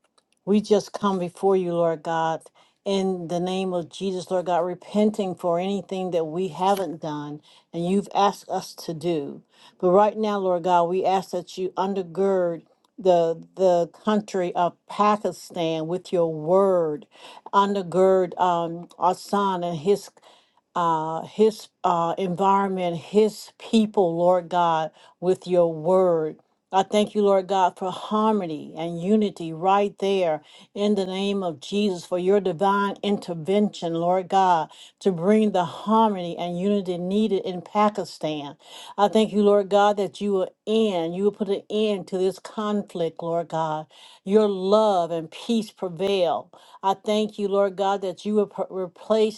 Speaker 7: we just come before you, Lord God, in the name of Jesus, Lord God, repenting for anything that we haven't done and you've asked us to do. But right now, Lord God, we ask that you undergird the the country of Pakistan with your word, undergird um, our son and his uh, his uh, environment, his people, Lord God, with your word. I thank you, Lord God, for harmony and unity right there in the name of Jesus, for your divine intervention, Lord God, to bring the harmony and unity needed in Pakistan. I thank you, Lord God, that you will end, you will put an end to this conflict, Lord God. Your love and peace prevail. I thank you, Lord God, that you have replace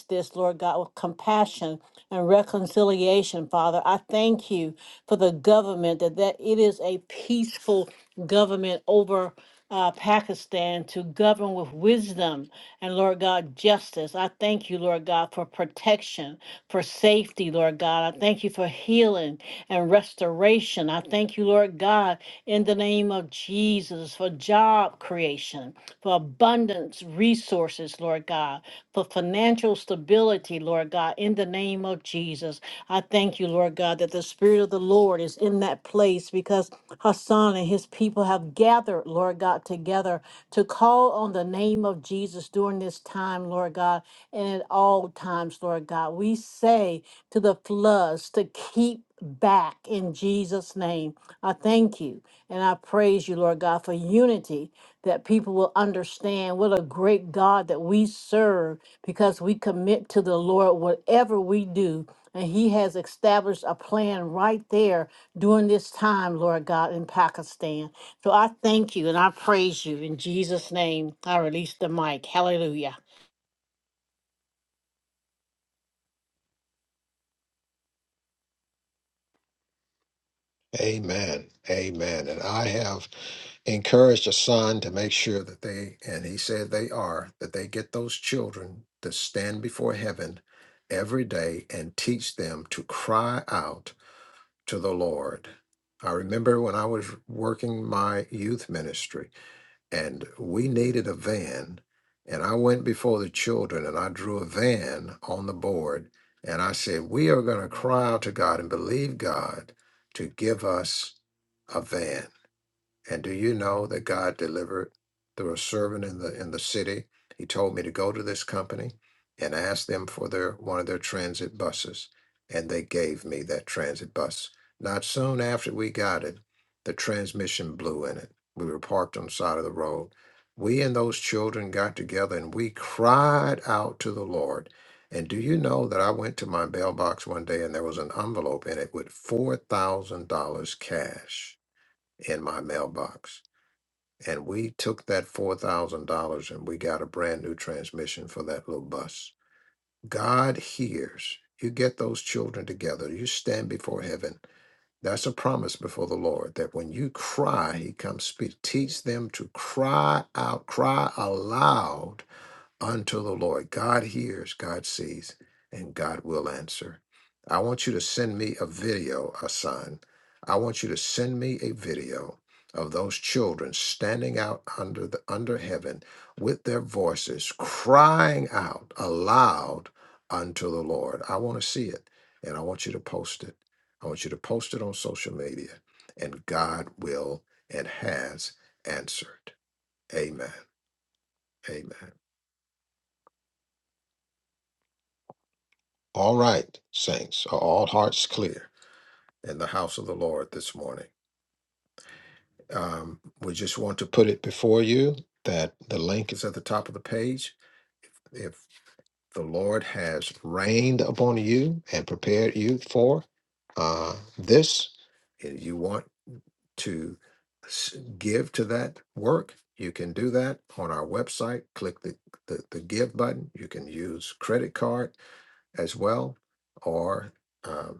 Speaker 7: this, Lord God, with compassion and reconciliation, Father. I thank you for the government that, that it is a peaceful government over uh, Pakistan. Pakistan to govern with wisdom and, Lord God, justice. I thank you, Lord God, for protection, for safety, Lord God. I thank you for healing and restoration. I thank you, Lord God, in the name of Jesus, for job creation, for abundance, resources, Lord God for financial stability, Lord God, in the name of Jesus. I thank you, Lord God, that the Spirit of the Lord is in that place because Hassan and his people have gathered, Lord God, together to call on the name of Jesus during this time, Lord God, and at all times, Lord God. We say to the floods to keep back in Jesus' name. I thank you and I praise you, Lord God, for unity that people will understand what a great God that we serve because we commit to the Lord whatever we do. And He has established a plan right there during this time, Lord God, in Pakistan. So I thank you and I praise you in Jesus' name. I release the mic. Hallelujah.
Speaker 2: Amen. Amen. And I have encouraged a son to make sure that they, and he said they are, that they get those children to stand before heaven every day and teach them to cry out to the Lord. I remember when I was working my youth ministry and we needed a van. And I went before the children and I drew a van on the board. And I said, We are going to cry out to God and believe God to give us a van. And do you know that God delivered through a servant in the in the city? He told me to go to this company and ask them for their one of their transit buses. And they gave me that transit bus. Not soon after we got it, the transmission blew in it. We were parked on the side of the road. We and those children got together and we cried out to the Lord. And do you know that I went to my mailbox one day and there was an envelope in it with $4,000 cash? in my mailbox. And we took that $4,000 and we got a brand new transmission for that little bus. God hears. You get those children together, you stand before heaven. That's a promise before the Lord that when you cry, He comes speak. Teach them to cry out, cry aloud unto the Lord. God hears, God sees, and God will answer. I want you to send me a video, Hassan. I want you to send me a video of those children standing out under the under heaven with their voices crying out aloud unto the Lord. I want to see it and I want you to post it. I want you to post it on social media and God will and has answered. Amen. Amen. All right, saints, are all hearts clear in the house of the Lord this morning? Um, we just want to put it before you that the link is at the top of the page. If the Lord has rained upon you and prepared you for uh, this, and you want to s- give to that work, you can do that on our website. Click the, the, the give button. You can use credit card as well, or um,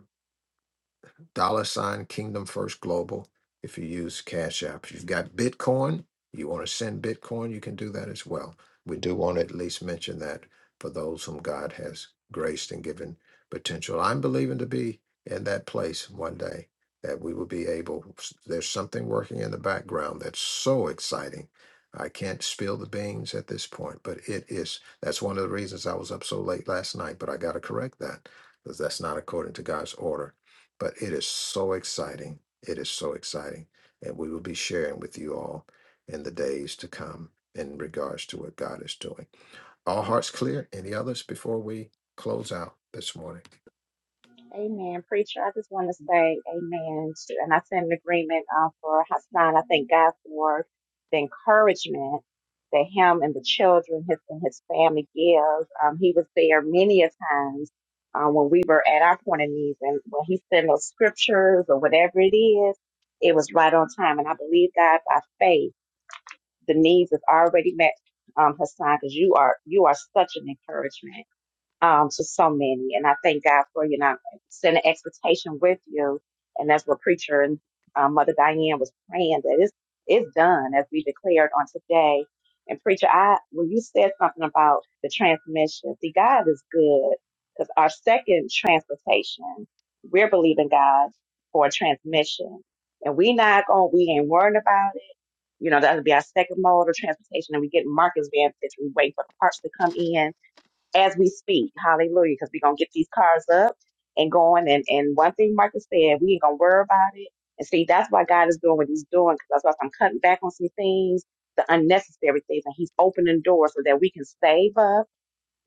Speaker 2: dollar sign Kingdom First Global if you use Cash App. If you've got Bitcoin, you want to send Bitcoin, you can do that as well. We do want to at least mention that for those whom God has graced and given potential. I'm believing to be in that place one day that we will be able, there's something working in the background that's so exciting. I can't spill the beans at this point, but it is. That's one of the reasons I was up so late last night, but I got to correct that because that's not according to God's order but it is so exciting. It is so exciting. And we will be sharing with you all in the days to come in regards to what God is doing. All hearts clear? Any others before we close out this morning?
Speaker 11: Amen. Preacher, I just want to say amen. To, and I send an agreement uh, for Hassan. I thank God for the encouragement that him and the children, his and his family gives. Um, he was there many a times uh, when we were at our point of needs. And when he sent those scriptures or whatever it is, it was right on time. And I believe God by faith, the needs is already met. Um, Hassan, because you are you are such an encouragement um, to so many. And I thank God for, you know, sending expectation with you. And that's what preacher and um, Mother Diane was praying that it's, it's done as we declared on today. And preacher, I, when you said something about the transmission, see, God is good because our second transportation, we're believing God for a transmission and we not going, we ain't worried about it. You know, that'll be our second mode of transportation and we get Marcus van Fitch. We wait for the parts to come in as we speak. Hallelujah. Because we're going to get these cars up and going. And, and one thing Michael said, we ain't going to worry about it. And see, that's why God is doing what he's doing. Because that's why I'm cutting back on some things, the unnecessary things. And he's opening doors so that we can save up,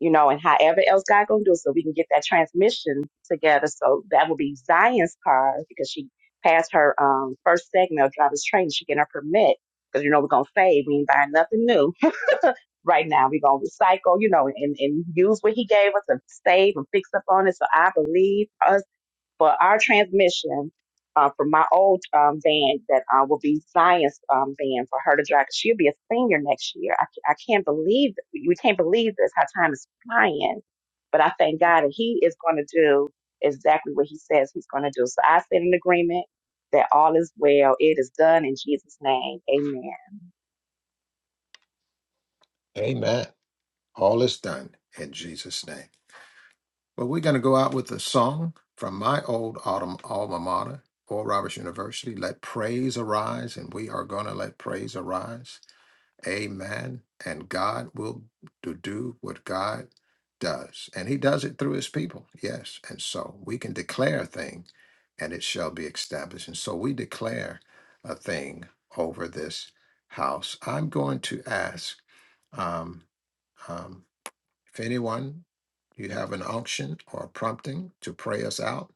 Speaker 11: you know, and however else God going to do so we can get that transmission together. So that will be Zion's car because she passed her um, first segment of driver's training. She getting her permit. Because, you know, we're going to save. We ain't buying nothing new right now. We're going to recycle, you know, and, and use what he gave us and save and fix up on it. So I believe us for our transmission uh, from my old um, band that uh, will be Zion's um, band for her to drive. 'Cause She'll be a senior next year. I, ca- I can't believe, we can't believe this, how time is flying. But I thank God that he is going to do exactly what he says he's going to do. So I said an agreement that all is well. It is done in Jesus' name. Amen.
Speaker 2: Amen. All is done in Jesus' name. Well, we're going to go out with a song from my old autumn alma mater, Oral Roberts University. Let praise arise, and we are going to let praise arise. Amen. And God will do do what God does. And he does it through his people. Yes. And so we can declare a thing and it shall be established. And so we declare a thing over this house. I'm going to ask um, um, if anyone, you have an unction or a prompting to pray us out.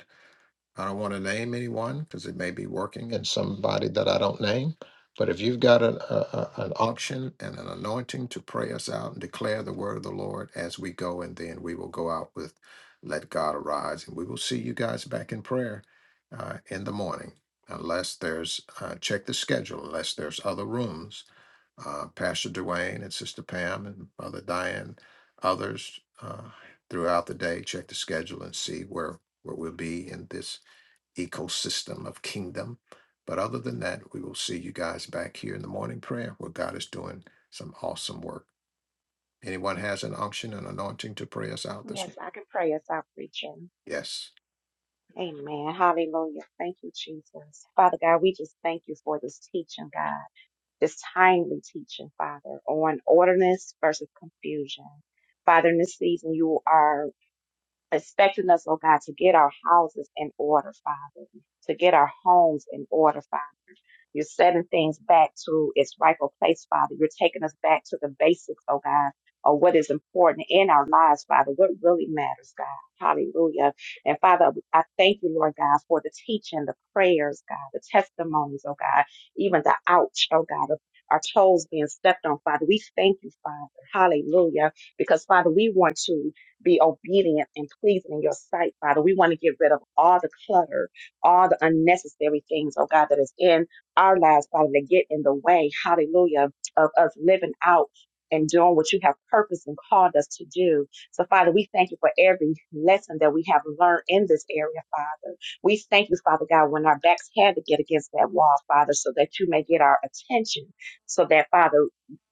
Speaker 2: I don't want to name anyone because it may be working in somebody that I don't name. But if you've got an, a, a- an unction and an anointing to pray us out and declare the word of the Lord as we go, and then we will go out with let God arise. And we will see you guys back in prayer uh, in the morning, unless there's, uh, check the schedule, unless there's other rooms. Uh, Pastor Duane and Sister Pam and Mother Diane, others uh, throughout the day, check the schedule and see where, where we'll be in this ecosystem of kingdom. But other than that, we will see you guys back here in the morning prayer where God is doing some awesome work. Anyone has an unction and anointing to pray us out this
Speaker 11: Yes,
Speaker 2: morning?
Speaker 11: I can pray us out, preacher.
Speaker 2: Yes.
Speaker 11: Amen. Hallelujah. Thank you, Jesus. Father God, we just thank you for this teaching, God, this timely teaching, Father, on orderness versus confusion. Father, in this season, you are expecting us, oh God, to get our houses in order, Father, to get our homes in order, Father. You're setting things back to its rightful place, Father. You're taking us back to the basics, oh God, of what is important in our lives, Father, what really matters, God. Hallelujah. And Father, I thank you, Lord God, for the teaching, the prayers, God, the testimonies, oh God, even the ouch, oh God, of our toes being stepped on, Father. We thank you, Father. Hallelujah. Because, Father, we want to be obedient and pleasing in your sight, Father. We want to get rid of all the clutter all the unnecessary things, oh God, that is in our lives, Father, that get in the way, hallelujah, of us living out and doing what you have purposed and called us to do. So, Father, we thank you for every lesson that we have learned in this area, Father. We thank you, Father God, when our backs had to get against that wall, Father, so that you may get our attention, so that, Father,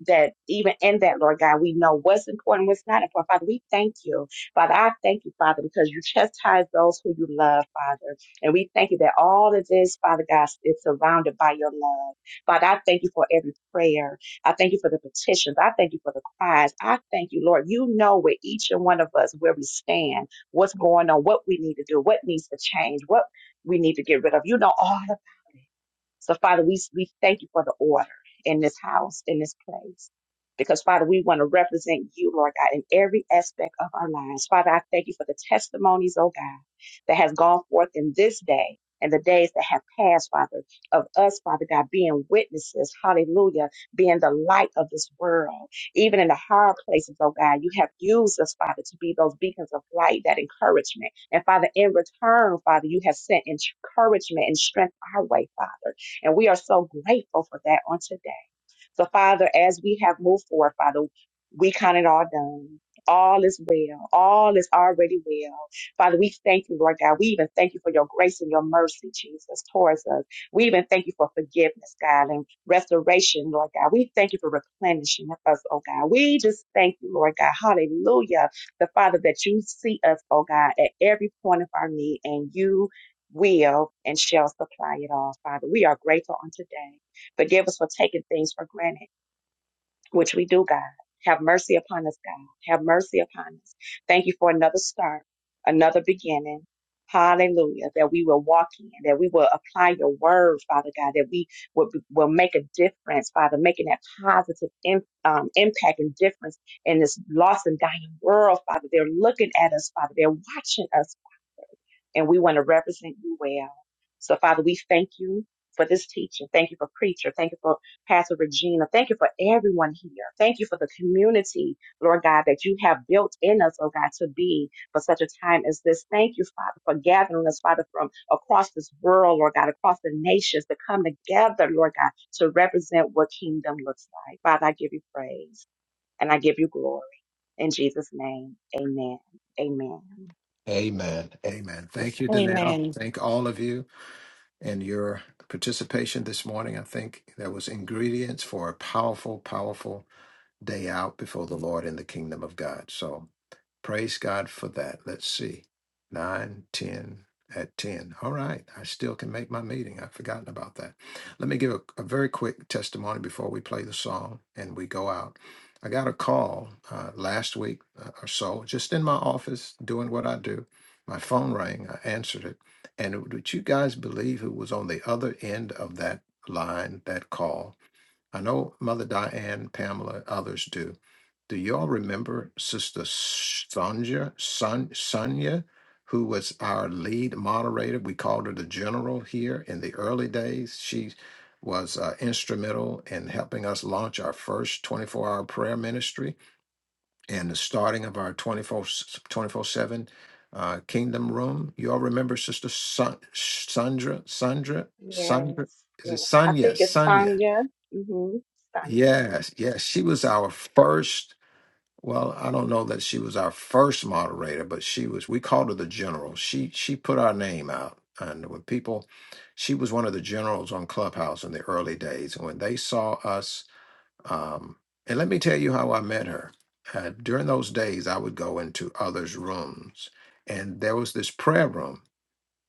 Speaker 11: that even in that, Lord God, we know what's important, what's not important. Father, we thank you. Father, I thank you, Father, because you chastise those who you love, Father. And we thank you that all of this, Father God, is surrounded by your love. Father, I thank you for every prayer. I thank you for the petitions. I thank you for the cries. I thank you, Lord. You know where each and one of us, where we stand, what's going on, what we need to do, what needs to change, what we need to get rid of. You know all about it. So, Father, we, we thank you for the order in this house, in this place. Because, Father, we want to represent you, Lord God, in every aspect of our lives. Father, I thank you for the testimonies, oh God that has gone forth in this day and the days that have passed, Father, of us, Father God, being witnesses, hallelujah, being the light of this world. Even in the hard places, oh God, you have used us, Father, to be those beacons of light, that encouragement. And Father, in return, Father, you have sent encouragement and strength our way, Father. And we are so grateful for that on today. So, Father, as we have moved forward, Father, we count it all done. All is well. All is already well. Father, we thank you, Lord God. We even thank you for your grace and your mercy, Jesus, towards us. We even thank you for forgiveness, God, and restoration, Lord God. We thank you for replenishing us, oh God. We just thank you, Lord God. Hallelujah. The Father that you see us, oh God, at every point of our need, and you will and shall supply it all, Father. We are grateful on today. Forgive us for taking things for granted which we do, God. Have mercy upon us, God. Have mercy upon us. Thank you for another start, another beginning. Hallelujah. That we will walk in, that we will apply your word, Father God, that we will, will make a difference, Father, making that positive im- um, impact and difference in this lost and dying world, Father. They're looking at us, Father. They're watching us, and we want to represent you well. So, Father, we thank you for this teaching. Thank you for preacher. Thank you for Pastor Regina. Thank you for everyone here. Thank you for the community, Lord God, that you have built in us, oh God, to be for such a time as this. Thank you, Father, for gathering us, Father, from across this world, Lord God, across the nations to come together, Lord God, to represent what kingdom looks like. Father, I give you praise and I give you glory. In Jesus' name, amen. Amen.
Speaker 2: Amen. Amen. Thank you, Danelle.
Speaker 7: Amen.
Speaker 2: Thank all of you and your participation this morning. I think there was ingredients for a powerful, powerful day out before the Lord in the kingdom of God. So Praise God for that. Let's see. nine, ten at 10. All right. I still can make my meeting. I've forgotten about that. Let me give a, a very quick testimony before we play the song and we go out. I got a call uh, last week uh, or so, just in my office doing what I do. My phone rang. I answered it. And would you guys believe who was on the other end of that line, that call? I know Mother Diane, Pamela, others do. Do y'all remember Sister Sonia, Son, Sonia, who was our lead moderator? We called her the General here in the early days. She was uh, instrumental in helping us launch our first 24 hour prayer ministry and the starting of our 24 7 uh, Kingdom Room. You all remember Sister Son, Sandra? Sandra?
Speaker 11: Yes.
Speaker 2: Sandra? Is
Speaker 11: yes.
Speaker 2: it
Speaker 11: I
Speaker 2: Sonia?
Speaker 11: think it's
Speaker 2: Sonia.
Speaker 11: Sonya. Mm-hmm. Sonya.
Speaker 2: Yes, yes. She was our first, well, I don't know that she was our first moderator, but she was, we called her the general. She she put our name out. And when people, she was one of the generals on Clubhouse in the early days. And when they saw us, um, and let me tell you how I met her. Uh, during those days, I would go into others' rooms, and there was this prayer room,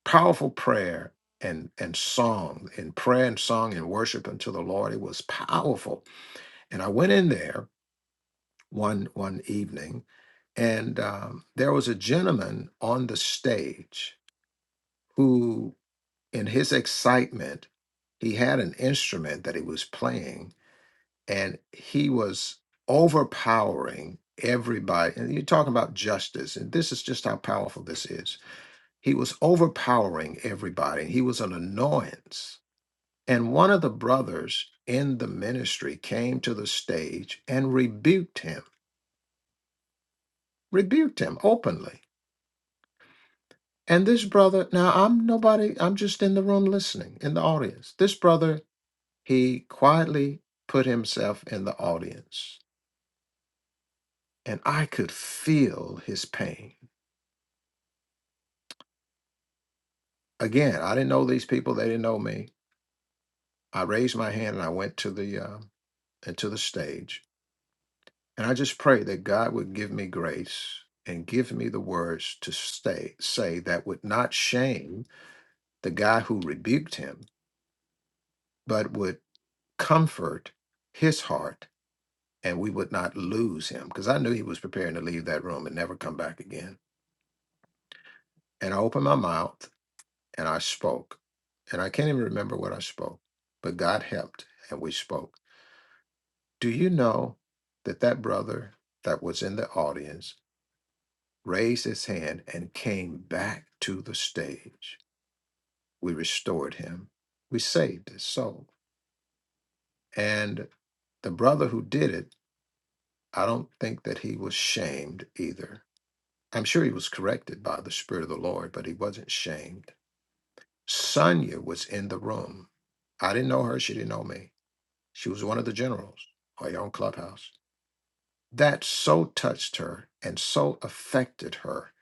Speaker 2: powerful prayer and and song, and prayer and song and worship unto the Lord. It was powerful and I went in there one one evening, and um, there was a gentleman on the stage who, in his excitement, he had an instrument that he was playing, and he was overpowering everybody. And you're talking about justice, and this is just how powerful this is. He was overpowering everybody. He was an annoyance. And one of the brothers in the ministry came to the stage and rebuked him rebuked him openly. And this brother, now I'm nobody, I'm just in the room listening, in the audience. This brother, he quietly put himself in the audience, and I could feel his pain. Again, I didn't know these people, they didn't know me. I raised my hand and I went to the uh, into the stage, and I just prayed that God would give me grace and give me the words to stay say that would not shame the guy who rebuked him, but would comfort his heart and we would not lose him because I knew he was preparing to leave that room and never come back again. And I opened my mouth and I spoke. And I can't even remember what I spoke, but God helped and we spoke. Do you know that that brother that was in the audience raised his hand and came back to the stage? We restored him, we saved his soul. And the brother who did it, I don't think that he was shamed either I'm sure he was corrected by the Spirit of the Lord, but he wasn't shamed. Sonia was in the room. I didn't know her. She didn't know me. She was one of the generals or your own clubhouse. That so touched her and so affected her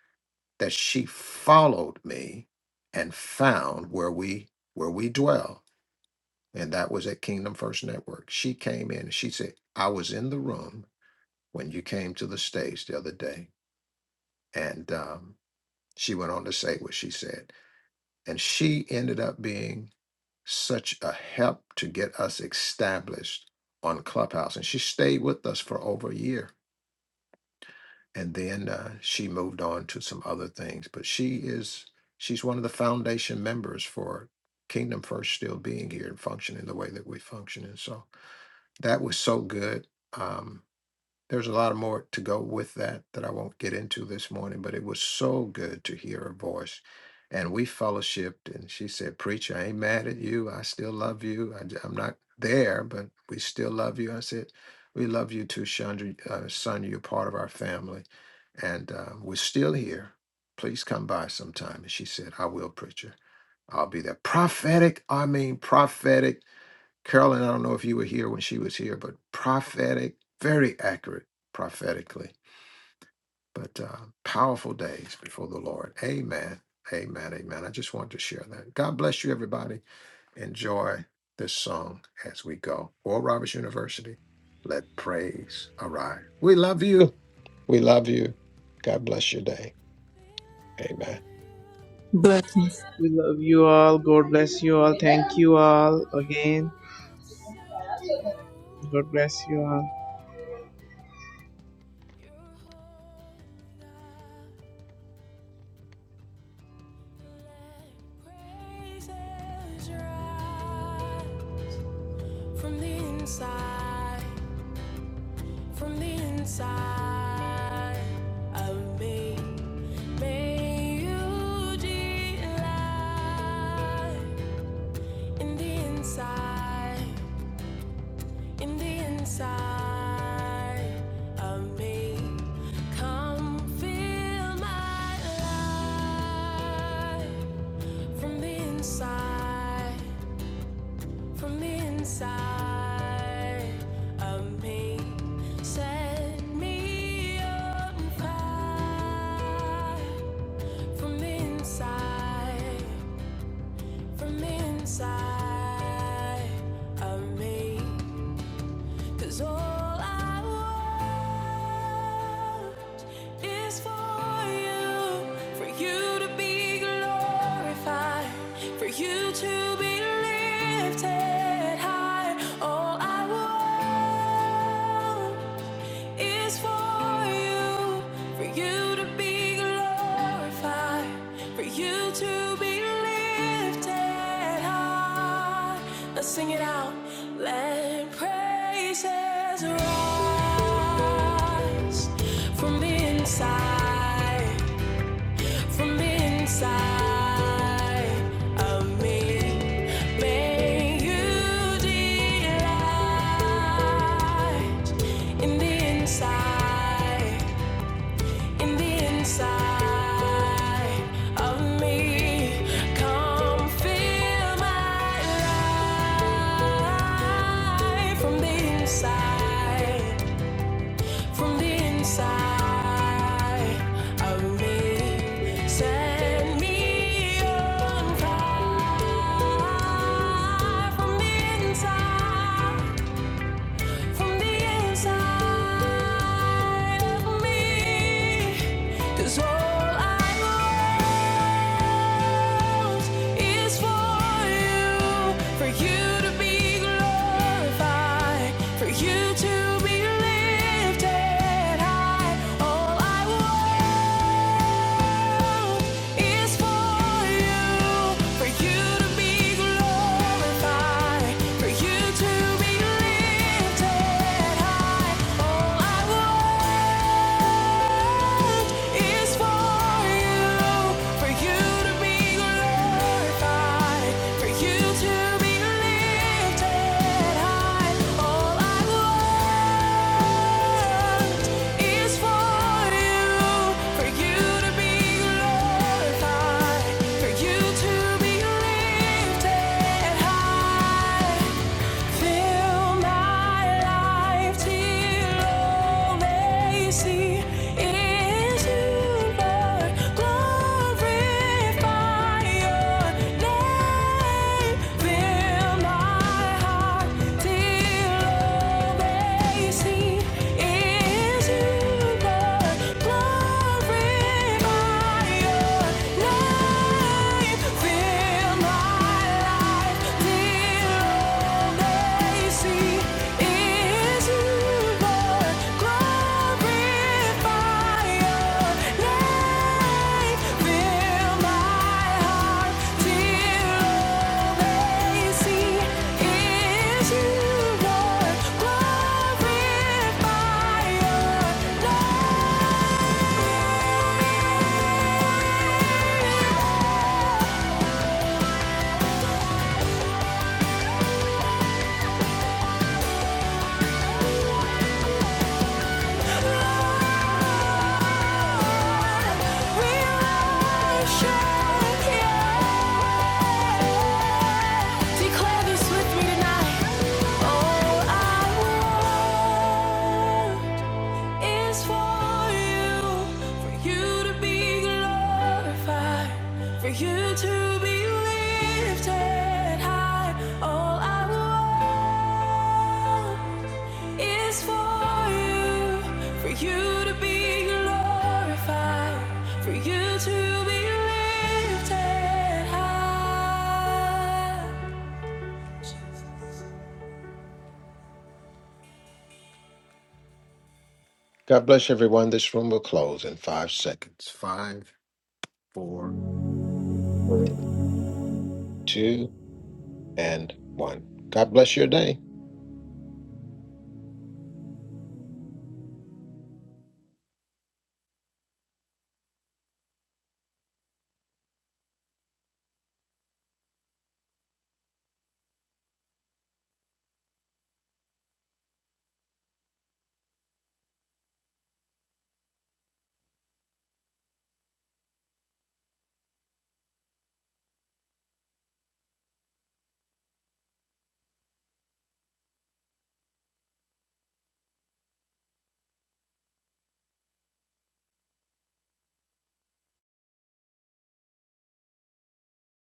Speaker 2: that she followed me and found where we where we dwell. And that was at Kingdom First Network. She came in and she said, I was in the room when you came to the stage the other day. And um, she went on to say what she said. And she ended up being such a help to get us established on Clubhouse. And she stayed with us for over a year. And then uh, she moved on to some other things. But she is, she's one of the foundation members for Kingdom First still being here and functioning the way that we function. And so that was so good. Um, there's a lot more to go with that that I won't get into this morning, but it was so good to hear her voice. And we fellowshipped, and she said, Preacher, I ain't mad at you. I still love you. I, am not there, but we still love you. I said, We love you too, Chandra, uh, son. You're part of our family, and uh, we're still here. Please come by sometime. And she said, I will, Preacher. I'll be there. Prophetic, I mean prophetic. Carolyn, I don't know if you were here when she was here, but prophetic, very accurate prophetically, but uh, powerful days before the Lord. Amen. Amen. Amen. I just wanted to share that. God bless you, everybody. Enjoy this song as we go. Oral Roberts University, let praise arise. We love you. We love you. God bless your day. Amen.
Speaker 5: Blessings.
Speaker 10: We love you all. God bless you all. Thank you
Speaker 1: And
Speaker 10: all
Speaker 1: our
Speaker 10: again.
Speaker 1: hearts sing to you,
Speaker 10: God bless you all.
Speaker 1: Lord. you Let praises rise from the inside. from the inside of me. May you delight in the inside, in the inside of me. Come fill my life from the inside, From the inside of me, set me on fire. From the inside, from the inside of me. Cause all I want is for you, for you to be glorified, for you to be lifted high. All I want is for you for you, for you to be glorified, for you to be lifted high. Let's sing it out. Let praises rise from the inside, from the inside of me. May you delight in the inside in the inside of me, come fill my life from the inside, from the inside of me. Send me on fire from the inside from the inside of me. 'Cause all I want is for you, for you to be glorified, for you to be lifted high. All I want is for you, for you to be glorified, for you to be for you to be lifted high. Fill my life till all they see is you, Lord. Glorify your name. Fill my heart till all they see is you, Lord. Glorify your name. Fill my life till all they see is you, Lord. Glorify your name. Fill my heart till all they see is you, Lord. Glorify your name. is for you, for you to be glorified hard for you to be lifted high. All I want is for you, for you to be glorified, for you to be lifted high.
Speaker 2: God bless everyone. This room will close in five seconds. Five, four, three, two. and one. God bless your day.